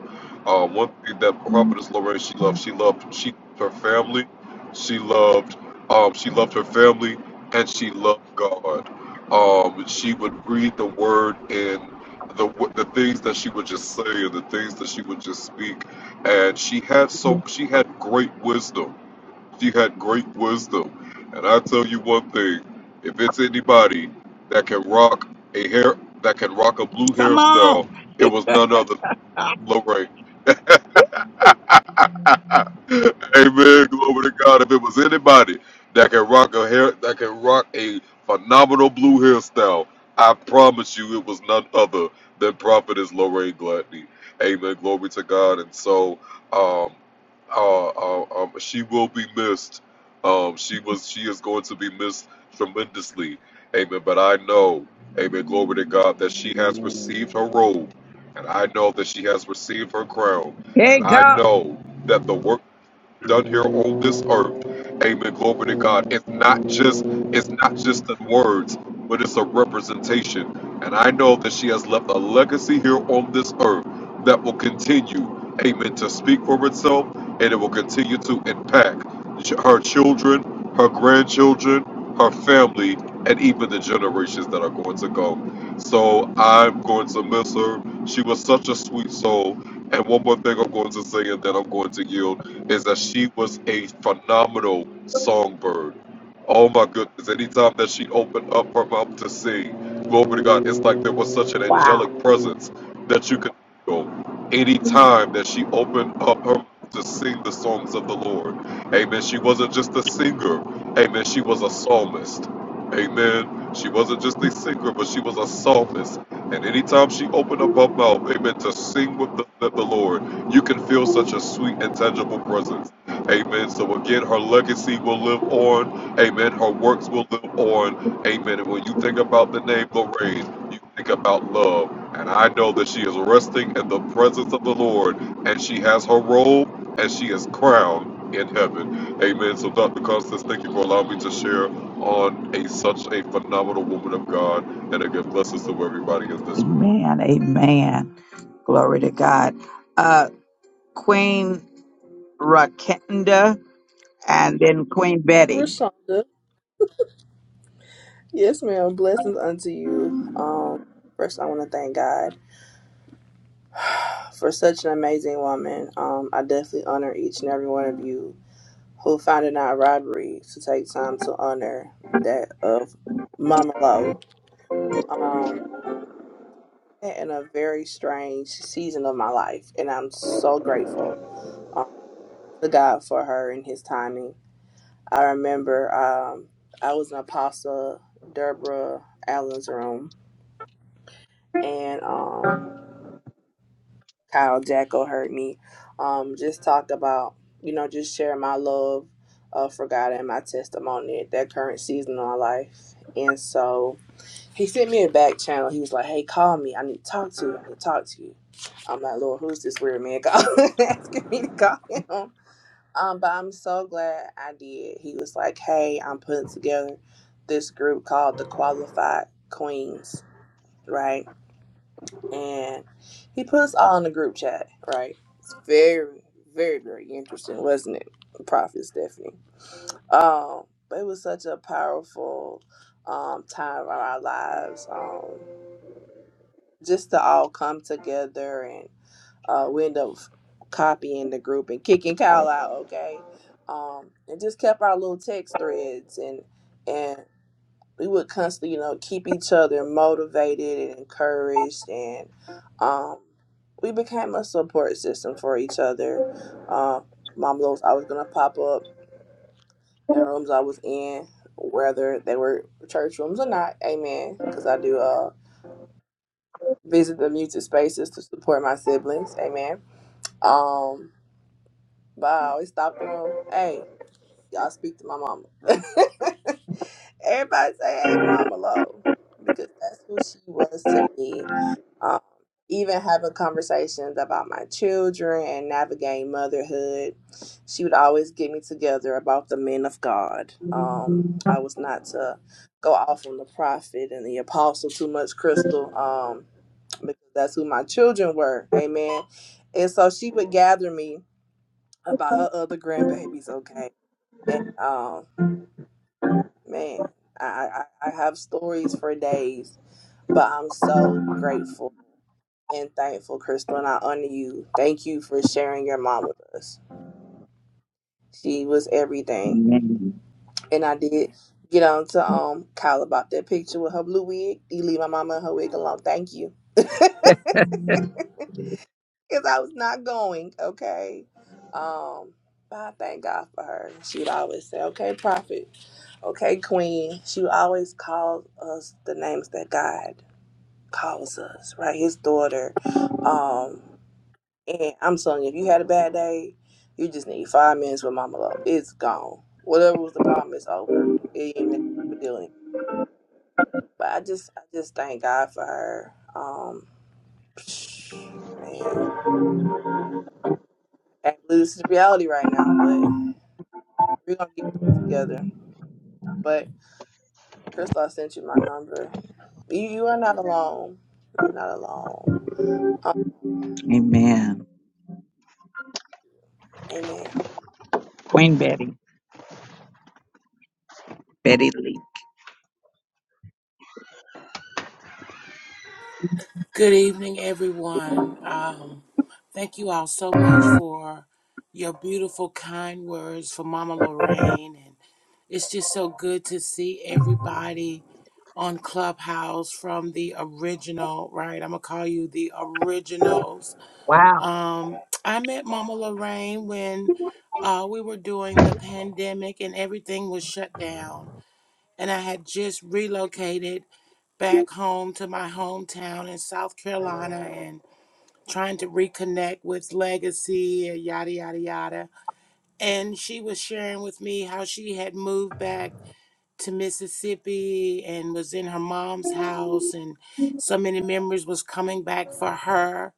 Uh, one thing that Prophetess Lorraine, she loved, she loved, she loved her family, she loved, um, she loved her family, and she loved God. Um, she would read the Word and the the things that she would just say and the things that she would just speak, and she had so she had great wisdom she had great wisdom. And I tell you one thing, if it's anybody that can rock a hair that can rock a blue hairstyle, it was none other than Lorraine. Amen. Glory to God. If it was anybody that can rock a hair, that can rock a phenomenal blue hairstyle, I promise you, it was none other than Prophetess Lorraine Gladney. Amen. Glory to God. And so, um, uh, uh, um, she will be missed. Um, she was, she is going to be missed tremendously. Amen. But I know, Amen. Glory to God that she has received her robe, and I know that she has received her crown, Hey, and I God. know that the work done here on this earth. Amen. Glory to God. It's not just it's not just in words, but it's a representation. And I know that she has left a legacy here on this earth that will continue, amen, to speak for itself and it will continue to impact her children, her grandchildren, her family, and even the generations that are going to go. So I'm going to miss her. She was such a sweet soul. And one more thing I'm going to say, and then I'm going to yield is that she was a phenomenal songbird. Oh my goodness. Anytime that she opened up her mouth to sing, glory to God, it's like there was such an Wow. angelic presence that you could feel anytime that she opened up her mouth to sing the songs of the Lord. Amen. She wasn't just a singer. Amen. She was a psalmist. Amen. She wasn't just a singer, but she was a psalmist. And anytime she opened up her mouth, amen, to sing with the, the the Lord, you can feel such a sweet and tangible presence. Amen. So again, her legacy will live on. Amen. Her works will live on. Amen. And when you think about the name Lorraine, you think about love. And I know that she is resting in the presence of the Lord, and she has her robe, and she is crowned in heaven. Amen. So Dr. Constance, thank you for allowing me to share on a such a phenomenal woman of God, and again, blessings to everybody in this room. Amen. Amen. Glory to God. Uh, Queen Rakenda and then Queen Betty. Rashonda. Yes, ma'am. Blessings unto you. Um, first, I want to thank God for such an amazing woman. Um, I definitely honor each and every one of you who found it not robbery to take time to honor that of Mama Lo. Um, met in a very strange season of my life, and I'm so grateful um, to God for her and His timing. I remember um, I was in apostle, Deborah Allen's room. and um, Kyle Jacko heard me um, just talk about, you know, just share my love uh, for God and my testimony at that current season of my life. And so he sent me a back channel. He was like, hey, call me. I need to talk to you. I need to talk to you. I'm like, Lord, who's this weird man calling, asking me to call him? Um, but I'm so glad I did. He was like, hey, I'm putting together this group called the Qualified Queens, right? and he put us all in the group chat, right? It's very, very, very interesting, wasn't it, Prophet Stephanie? Um, but it was such a powerful um, time of our lives, um, just to all come together and uh, we end up copying the group and kicking Kyle out, okay? Um, and just kept our little text threads and and we would constantly, you know, keep each other motivated and encouraged, and um, we became a support system for each other. Um, Mom was always gonna pop up in rooms I was in, whether they were church rooms or not. Amen. Because I do uh, visit the muted spaces to support my siblings. Amen. Um, but I always stopped the room. Hey, y'all speak to my mama. Everybody say hey to Mama Lo because that's who she was to me. Um, even having conversations about my children and navigating motherhood, she would always get me together about the men of God. Um, I was not to go off on the prophet and the apostle too much, Crystal, um, because that's who my children were. Amen. And so she would gather me about her other grandbabies, okay? And um, man, I, I, I have stories for days, but I'm so grateful and thankful, Crystal, and I honor you. Thank you for sharing your mom with us. She was everything. And I did get on to um Kyle about that picture with her blue wig. You leave my mama and her wig alone. Thank you. Because I was not going, okay? Um, but I thank God for her. She would always say, okay, prophet, okay, queen. She would always call us the names that God calls us, right? His daughter. Um, and I'm telling you, if you had a bad day, you just need five minutes with Mama Love. It's gone. Whatever was the problem, it's over. It ain't even that big of a deal anymore. But I just, I just thank God for her. Um, man, I can't believe this is reality right now, but we're gonna get through it together. But Crystal, I sent you my number. You, you are not alone. You're not alone. Um, Amen. amen. Queen Betty. Betty Lee. Good evening, everyone. Um, thank you all so much for your beautiful, kind words for Mama Lorraine. And it's just so good to see everybody on Clubhouse from the original, right? I'm going to call you the originals. Wow. Um, I met Mama Lorraine when uh, we were doing the pandemic and everything was shut down and I had just relocated back home to my hometown in South Carolina and trying to reconnect with legacy and yada yada yada. And she was sharing with me how she had moved back to Mississippi and was in her mom's house and so many memories was coming back for her.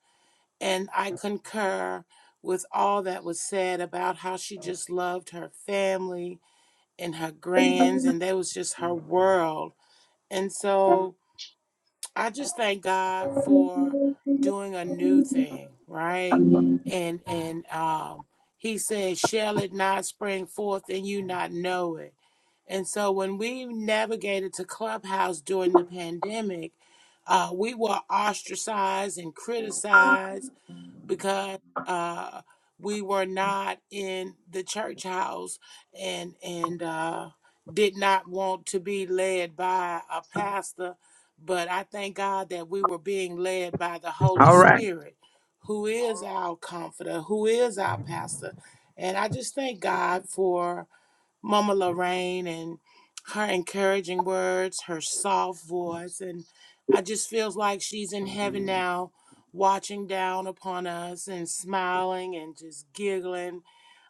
And I concur with all that was said about how she just loved her family and her grands and that was just her world and so I just thank God for doing a new thing, right? And and um he said, Shall it not spring forth and you not know it? And so when we navigated to Clubhouse during the pandemic, uh, we were ostracized and criticized because uh, we were not in the church house and and uh, did not want to be led by a pastor. But I thank God that we were being led by the Holy All right. Spirit, who is our comforter, who is our pastor. And I just thank God for. Mama Lorraine and her encouraging words, her soft voice, and I just feels like she's in heaven now, watching down upon us and smiling and just giggling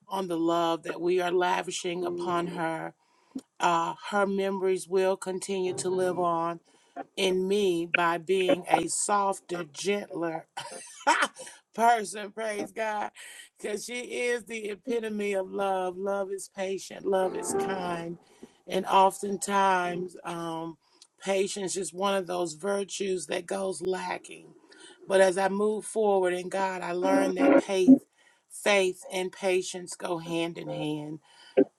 on the love that we are lavishing upon her. Uh, her memories will continue to live on in me by being a softer, gentler person, praise God, because she is the epitome of love. Love is patient, love is kind. And oftentimes, um, patience is one of those virtues that goes lacking. But as I move forward in God, I learned that faith, faith and patience go hand in hand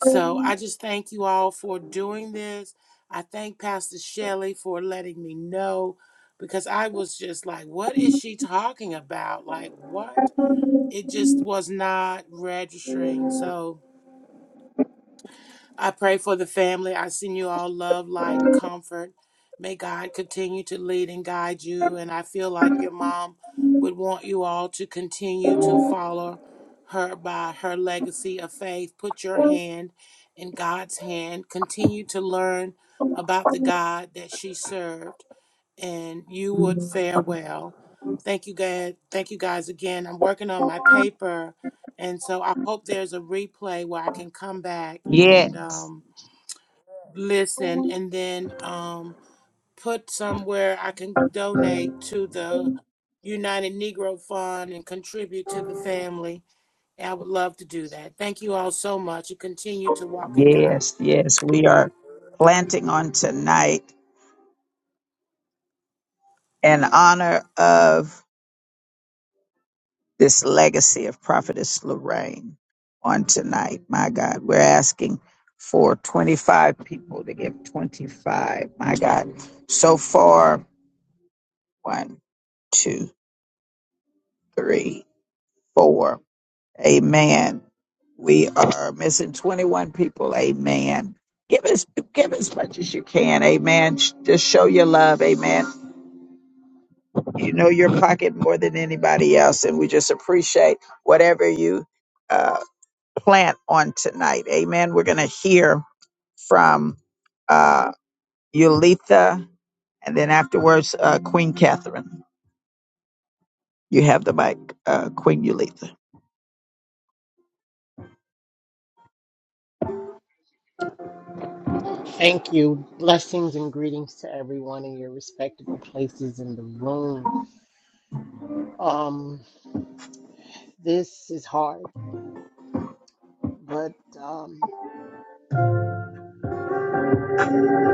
so I just thank you all for doing this. I thank Pastor Shelley for letting me know because I was just like, what is she talking about? Like, what? It just was not registering. So, I pray for the family. I send you all love, light, and comfort. May God continue to lead and guide you. And I feel like your mom would want you all to continue to follow her by her legacy of faith. Put your hand in God's hand. Continue to learn about the God that she served and you would fare well. Thank you guys. Thank you guys again. I'm working on my paper, and so I hope there's a replay where I can come back and Yes. um, listen, and then um, put somewhere I can donate to the United Negro Fund and contribute to the family. And I would love to do that. Thank you all so much. You continue to walk in God. Yes. Yes. We are planting on tonight in honor of this legacy of Prophetess Lorraine on tonight. My God, we're asking for 25 people to give 25. My God. So far, one, two, three, four. Amen. We are missing 21 people. Amen. Give us, give as much as you can. Amen. Sh- Just show your love. Amen. You know your pocket more than anybody else, and we just appreciate whatever you uh, plant on tonight. Amen. We're going to hear from uh, Yulitha, and then afterwards, uh, Queen Catherine. You have the mic, uh, Queen Yulitha. Uh, Thank you. Blessings and greetings to everyone in your respectable places in the room. Um, this is hard, but um,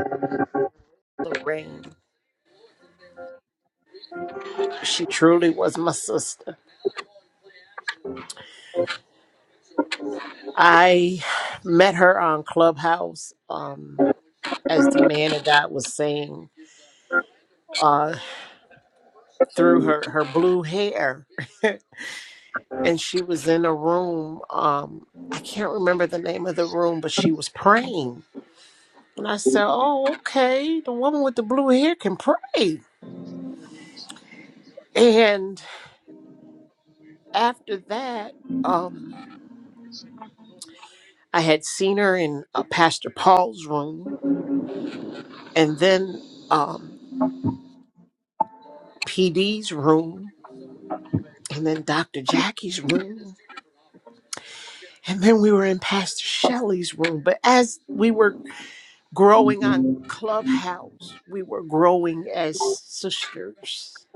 I'm gonna get Lorraine. She truly was my sister. I met her on Clubhouse, um, as the man of God was saying, uh, through her her blue hair, and she was in a room. Um, I can't remember the name of the room, but she was praying And I said, Oh, okay. The woman with the blue hair can pray. And after that, um, I had seen her in uh, Pastor Paul's room and then um, PD's room and then Dr. Jackie's room. And then we were in Pastor Shelley's room. But as we were growing on Clubhouse, we were growing as sisters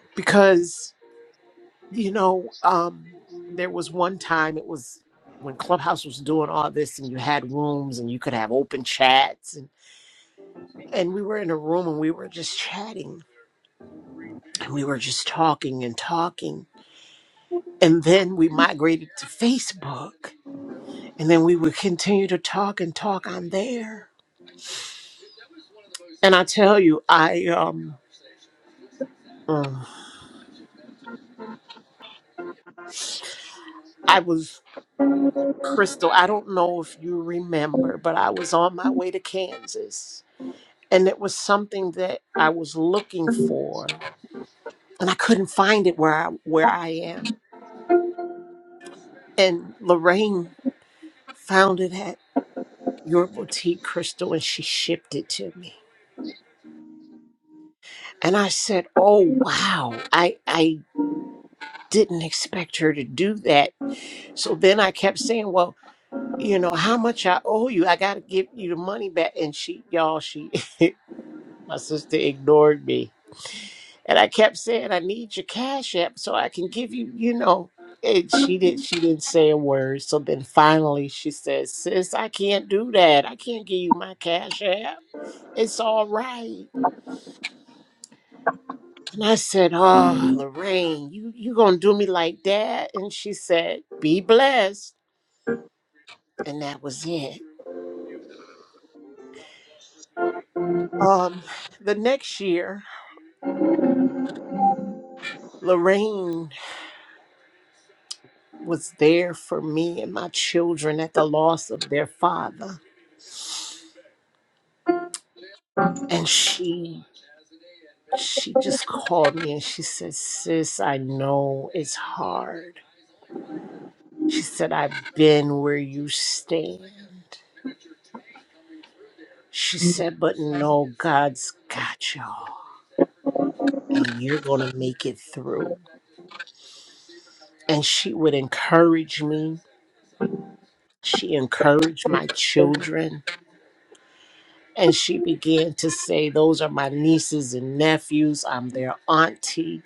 because You know, um, there was one time it was when Clubhouse was doing all this, and you had rooms, and you could have open chats, and and we were in a room, and we were just chatting, and we were just talking and talking, and then we migrated to Facebook, and then we would continue to talk and talk on there. And I tell you, I um, mm, I was Crystal. I don't know if you remember, but I was on my way to Kansas and it was something that I was looking for, and I couldn't find it where I where I am. And Lorraine found it at your boutique, Crystal, and she shipped it to me. And I said, "Oh wow, I I didn't expect her to do that." So then I kept saying, "Well." You know how much I owe you. I gotta give you the money back. And she, y'all, she, my sister ignored me And I kept saying, I need your cash app so I can give you, you know. And she did she didn't say a word. So then finally she says, Sis, I can't do that. I can't give you my cash app. It's all right. And I said, Oh, Lorraine, you you gonna do me like that? And she said, Be blessed. And that was it. Um, the next year, Lorraine was there for me and my children at the loss of their father. And she She just called me and she said, Sis, I know it's hard. She said, I've been where you stand. She said, But no, God's got y'all and you're going to make it through. And she would encourage me. She encouraged my children. And she began to say, Those are my nieces and nephews. I'm their auntie.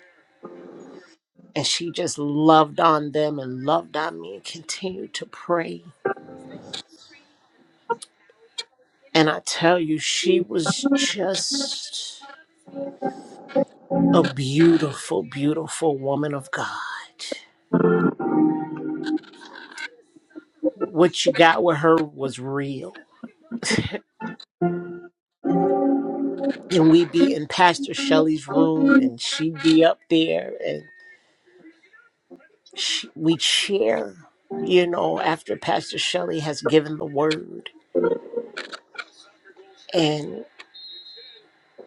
And she just loved on them and loved on me and continued to pray And I tell you, she was just a beautiful, beautiful woman of God. What you got with her was real. and we'd be in Pastor Shelley's room, and she'd be up there, and she, we'd share, you know, after Pastor Shelley has given the word. And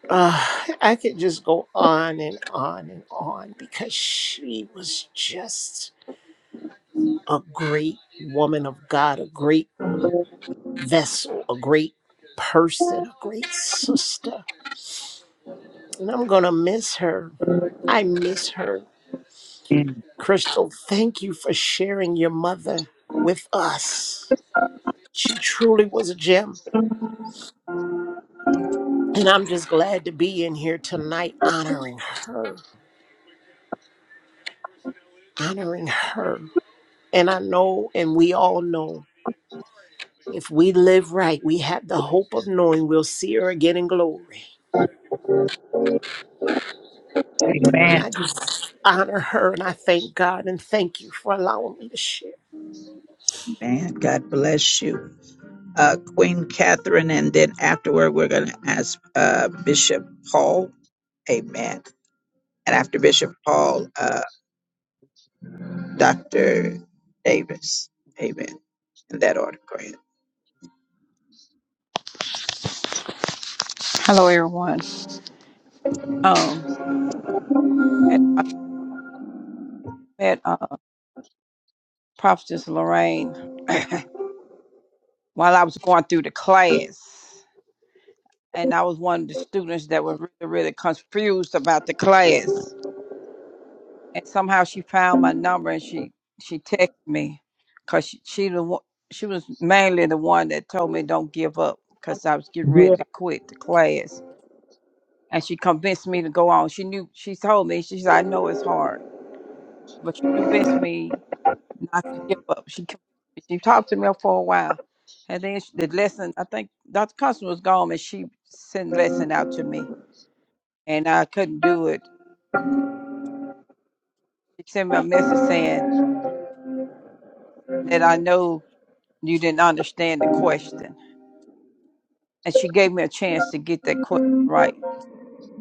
uh, I could just go on and on and on because she was just a great woman of God, a great vessel, a great person, a great sister. And I'm going to miss her. I miss her. Crystal, thank you for sharing your mother with us. She truly was a gem. And I'm just glad to be in here tonight honoring her, honoring her. And I know, and we all know, if we live right, we have the hope of knowing we'll see her again in glory. Amen. And I just honor her and I thank God and thank you for allowing me to share. Man, God bless you. Uh, Queen Catherine, and then afterward, we're going to ask uh, Bishop Paul. Amen. And after Bishop Paul, uh, Dr. Davis. Amen. In that order, go ahead. Hello, everyone. Um, I had met uh, Prophetess Lorraine while I was going through the class, and I was one of the students that were really, really confused about the class. And somehow she found my number and she she texted me because she she, the, one- she was mainly the one that told me don't give up because I was getting ready to quit the class and she convinced me to go on. She knew she told me she said I know it's hard, but she convinced me not to give up. She con- she talked to me for a while, and then she, the lesson I think Dr. Custom was gone, and she sent lesson out to me, and I couldn't do it. She sent me a message saying that I know you didn't understand the question, and she gave me a chance to get that question right.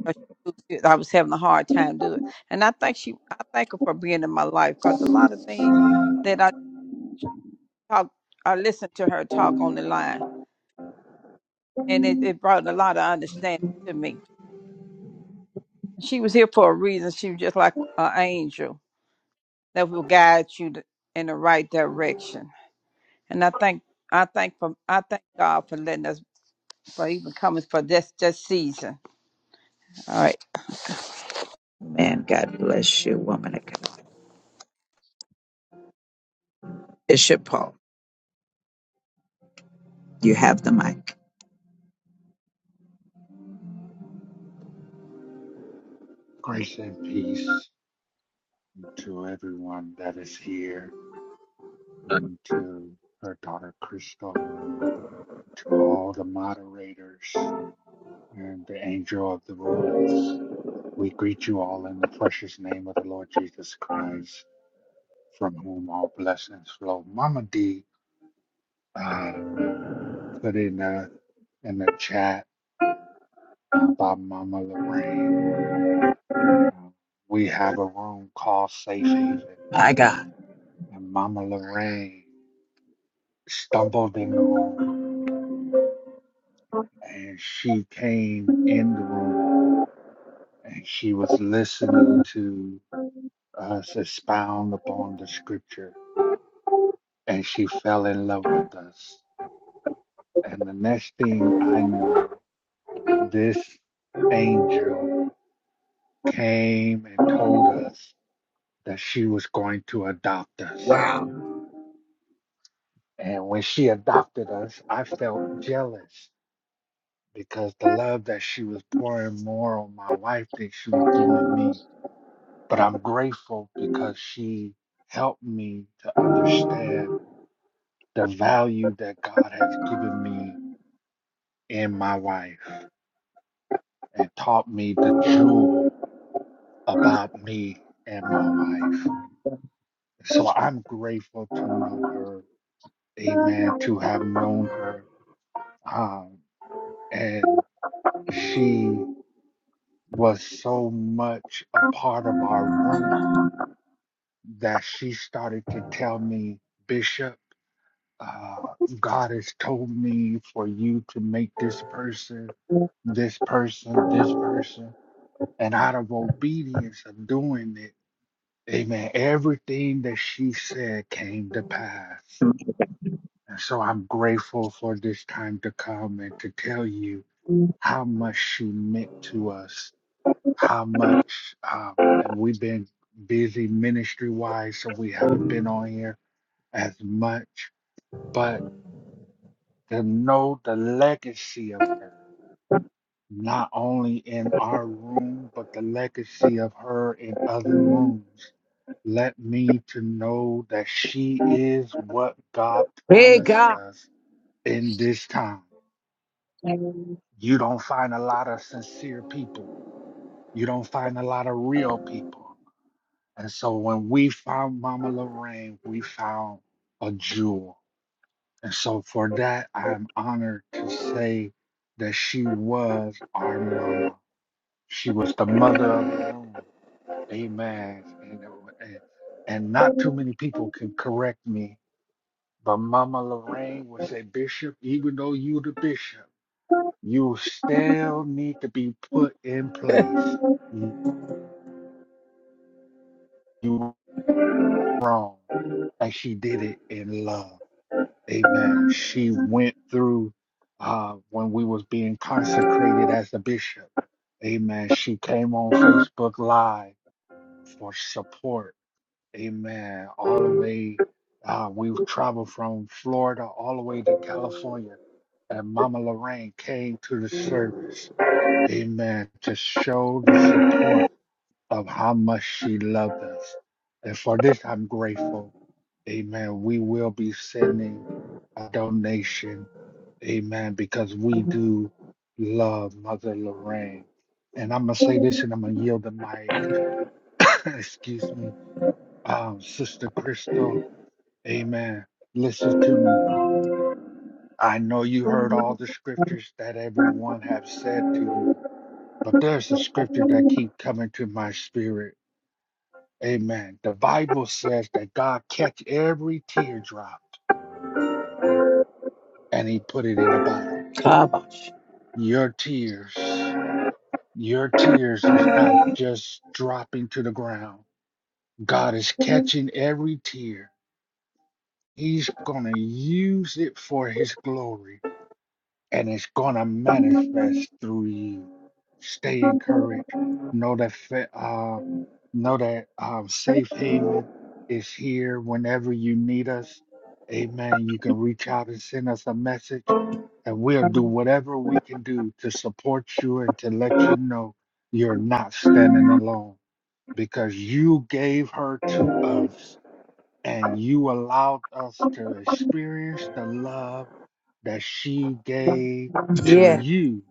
'cause she knew that I was having a hard time doing it, and I think she, I thank her for being in my life because a lot of things. talk I listened to her talk on the line and it, it brought a lot of understanding to me. She was here for a reason. She was just like an angel that will guide you to- in the right direction. And I thank I thank for I thank God for letting us for even coming for this this season. All right. Man, God bless you, woman of God. Bishop Paul, you have the mic. Grace and peace to everyone that is here, and to her daughter Crystal, to all the moderators, and the angel of the room. We greet you all in the precious name of the Lord Jesus Christ, from whom all blessings flow. Mama D uh, put in the in the chat about Mama Lorraine. Uh, we have a room called Safe Haven, My God. and Mama Lorraine. stumbled in the room and she came in the room and she was listening to us expound upon the scripture and she fell in love with us. And the next thing I know, this angel came and told us that she was going to adopt us. Wow. And when she adopted us, I felt jealous because the love that she was pouring more on my wife than she was doing me but I'm grateful because she helped me to understand the value that God has given me in my wife and taught me the jewel about me and my wife. So I'm grateful to know her. Amen. To have known her. Um, and she was so much a part of our room that she started to tell me, Bishop. uh, God has told me for you to make this person, this person, this person. And out of obedience of doing it, amen, everything that she said came to pass. And so I'm grateful for this time to come and to tell you how much she meant to us, how much, um, and we've been busy ministry wise, so we haven't been on here as much. But to know the legacy of her, not only in our room, but the legacy of her in other rooms. Let me to know that she is what God Hey, promised God. us in this time. You don't find a lot of sincere people. You don't find a lot of real people. And so when we found Mama Lorraine, we found a jewel And so for that, I'm honored to say that she was our mama. She was the mother of the room. Amen. And, and, and not too many people can correct me, but Mama Lorraine would say, Bishop, even though you the bishop, you still need to be put in place. You you wrong. And she did it in love. Amen. She went through uh, when we was being consecrated as the bishop. Amen. She came on Facebook Live for support. Amen. All the way, uh, we've traveled from Florida all the way to California, and Mama Lorraine came to the service. Amen. To show the support of how much she loved us. And for this, I'm grateful. Amen. We will be sending a donation. Amen. Because we do love Mother Lorraine. And I'm going to say this and I'm going to yield the mic. Excuse me. Um, Sister Crystal. Amen. Listen to me. I know you heard all the scriptures that everyone have said to you, but there's a scripture that keep coming to my spirit Amen. The Bible says that God catch every teardrop and he put it in a bottle. Your tears, your tears is not just dropping to the ground. God is catching every tear. He's going to use it for his glory. and it's going to manifest through you. Stay encouraged. Know that fa- uh, know that um, safe haven is here whenever you need us. Amen. You can reach out and send us a message, and we'll do whatever we can do to support you and to let you know you're not standing alone because you gave her to us and you allowed us to experience the love that she gave to Yeah. you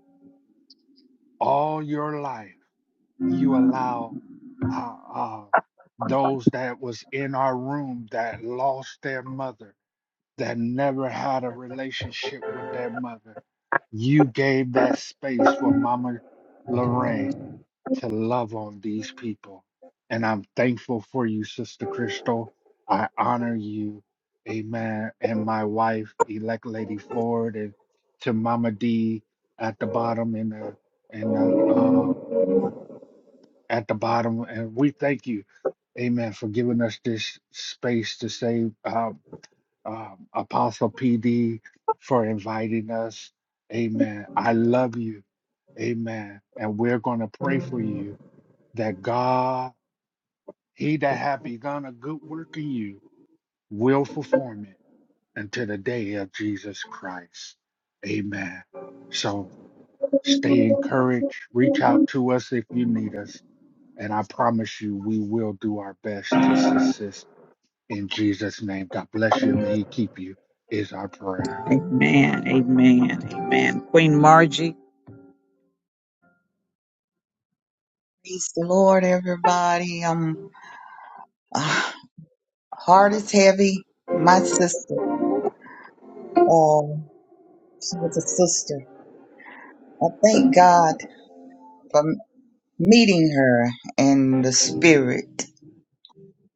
all your life. You allowed uh, uh, those that was in our room that lost their mother, that never had a relationship with their mother. You gave that space for Mama Lorraine to love on these people. And I'm thankful for you, Sister Crystal. I honor you. Amen. And my wife, elect Lady Ford, and to Mama D at the bottom in the in the um at the bottom. And we thank you, Amen, for giving us this space to say um, um, Apostle PD for inviting us. Amen. I love you. Amen. And we're gonna pray for you that God, he that hath begun a good work in you, will perform it until the day of Jesus Christ. Amen. So stay encouraged. Reach out to us if you need us. And I promise you, we will do our best to assist in Jesus' name. God bless you. May he keep you, is our prayer. Amen. Amen. Amen. Queen Margie. Praise the Lord, everybody. Um, uh, heart is heavy. My sister, uh, she was a sister. I thank God for m- meeting her in the spirit.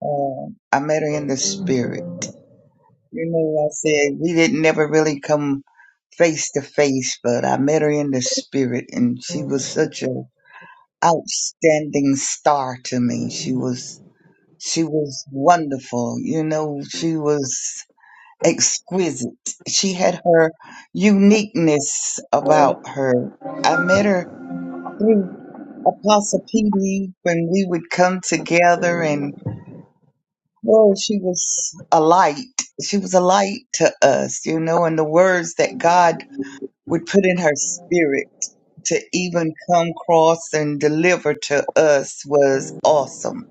Uh, I met her in the spirit. You know, I said we didn't never really come face to face, but I met her in the spirit, and she was such a outstanding star to me. She was she was wonderful. You know, she was. exquisite. She had her uniqueness about her. I met her through Apostle PD when we would come together and well, she was a light. She was a light to us, you know, and the words that God would put in her spirit to even come across and deliver to us was awesome.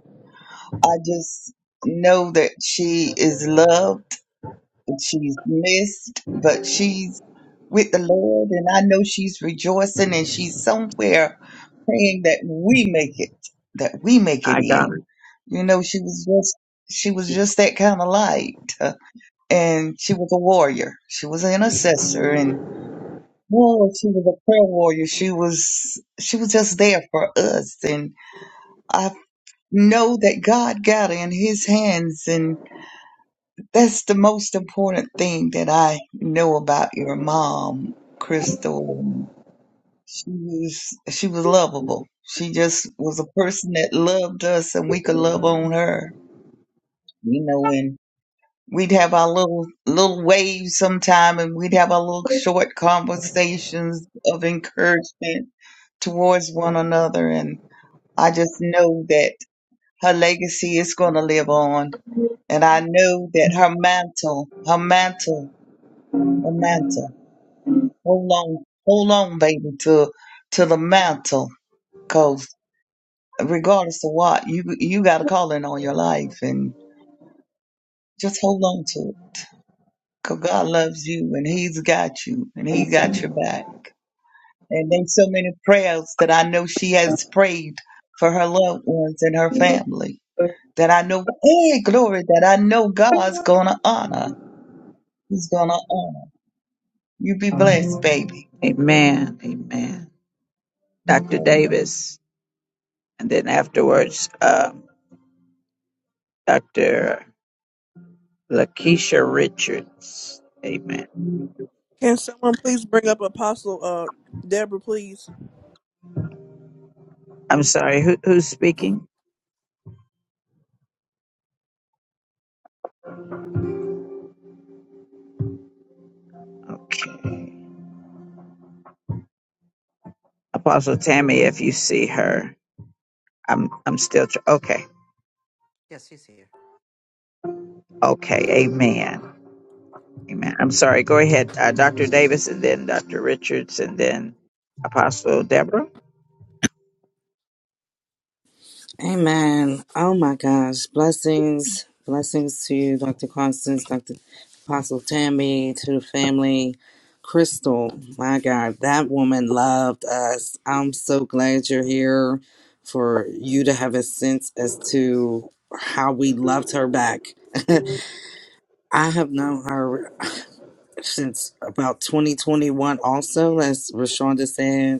I just know that she is loved She's missed, but she's with the Lord, and I know she's rejoicing and she's somewhere praying that we make it, that we make it in. You know, she was just she was just that kind of light, and she was a warrior. She was an intercessor, and boy, she was a prayer warrior. She was she was just there for us, and I know that God got her in His hands, and. That's the most important thing that I know about your mom, Crystal. She was she was lovable. She just was a person that loved us and we could love on her. You know, and we'd have our little little waves sometime and we'd have our little short conversations of encouragement towards one another and I just know that her legacy is gonna live on. And I know that her mantle, her mantle the mantle. Hold on, hold on, baby, to to the mantle, cause regardless of what, you you got a calling on your life, and just hold on to it, cause God loves you, and He's got you, and He got your back. And there's so many prayers that I know she has prayed for her loved ones and her family that I know, hey, glory, that I know God's gonna honor. He's gonna honor. You be blessed, baby. Amen. Amen. Dr. Amen. Davis. And then afterwards, um, Dr. Lakeisha Richards. Amen. Can someone please bring up Apostle uh Deborah, please? I'm sorry, who, who's speaking? Okay. Apostle Tammy, if you see her, I'm, I'm still, tr- okay. Yes, he's here. Okay. Amen. Amen. I'm sorry. Go ahead. Uh, Dr. Davis and then Dr. Richards and then Apostle Deborah. Amen. Oh my gosh. Blessings. Blessings to you, Dr. Constance, Dr. Apostle Tammy, to the family. Crystal, my God, that woman loved us. I'm so glad you're here for you to have a sense as to how we loved her back. I have known her since about 2021, also, as Rashonda said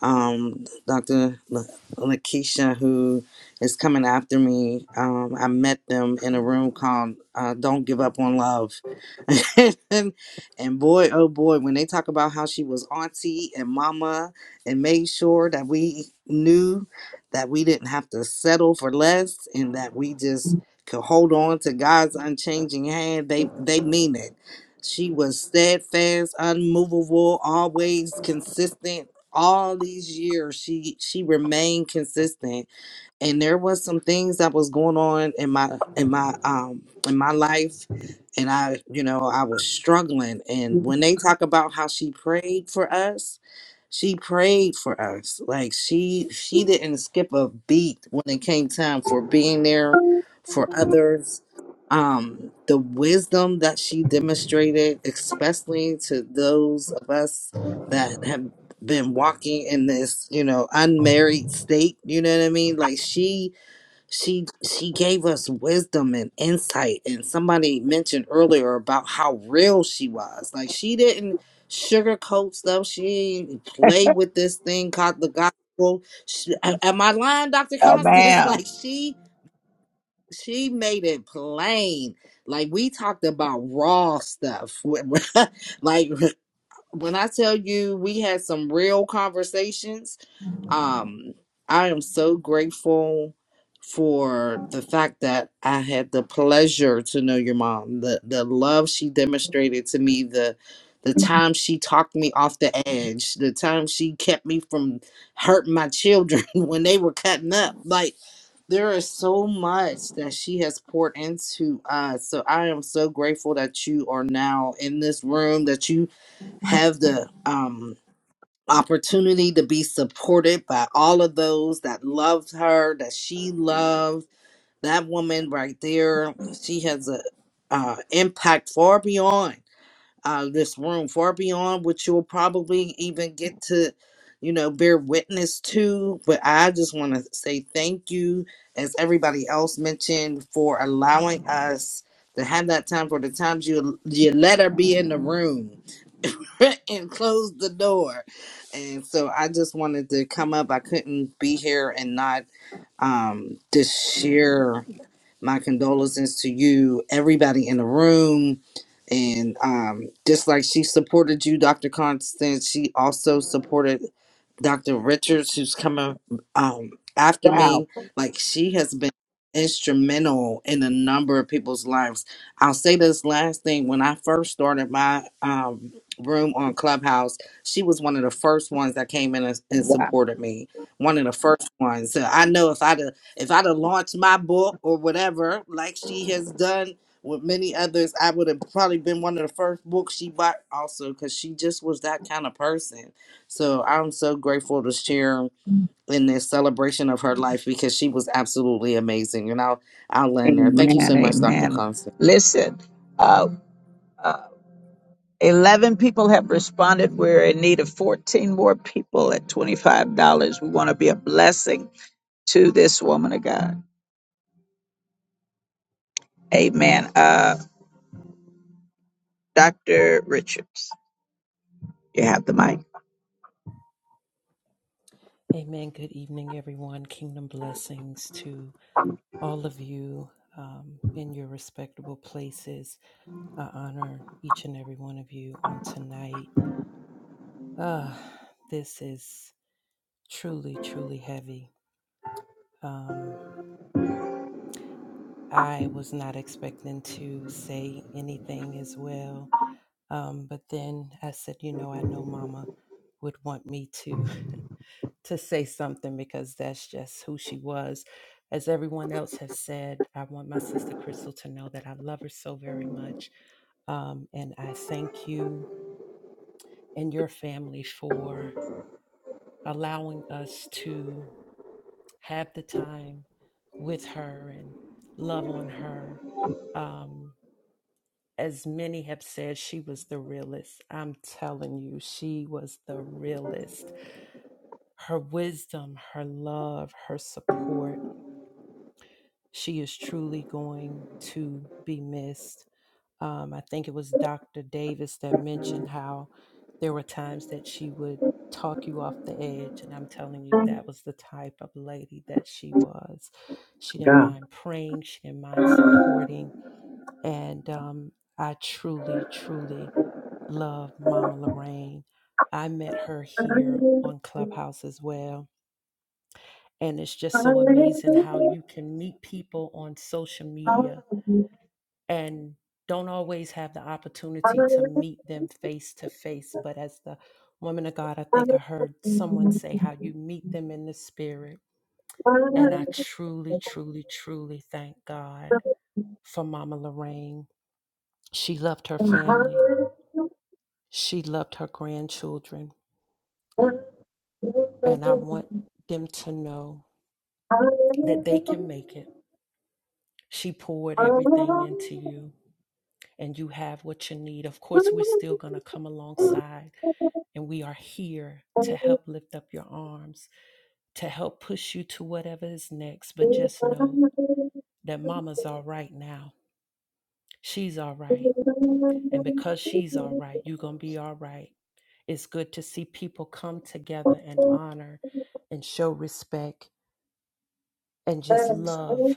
um, Dr. La- Lakeisha, who is coming after me. Um, I met them in a room called uh, Don't Give Up on Love. and, and boy, oh boy, when they talk about how she was auntie and mama and made sure that we knew that we didn't have to settle for less and that we just could hold on to God's unchanging hand, they, they mean it. She was steadfast, unmovable, always consistent all these years she she remained consistent and there was some things that was going on in my in my um in my life and i you know i was struggling and when they talk about how she prayed for us she prayed for us like she she didn't skip a beat when it came time for being there for others um the wisdom that she demonstrated especially to those of us that have been walking in this you know unmarried state you know what i mean like she she she gave us wisdom and insight and somebody mentioned earlier about how real she was like she didn't sugarcoat stuff she didn't play with this thing called the gospel she, a- am i lying dr constance Amen. like she she made it plain like we talked about raw stuff like when i tell you we had some real conversations um, I am so grateful for the fact that I had the pleasure to know your mom, the the love she demonstrated to me, the the time she talked me off the edge, the time she kept me from hurting my children when they were cutting up. Like there is so much that she has poured into us. So I am so grateful that you are now in this room, that you have the um opportunity to be supported by all of those that loved her, that she loved. That woman right there, she has a uh, impact far beyond uh, this room, far beyond what you'll probably even get to, you know, bear witness to. But I just want to say thank you, as everybody else mentioned, for allowing us to have that time. For the times you you let her be in the room, and closed the door. And so I just wanted to come up. I couldn't be here and not um just share my condolences to you, everybody in the room. And um, just like she supported you, Dr. Constance, she also supported Dr. Richards, who's coming um, after me. Like she has been instrumental in a number of people's lives. I'll say this last thing. When I first started my um, room on Clubhouse, she was one of the first ones that came in and, and supported me. One of the first ones. So I know if I'd if I'd have launched my book or whatever, like she has done with many others, I would have probably been one of the first books she bought also because she just was that kind of person. So I'm so grateful to share in this celebration of her life because she was absolutely amazing. And I'll I'll land there. Thank you so Amen. much, Dr. Amen. Constance. Listen, uh, uh, 11 people have responded. We're in need of 14 more people at $25. We want to be a blessing to this woman of God. Amen. Uh, Dr. Richards, you have the mic. Amen. Good evening, everyone. Kingdom blessings to all of you um, in your respectable places. I honor each and every one of you on tonight. Uh, this is truly, truly heavy. Um, I was not expecting to say anything as well. Um, but then I said, you know, I know Mama would want me to. to say something because that's just who she was. As everyone else has said, I want my sister Crystal to know that I love her so very much. Um, and I thank you and your family for allowing us to have the time with her and love on her. Um, as many have said, she was the realest. I'm telling you, she was the realest. Her wisdom, her love, her support She is truly going to be missed. Um, I think it was Dr. Davis that mentioned how there were times that she would talk you off the edge. And I'm telling you, that was the type of lady that she was. She didn't God. mind praying, she didn't mind supporting. And um, I truly, truly love Mama Lorraine. I met her here on Clubhouse as well. And it's just so amazing how you can meet people on social media and don't always have the opportunity to meet them face to face. But as the woman of God, I think I heard someone say how you meet them in the spirit. And I truly, truly, truly thank God for Mama Lorraine. She loved her family, she loved her grandchildren. And I want them to know that they can make it. She poured everything into you, and you have what you need. Of course, we're still going to come alongside And we are here to help lift up your arms, to help push you to whatever is next. But just know that mama's all right now. She's all right. And because she's all right, you're going to be all right. It's good to see people come together and honor and show respect and just Amen. love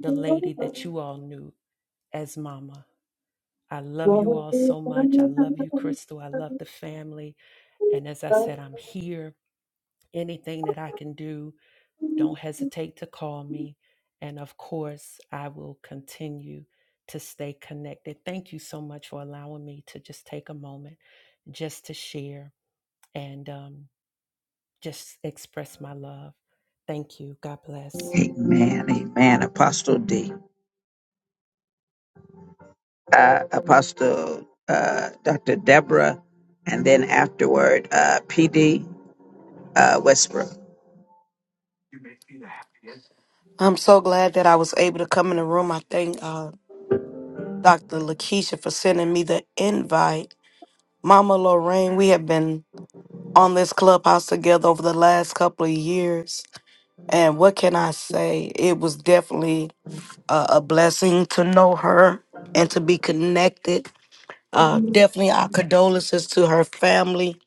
the lady that you all knew as mama. I love you all so much. I love you, Crystal. I love the family. And as I said, I'm here. Anything that I can do Don't hesitate to call me. And of course, I will continue to stay connected. Thank you so much for allowing me to just take a moment just to share and um, just express my love. Thank you. God bless. Amen. Apostle D. Uh, Apostle uh, Dr. Deborah, and then afterward, uh, PD uh, Westbrook. I'm so glad that I was able to come in the room. I thank uh, Dr. Lakeisha for sending me the invite. Mama Lorraine, we have been on this clubhouse together over the last couple of years. And what can I say? It was definitely a, a blessing to know her and to be connected. Uh, definitely our condolences to her family.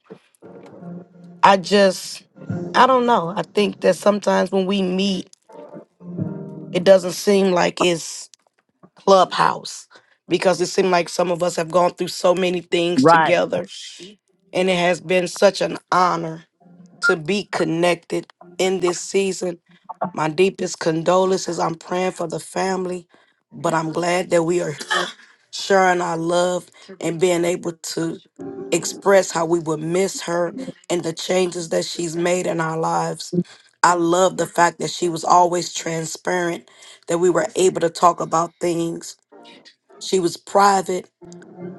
I just, I don't know. I think that sometimes when we meet, it doesn't seem like it's Clubhouse because it seemed like some of us have gone through so many things Right. together. And it has been such an honor to be connected in this season. My deepest condolences. I'm praying for the family, but I'm glad that we are here sharing our love and being able to express how we would miss her and the changes that she's made in our lives. I love the fact that she was always transparent, that we were able to talk about things. She was private,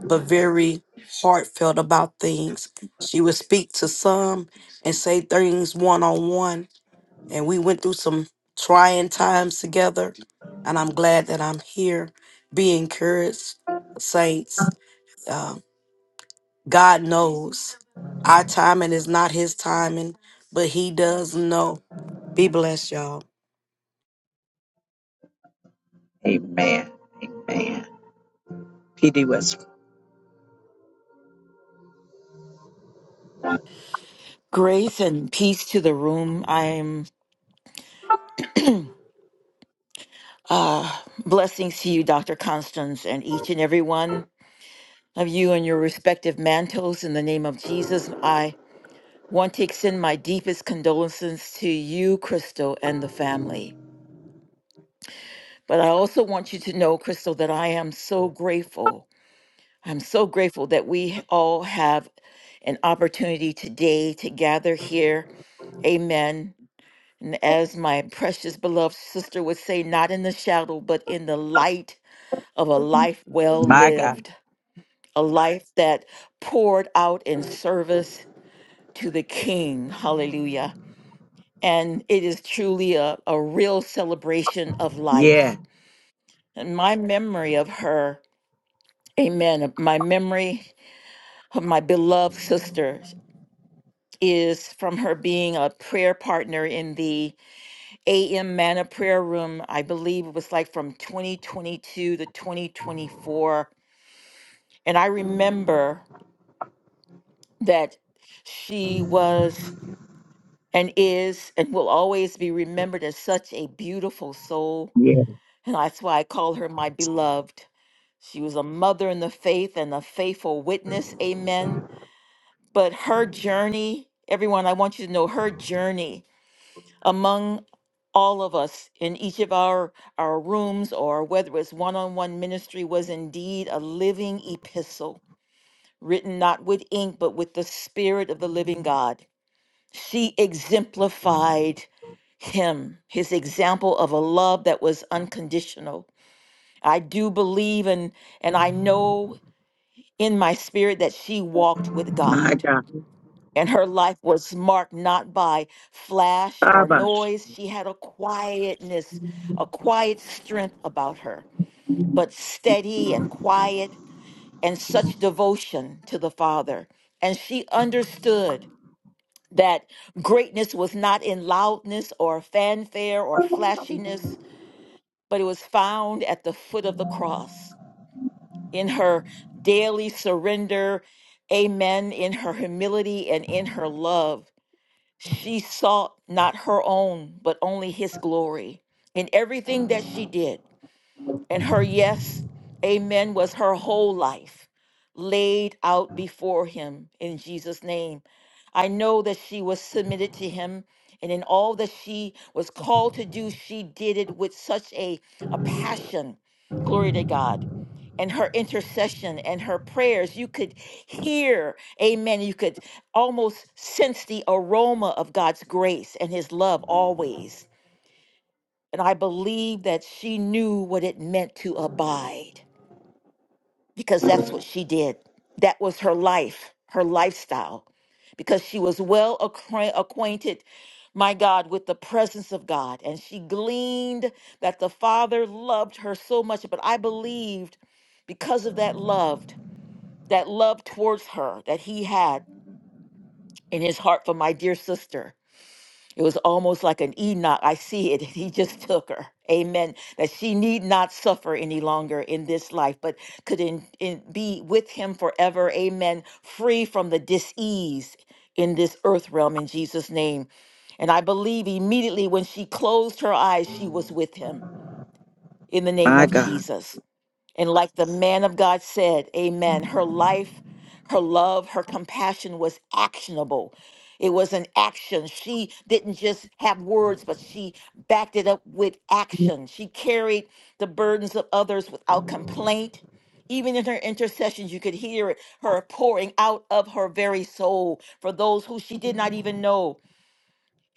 but very heartfelt about things. She would speak to some and say things one on one. And we went through some trying times together. And I'm glad that I'm here. Be encouraged, saints. Uh, God knows our timing is not His timing, but He does know. Be blessed, y'all. Amen. Amen. PD Westbrook. Grace and peace to the room. I'm uh blessings to you, Dr. Constance, and each and every one of you and your respective mantles in the name of Jesus. I want to extend my deepest condolences to you, Crystal, and the family. But I also want you to know, Crystal, that I am so grateful. I'm so grateful that we all have an opportunity today to gather here Amen. And as my precious beloved sister would say, not in the shadow, but in the light of a life well My God. lived, a life that poured out in service to the King. Hallelujah. And it is truly a, a real celebration of life. Yeah. And my memory of her, amen, my memory of my beloved sister is from her being a prayer partner in the AM Manna Prayer Room, I believe it was like from 2022 to 2024. And I remember that she was and is and will always be remembered as such a beautiful soul. And that's why I call her my beloved. She was a mother in the faith and a faithful witness. Amen. But her journey, everyone, I want you to know her journey. among all of us in each of our our rooms or whether it's one-on-one ministry was indeed a living epistle written not with ink but with the spirit of the living god she exemplified him his example of a love that was unconditional i do believe and and i know in my spirit that she walked with My god God. and her life was marked not by flash or Abash. noise. She had a quietness, a quiet strength about her, but steady and quiet, and such devotion to the Father. And she understood that greatness was not in loudness or fanfare or flashiness, but it was found at the foot of the cross in her daily surrender. Amen. In her humility and in her love. She sought not her own, but only his glory. In everything that she did, and her yes, amen, was her whole life laid out before him in Jesus' name. I know that she was submitted to him. And in all that she was called to do, she did it with such a, a passion. Glory to God. And her intercession and her prayers, you could hear, amen. You could almost sense the aroma of God's grace and his love always. And I believe that she knew what it meant to abide because that's what she did. That was her life, her lifestyle, because she was well acquaint- acquainted, my God, with the presence of God. And she gleaned that the Father loved her so much. But I believed because of that love, that love towards her that he had in his heart for my dear sister It was almost like an Enoch. I see it. He just took her. Amen. That she need not suffer any longer in this life, but could in, in, be with him forever. Amen. Free from the disease in this earth realm in Jesus' name. And I believe immediately when she closed her eyes, she was with him in the name My of God. Jesus. And like the man of God said, amen, her life, her love, her compassion was actionable. It was an action. She didn't just have words, but she backed it up with action. She carried the burdens of others without complaint. Even in her intercessions, you could hear it, her pouring out of her very soul for those who she did not even know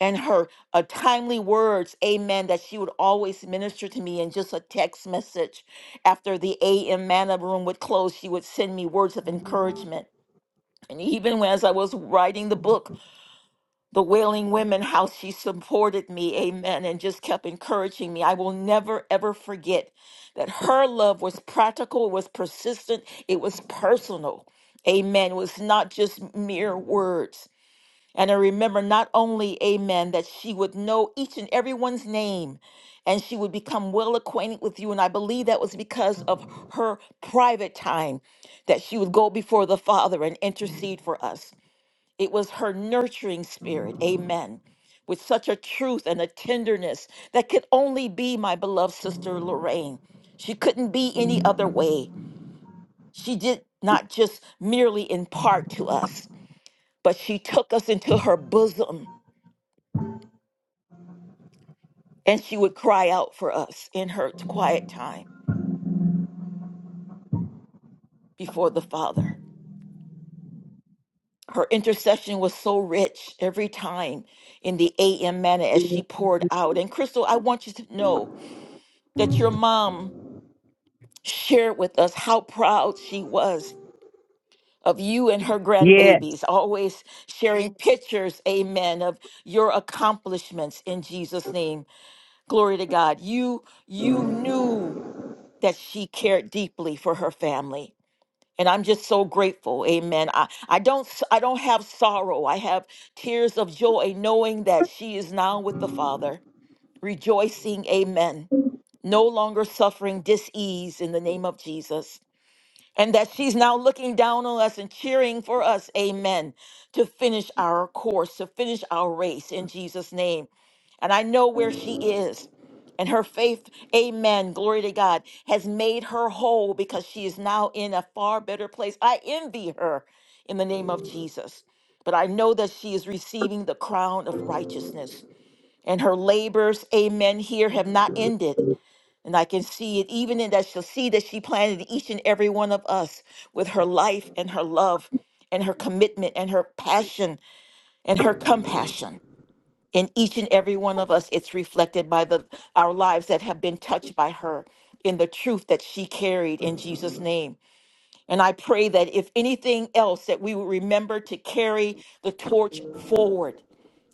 and her uh, timely words, amen, that she would always minister to me in just a text message. After the AM manna room would close, she would send me words of encouragement. And even when- as I was writing the book, The Wailing Women, how she supported me, amen, and just kept encouraging me. I will never, ever forget that her love was practical, it was persistent, it was personal. Amen. It was not just mere words. And I remember not only, amen, that she would know each and everyone's name and she would become well acquainted with you. And I believe that was because of her private time that she would go before the Father and intercede for us. It was her nurturing spirit, amen, with such a truth and a tenderness that could only be my beloved sister Lorraine. She couldn't be any other way. She did not just merely impart to us, but she took us into her bosom and she would cry out for us in her quiet time before the Father. Her intercession was so rich every time in the AM manner as she poured out. And Crystal, I want you to know that your mom shared with us how proud she was of you and her Yeah. grandbabies, always sharing Amen. pictures, amen, of your accomplishments in Jesus' name. Glory to God. You you knew that she cared deeply for her family and i'm just so grateful amen i i don't s- i don't have sorrow i have tears of joy knowing that she is now with the father rejoicing amen no longer suffering disease in the name of jesus and that she's now looking down on us and cheering for us, amen, to finish our course, to finish our race in Jesus' name. And I know where she is. And her faith, amen, glory to God, has made her whole because she is now in a far better place. I envy her in the name of Jesus. But I know that she is receiving the crown of righteousness. And her labors, amen, here have not ended. And I can see it even in that she'll see that she planted in each and every one of us with her life and her love and her commitment and her passion and her compassion. In each and every one of us, it's reflected by the our lives that have been touched by her in the truth that she carried in Jesus' name. And I pray that if anything else, that we will remember to carry the torch forward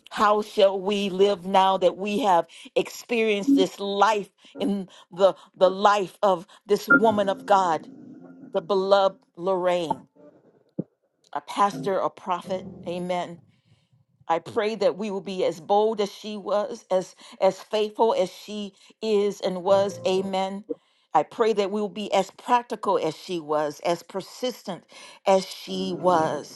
how shall we live now that we have experienced this life in the, the life of this woman of God, the beloved Lorraine, a pastor, a prophet? Amen. I pray that we will be as bold as she was, as as faithful as she is and was. Amen. I pray that we will be as practical as she was, as persistent as she was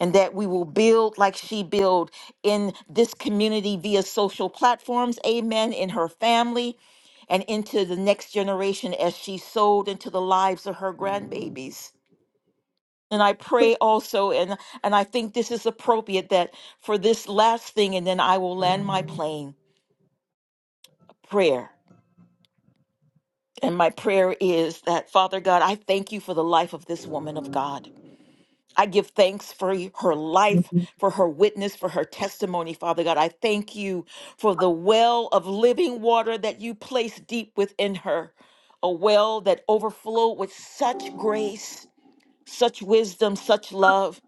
and that we will build like she built in this community via social platforms amen in her family and into the next generation as she sowed into the lives of her grandbabies and i pray also and and i think this is appropriate that for this last thing and then i will land my plane prayer and my prayer is that father god i thank you for the life of this woman of god I give thanks for y- her life, for her witness, for her testimony, Father God. I thank you for the well of living water that you placed deep within her, a well that overflowed with such grace, such wisdom, such love.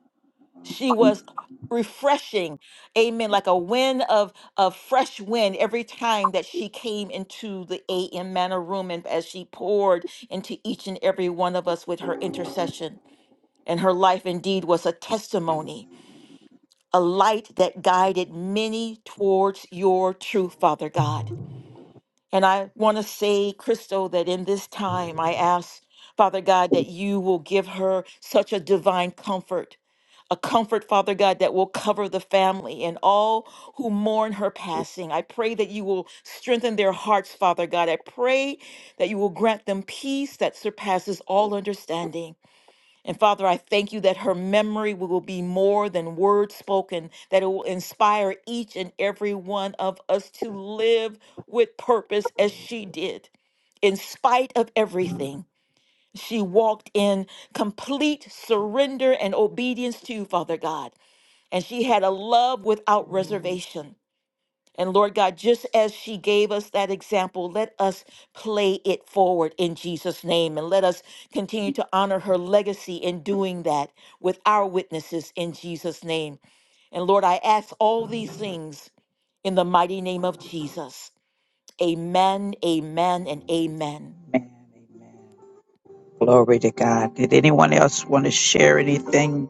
She was refreshing, amen, like a wind of, of fresh wind every time that she came into the AM manor room and as she poured into each and every one of us with her intercession and her life indeed was a testimony, a light that guided many towards your truth, Father God. And I want to say, Crystal, that in this time I ask, Father God, that you will give her such a divine comfort, a comfort, Father God, that will cover the family and all who mourn her passing. I pray that you will strengthen their hearts, Father God. I pray that you will grant them peace that surpasses all understanding. And Father, I thank you that her memory will be more than words spoken, that it will inspire each and every one of us to live with purpose as she did. In spite of everything, she walked in complete surrender and obedience to you, Father God. And she had a love without reservation. And Lord God, just as she gave us that example, let us play it forward in Jesus' name. And let us continue to honor her legacy in doing that with our witnesses in Jesus' name. And Lord, I ask all these things in the mighty name of Jesus. Amen, amen, and amen. Glory to God. Did anyone else want to share anything?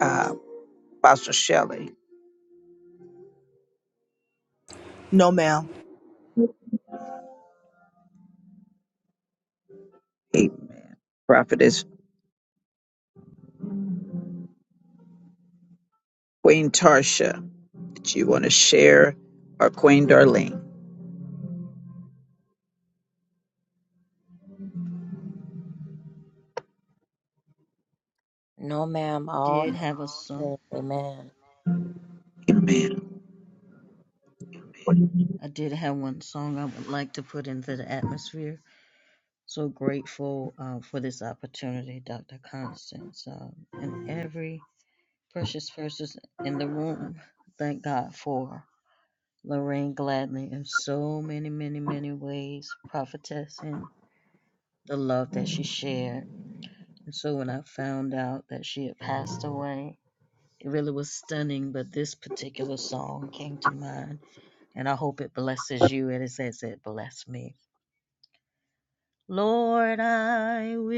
Uh, Apostle Shelley. No, ma'am. Amen. Prophetess Queen Tarsha, that you want to share, or Queen Darlene. No, ma'am. All did has have a song. said amen. Amen. I did have one song I would like to put into the atmosphere. So grateful uh, for this opportunity, Dr. Constance, um, and every precious person in the room. Thank God for Lorraine Gladney in so many, many, many ways, prophetess and. the love that she shared. And so when I found out that she had passed away, it really was stunning. But this particular song came to mind, and I hope it blesses you. And it says it blessed me. Lord, I will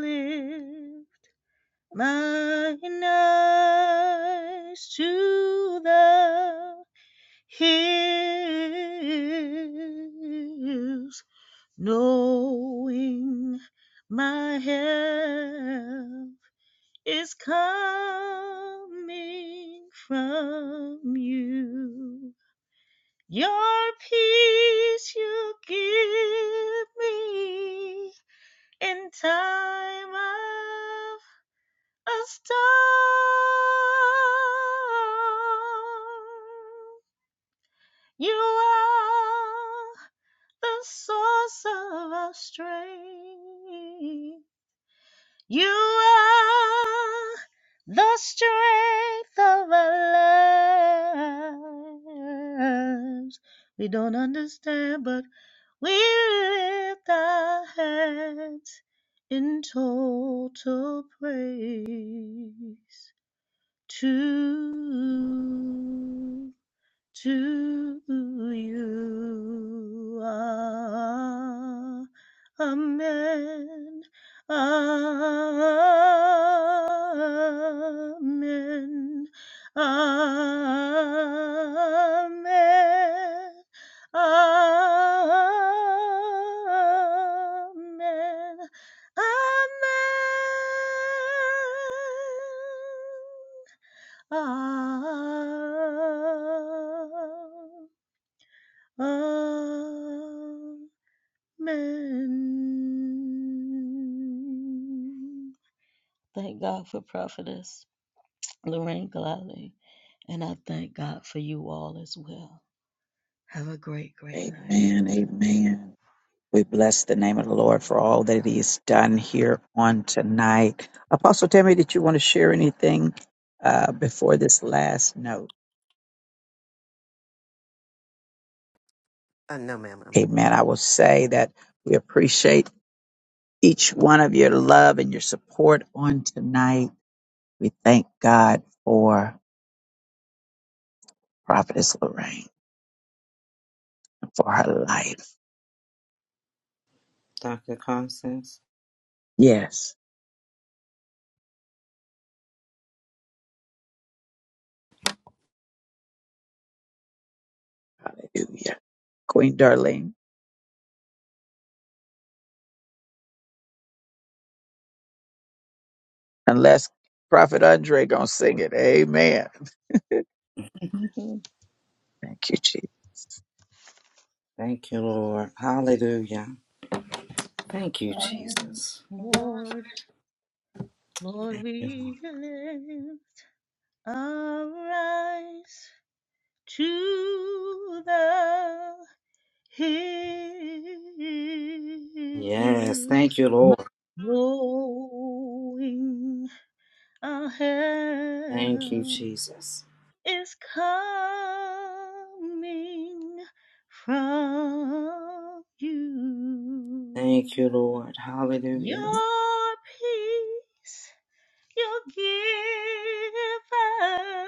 lift mine eyes to the hills knowing my help is coming from you. Your peace you give me in time of a storm. You are the source of our strength You are the strength of our lives. We don't understand, but we lift our hands in total praise to to you. Ah, Amen. Amen. Amen. Amen. Amen. Amen. Thank God for Prophetess Lorraine Gladly, and I thank God for you all as well. Have a great, great night. Amen. Amen. We bless the name of the Lord for all that He has done here on tonight. Apostle Tammy, did you want to share anything uh, before this last note? And Amen. I will say that we appreciate each one of your love and your support on tonight. We thank God for Prophetess Lorraine for her life. Dr. Constance. Yes. Hallelujah. Queen Darlene. Unless Prophet Andre gonna sing it. Amen. Mhm. Thank you, Jesus. Thank you, Lord. Hallelujah. Thank you, Oh, Jesus. Lord, Lord, we lift our eyes to the. hills, Yes, thank you, Lord. knowing our Thank you, help Jesus. is coming from Thank you. you, Lord. Hallelujah. Your peace you give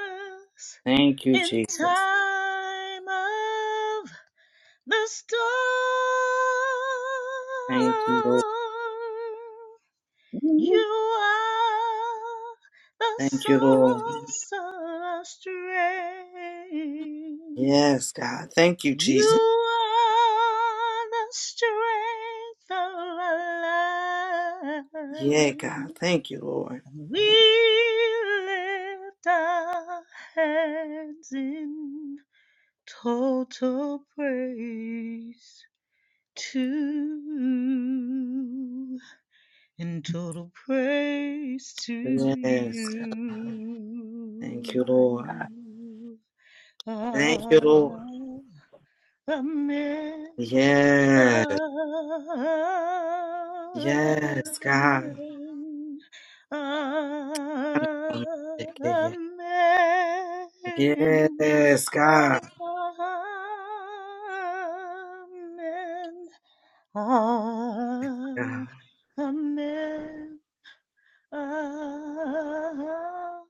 us Thank you, in Jesus. time of the star, Thank you, Lord. You are the Thank you, Lord. source of our strength. Yes, God. Thank you, Jesus. You are the strength of our life. Yeah, God. Thank you, Lord. We lift our hands in total praise. to and total praise to Yes. God. Thank you, Lord. you. Thank you, Ah, Lord. Amen. Yes. Amen. Yes, God. Amen. Yes, God. Amen. God. Ah, amen. Ah,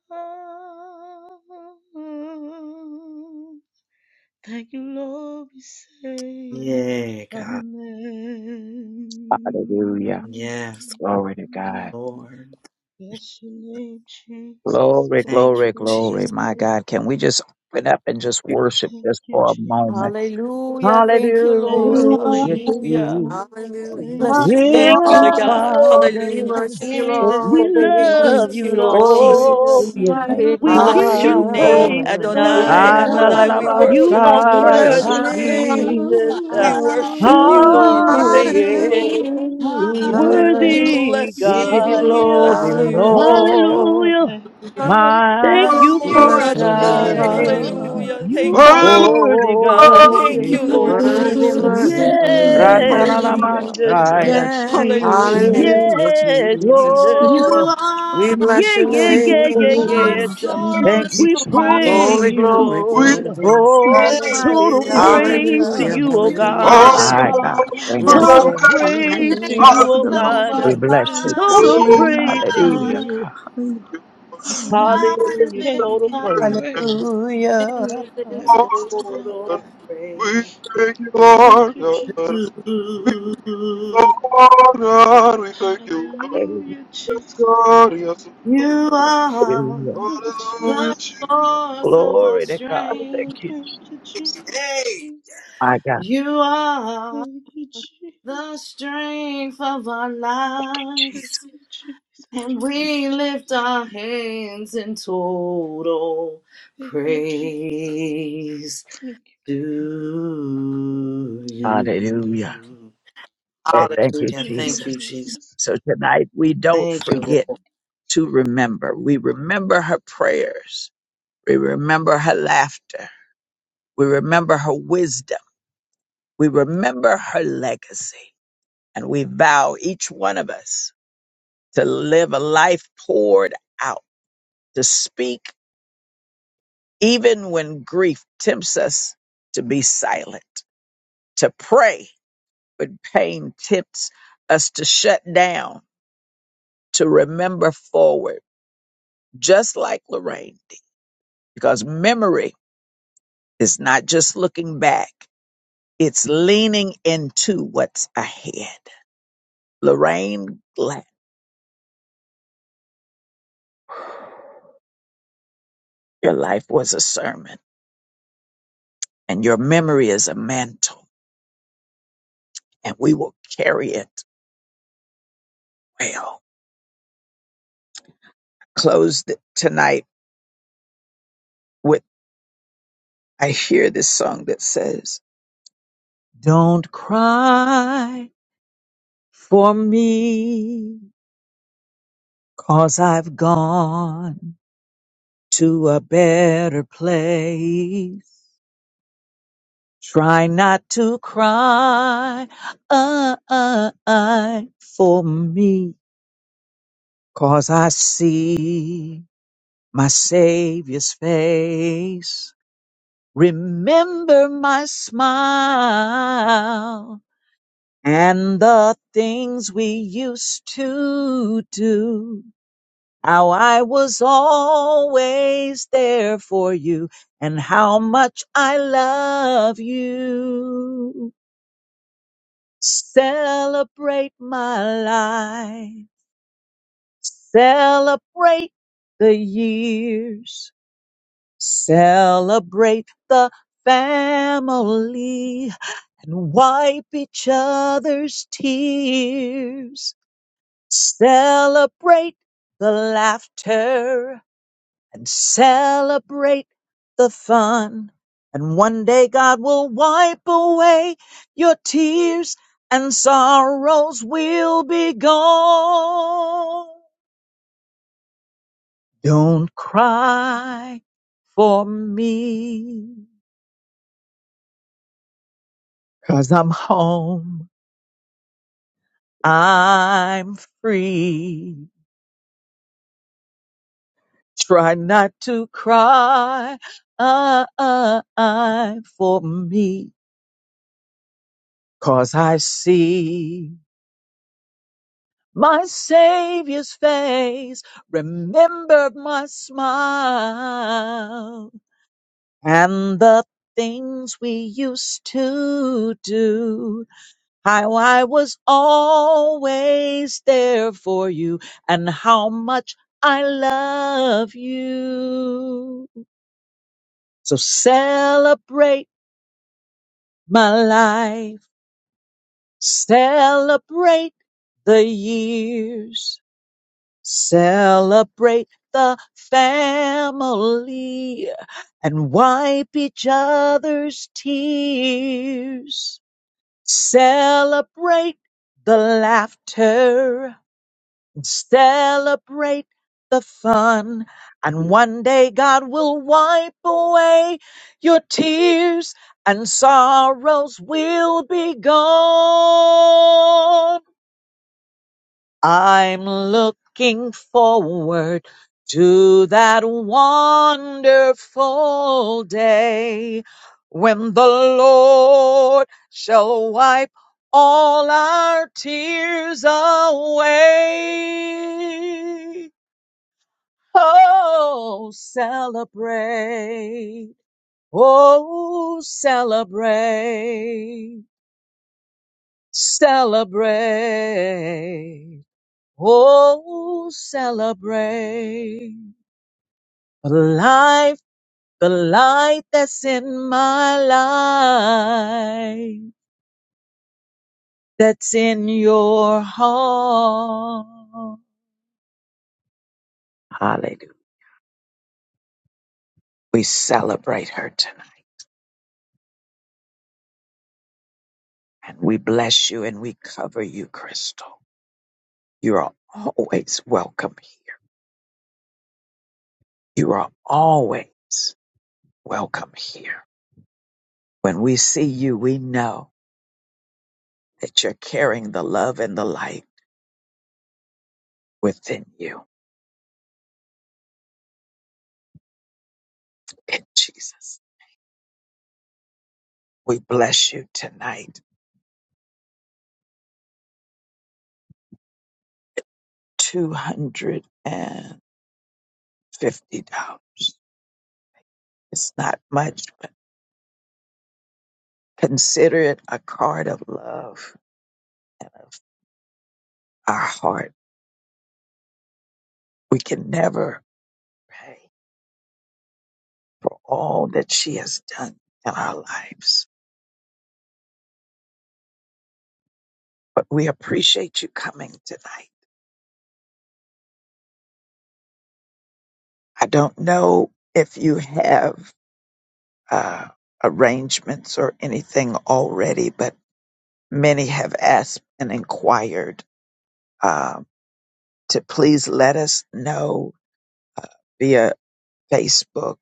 thank you, Lord. We say Yeah, God. Hallelujah. amen. Yes, Glory to God. Lord. Bless your name, Jesus. Glory, God, Thank we you, glory, bless glory. your Jesus. My name. God, can we just open up and just worship Thank just you, for a Jesus. moment? Hallelujah. Thank you, Thank Lord. You you, Hallelujah, Jesus. Hallelujah. Jesus. Hallelujah. hallelujah. Thank Bless you, We your Jesus. name, Thank Father you, love you, God. Lord. Father. We Hallelujah. worship you, Thank We Lord. We you, Thank love worship Jesus. you, you, you, Lord Lord. Lord. Jesus. Hallelujah. Thank Thank you. you, Almighty We Lord. give Bless your you are Lord. name, God. praise Hallelujah. tonight. Adonai. Adonai, hallelujah, we You Glory. worship are you, Thank We you, Lord bless Jesus. God. your worthy, name. Analalabasaya, We Jesus. God. God. worship hallelujah, you, Hallelujah. Lord. Thank We you, Ooh, thank Jesus. you, Hallelujah. yeah. Lord. Hallelujah. We hallelujah, Thank Worthy you, bless We give you you. God. Jesus. We glory, bless Hallelujah. you, oh Hallelujah. Lord God. Lord, Hallelujah. Thank you, God. my Thank Bless you, We Thank you, you, bless your God. Father. Adonai. Hallelujah. God. name. Hallelujah. You Thank you, are Hallelujah. Lord. Thank worthy, God. you, Hallelujah. Holy, Thank you, Lord Thank you, Lord Worthy, You God. holy. Jesus. worthy, worthy. Yes, Ranalala God. Hallelujah. Oh, Jesus. we Mashaya bless your Yeah. name, Jesus. Hallelujah. is Hallelujah, Yes, Jesus. Jesus. Lord. Yeah, We are bless your yeah, Thank We you, yeah, God, yeah, for Bless your your name. the yes. name, love, for your Jesus. Thank source you, mercy. We of my strength. God. praise Glory, you, Thank Jesus. you, glory, We Lord. glory. Jesus. Thank you. Hey, Almighty Total Hallelujah. hey. Thank you. oh, God. Oh, praise Father. to Thank Hallelujah, God, you, you, we oh Father, You thank for hallelujah. God. you, your oh, My Jesus. spirit, God. are Thank for you. the Yes, Total Lord. comfort, God, for praise the to you, peace, Hallelujah. for oh the the love God. that We my God, you are we the bless thank you, you, peace. Total Jesus. Hallelujah. Jesus. praise to Hallelujah. Hallelujah. life. you. Hallelujah. And I Hallelujah. God, lift we Total give my you praise. praise Hallelujah. hands in in the midst of it all, total God. we praise. thank you, Thank Lord. you, Jesus. We honor, we thank you, Lord. Hallelujah, Yes, Jesus. God, yes, Lord. You are Hallelujah. Oh, Hallelujah, the Jesus. Jesus. source of our Glory to God. Thank strength. you, Thank Je- you, Jesus. Hey. Jesus. my God, You are. Thank you, the Jesus. strength of our Thank Jesus. lives, you, Jesus. and we Jesus. Jesus. lift our hands in total Thank you, Jesus. praise Thank you, God. to Thank you, God. Hallelujah. you. And thank you, Hallelujah. Thank you, Thank Jesus. you, Jesus. Jesus. So tonight we don't Thank Thank you, you, forget Lord. to remember. We remember her prayers. We remember her laughter. We remember her wisdom. We remember her legacy. And we vow, each one of us, to live a life poured out, to speak even when grief tempts us to be silent, to pray But pain tips us to shut down, to remember forward, just like Lorraine did. Because memory is not just looking back, it's leaning into what's ahead. Lorraine Glad, your life was a sermon, and your memory is a mantle, and we will carry it well. Close th- tonight with I hear this song that says, Don't cry for me. Cause I've gone to a better place. Try not to cry uh, uh, uh, for me. 'Cause I see my Savior's face. Remember my smile and the things we used to do. How I was always there for you and how much I love you. Celebrate my life. Celebrate the years. Celebrate the family and wipe each other's tears. Celebrate the laughter and celebrate the fun. And one day God will wipe away your tears and sorrows will be gone. Don't cry for me, i I'm home. I'm free. Try not to cry uh, uh, uh, for me, 'cause I see. My Savior's face remembered my smile and the things we used to do. How I was always there for you and how much I love you. So celebrate my life, celebrate the years. Celebrate the family and wipe each other's tears. Celebrate the laughter. and Celebrate the fun. And one day God will wipe away your tears and sorrows will be gone. I'm looking forward to that wonderful day when the Lord shall wipe all our tears out that's in your heart. Hallelujah. We celebrate her tonight and we bless you and we cover you, Crystal. You are always welcome here. You are always welcome here. When we see you, we know that you're carrying the love and the light within you. In Jesus, we bless you tonight. $250. It's not much, but consider it a card of love and our heart. We can never pay for all that she has done in our lives, but we appreciate you coming tonight. I don't know if you have uh, arrangements or anything already, but many have asked and inquired uh, to please let us know uh, via Facebook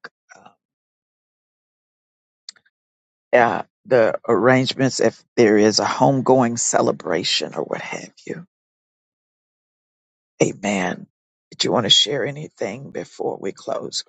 uh, the arrangements if there is a homegoing celebration or what have you. Amen. Did you want to share anything before we close?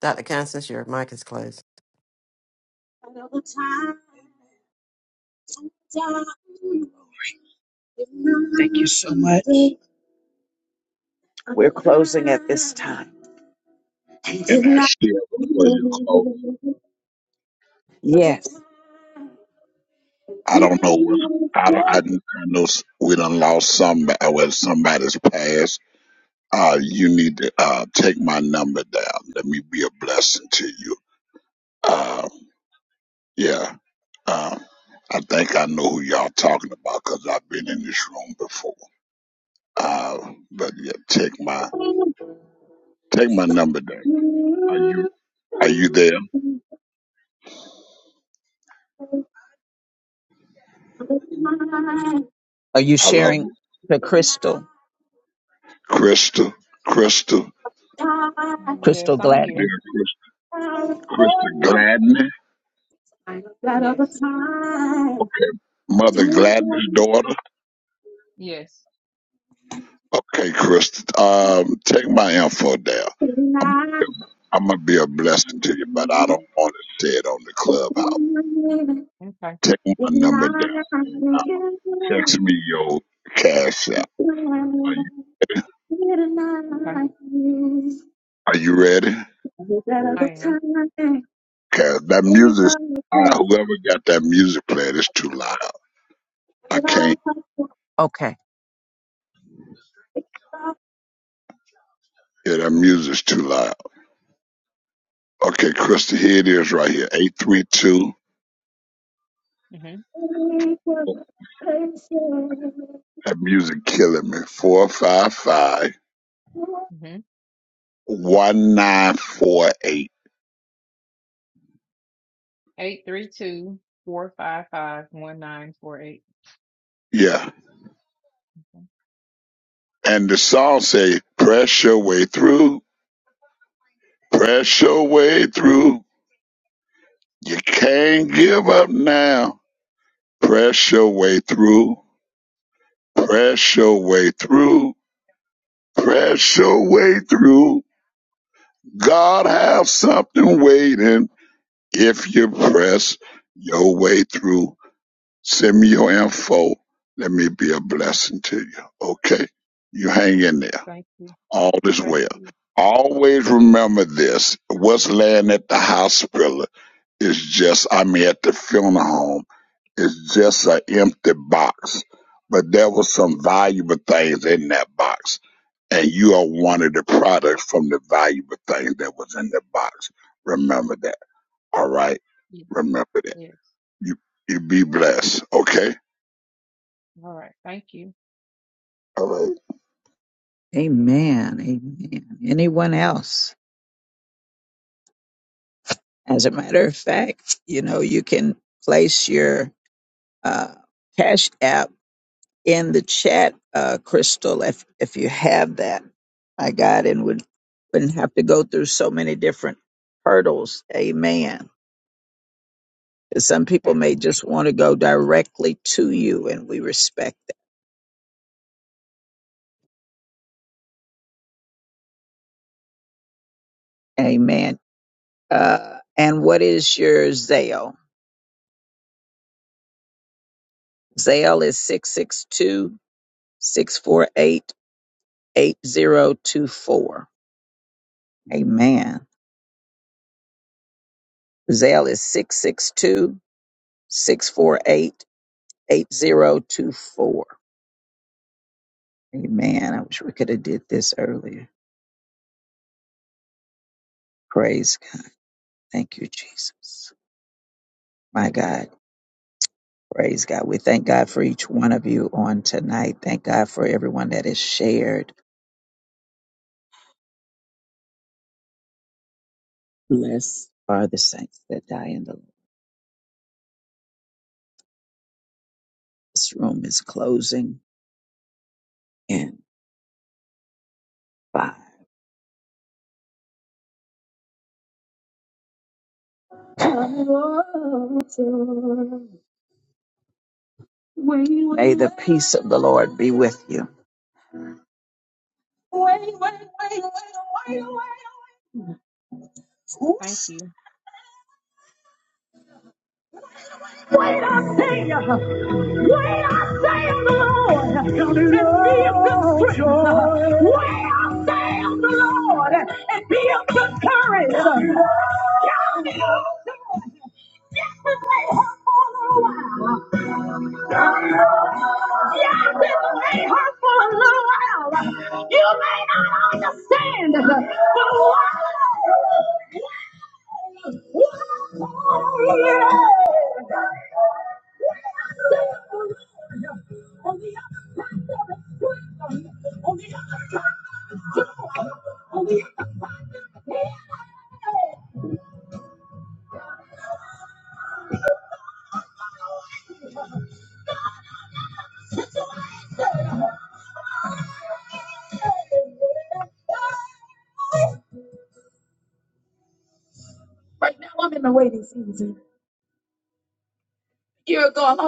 Dr. Constance, your mic is closed. Thank you so much. We're closing at this time. And I share before you close? Yes. I don't know what I don't, I, I know s- we done lost somebody. uh, well somebody's passed. Uh, you need to uh take my number down. Let me be a blessing to you. Uh, yeah. Uh, I think I know who y'all talking about because 'cause I've been in this room before. Uh, but yeah, take my take my number down. Are you are you there? Are you Hello, sharing the crystal? Crystal. Crystal. You Crystal there, Gladney. Crystal? Crystal Gladney. Okay. Mother Gladney's daughter. Okay, Chris. Um, take my info down. I'm I'm gonna be a blessing to you, but I don't want to say it on the clubhouse. Take my number down. Text me your cash out. Are you Are you ready? Cause that music. Uh, whoever got that music playing is too loud. I can't Okay. hear that music's too loud. Okay, Krista, here it is right here. Eight three two. Amen. That music killing me. Four five five one nine four eight. Yeah. And the song say, press your way through, press your way through. You can't give up now. Press your way through, press your way through, press your way through. God have something waiting if you press your way through. Send me your info. Let me be a blessing to you. Okay? You hang in there. All is well. Always remember this. What's laying at the hospital is just, I mean, at the funeral home, is just an empty box. But there was some valuable things in that box. And you are one of the products from the valuable things that was in the box. Remember that. All right. Remember that. You, you be blessed. Okay. All right. Amen. Anyone else? As a matter of fact, you know, you can place your uh, Cash App in the chat, uh, Crystal, if, if you have that. My God, and would, wouldn't have to go through so many different hurdles. Amen. 'Cause Some people may just want to go directly to you, and we respect that. Amen. Uh, and what is your Zale? Zale is 662 648 8024. Amen. Zale is six six two six four eight eight zero two four. Amen. I wish we could have did this earlier. Praise God. Thank you, Jesus. My God. Praise God. We thank God for each one of you on tonight. Thank God for everyone that has shared. Blessed are the saints that die in the Lord. This room is closing. in five. May the peace of the Lord be with you. Wait, I say, wait, I say of the Lord, and be of good strength. Wait, I say of the Lord, and be of good courage. Shout it out, lay for a while. Yes, it lay her.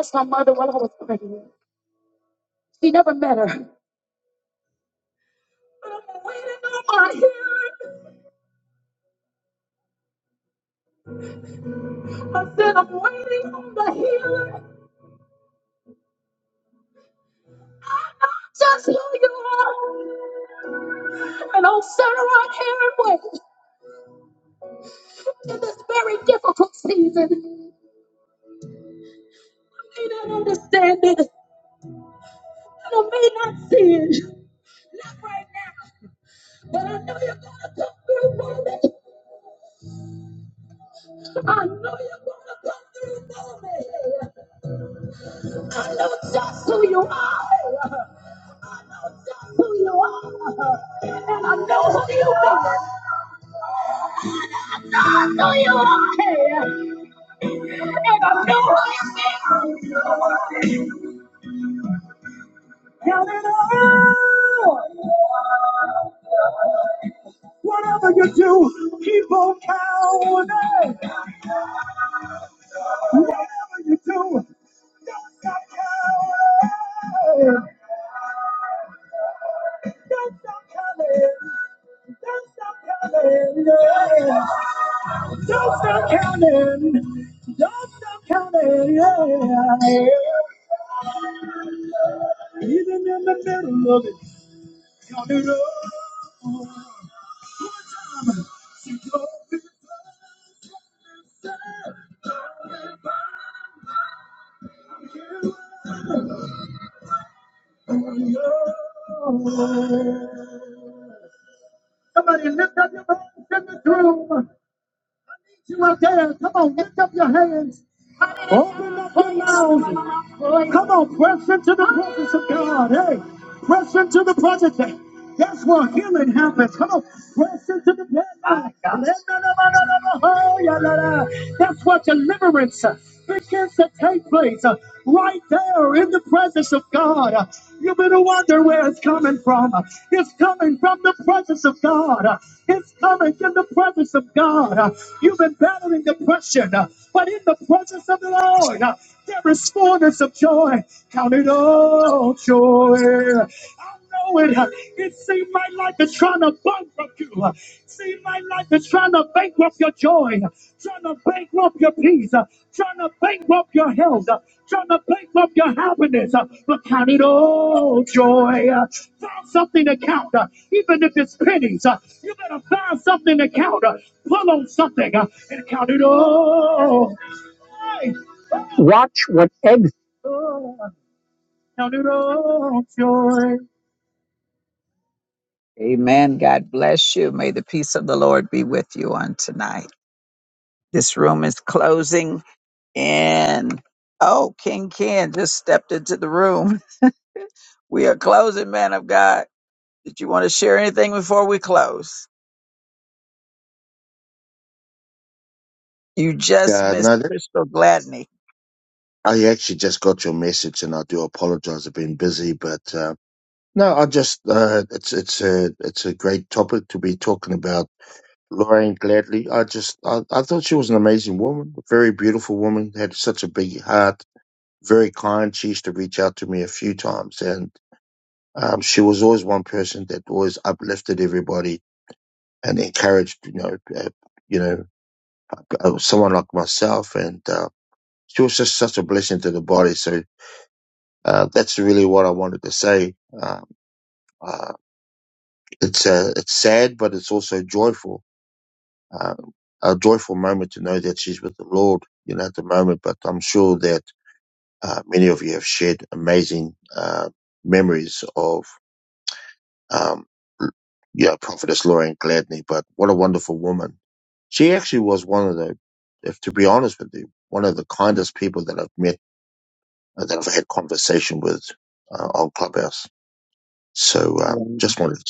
Somebody, while I was praying, for better. I'm waiting on the healer. Just who you are. And I'll stand right here and wait in this very difficult season. I may not understand it. And I may not see it. Not right now. But I know you're going to come through for me. That's who you are. Who you are. And I know who you are. I know you are. And I know who you are. Whatever you do, keep on counting. Whatever you do, hey, don't stop counting. Don't stop counting, yeah. Don't stop counting. Don't stop counting, yeah. Even in the middle of it. into the presence of God. Hey, press into the presence. That's where healing happens. Come on, press into the presence. That's where deliverance begins to take place. uh, Right there in the presence of God. Uh, You better wonder where it's coming from. Uh, It's coming from the presence of God. Uh, It's coming in the presence of God. Uh, You've been battling depression, uh, but in the presence of the Lord, uh, there is fullness of joy. Count it all joy. Know it. huh? It seemed like life is trying to bankrupt you. It Seemed like life is trying to bankrupt your joy, trying to bankrupt your peace, trying to bankrupt your health, trying to bankrupt your happiness. But count it all joy. Find something to count, even if it's pennies. You better find something to count. Pull on something and count it all. Watch what exit Amen. God bless you. May the peace of the Lord be with you on tonight. This room is closing in. Oh, King Ken just stepped into the room. We are closing, man of God. Did you want to share anything before we close? You just Yeah, missed no, that, Crystal Gladney. I actually just got your message, and I do apologize. I've been busy, but uh, no, I just uh, it's it's a it's a great topic to be talking about. Lorraine Gladley, I just I, I thought she was an amazing woman, a very beautiful woman, had such a big heart, very kind. She used to reach out to me a few times, and um, she was always one person that always uplifted everybody and encouraged, you know, uh, you know, uh, someone like myself, and uh, she was just such a blessing to the body. So Uh, that's really what I wanted to say. Um, uh, it's uh, it's sad, but it's also joyful. Uh, a joyful moment to know that she's with the Lord, you know, at the moment. But I'm sure that uh, many of you have shared amazing uh, memories of, um, yeah, Prophetess Lauren Gladney. But what a wonderful woman! She actually was one of the, if to be honest with you, one of the kindest people that I've met, uh, that I've had conversation with uh, on Clubhouse. So um, Mm. just wanted to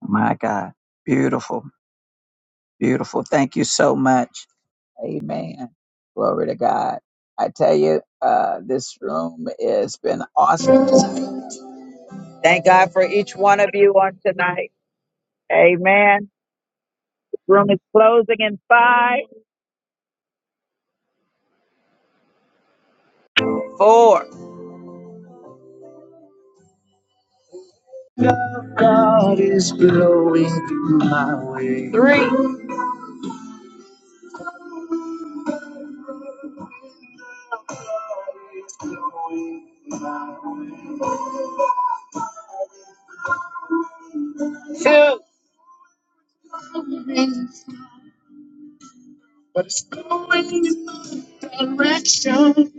My God. Beautiful. Beautiful. Thank you so much. Amen. Glory to God. I tell you, uh, this room has been awesome. Thank God for each one of you on tonight. Amen. Room is closing in five, four, God is blowing my way. three. It's going in the direction.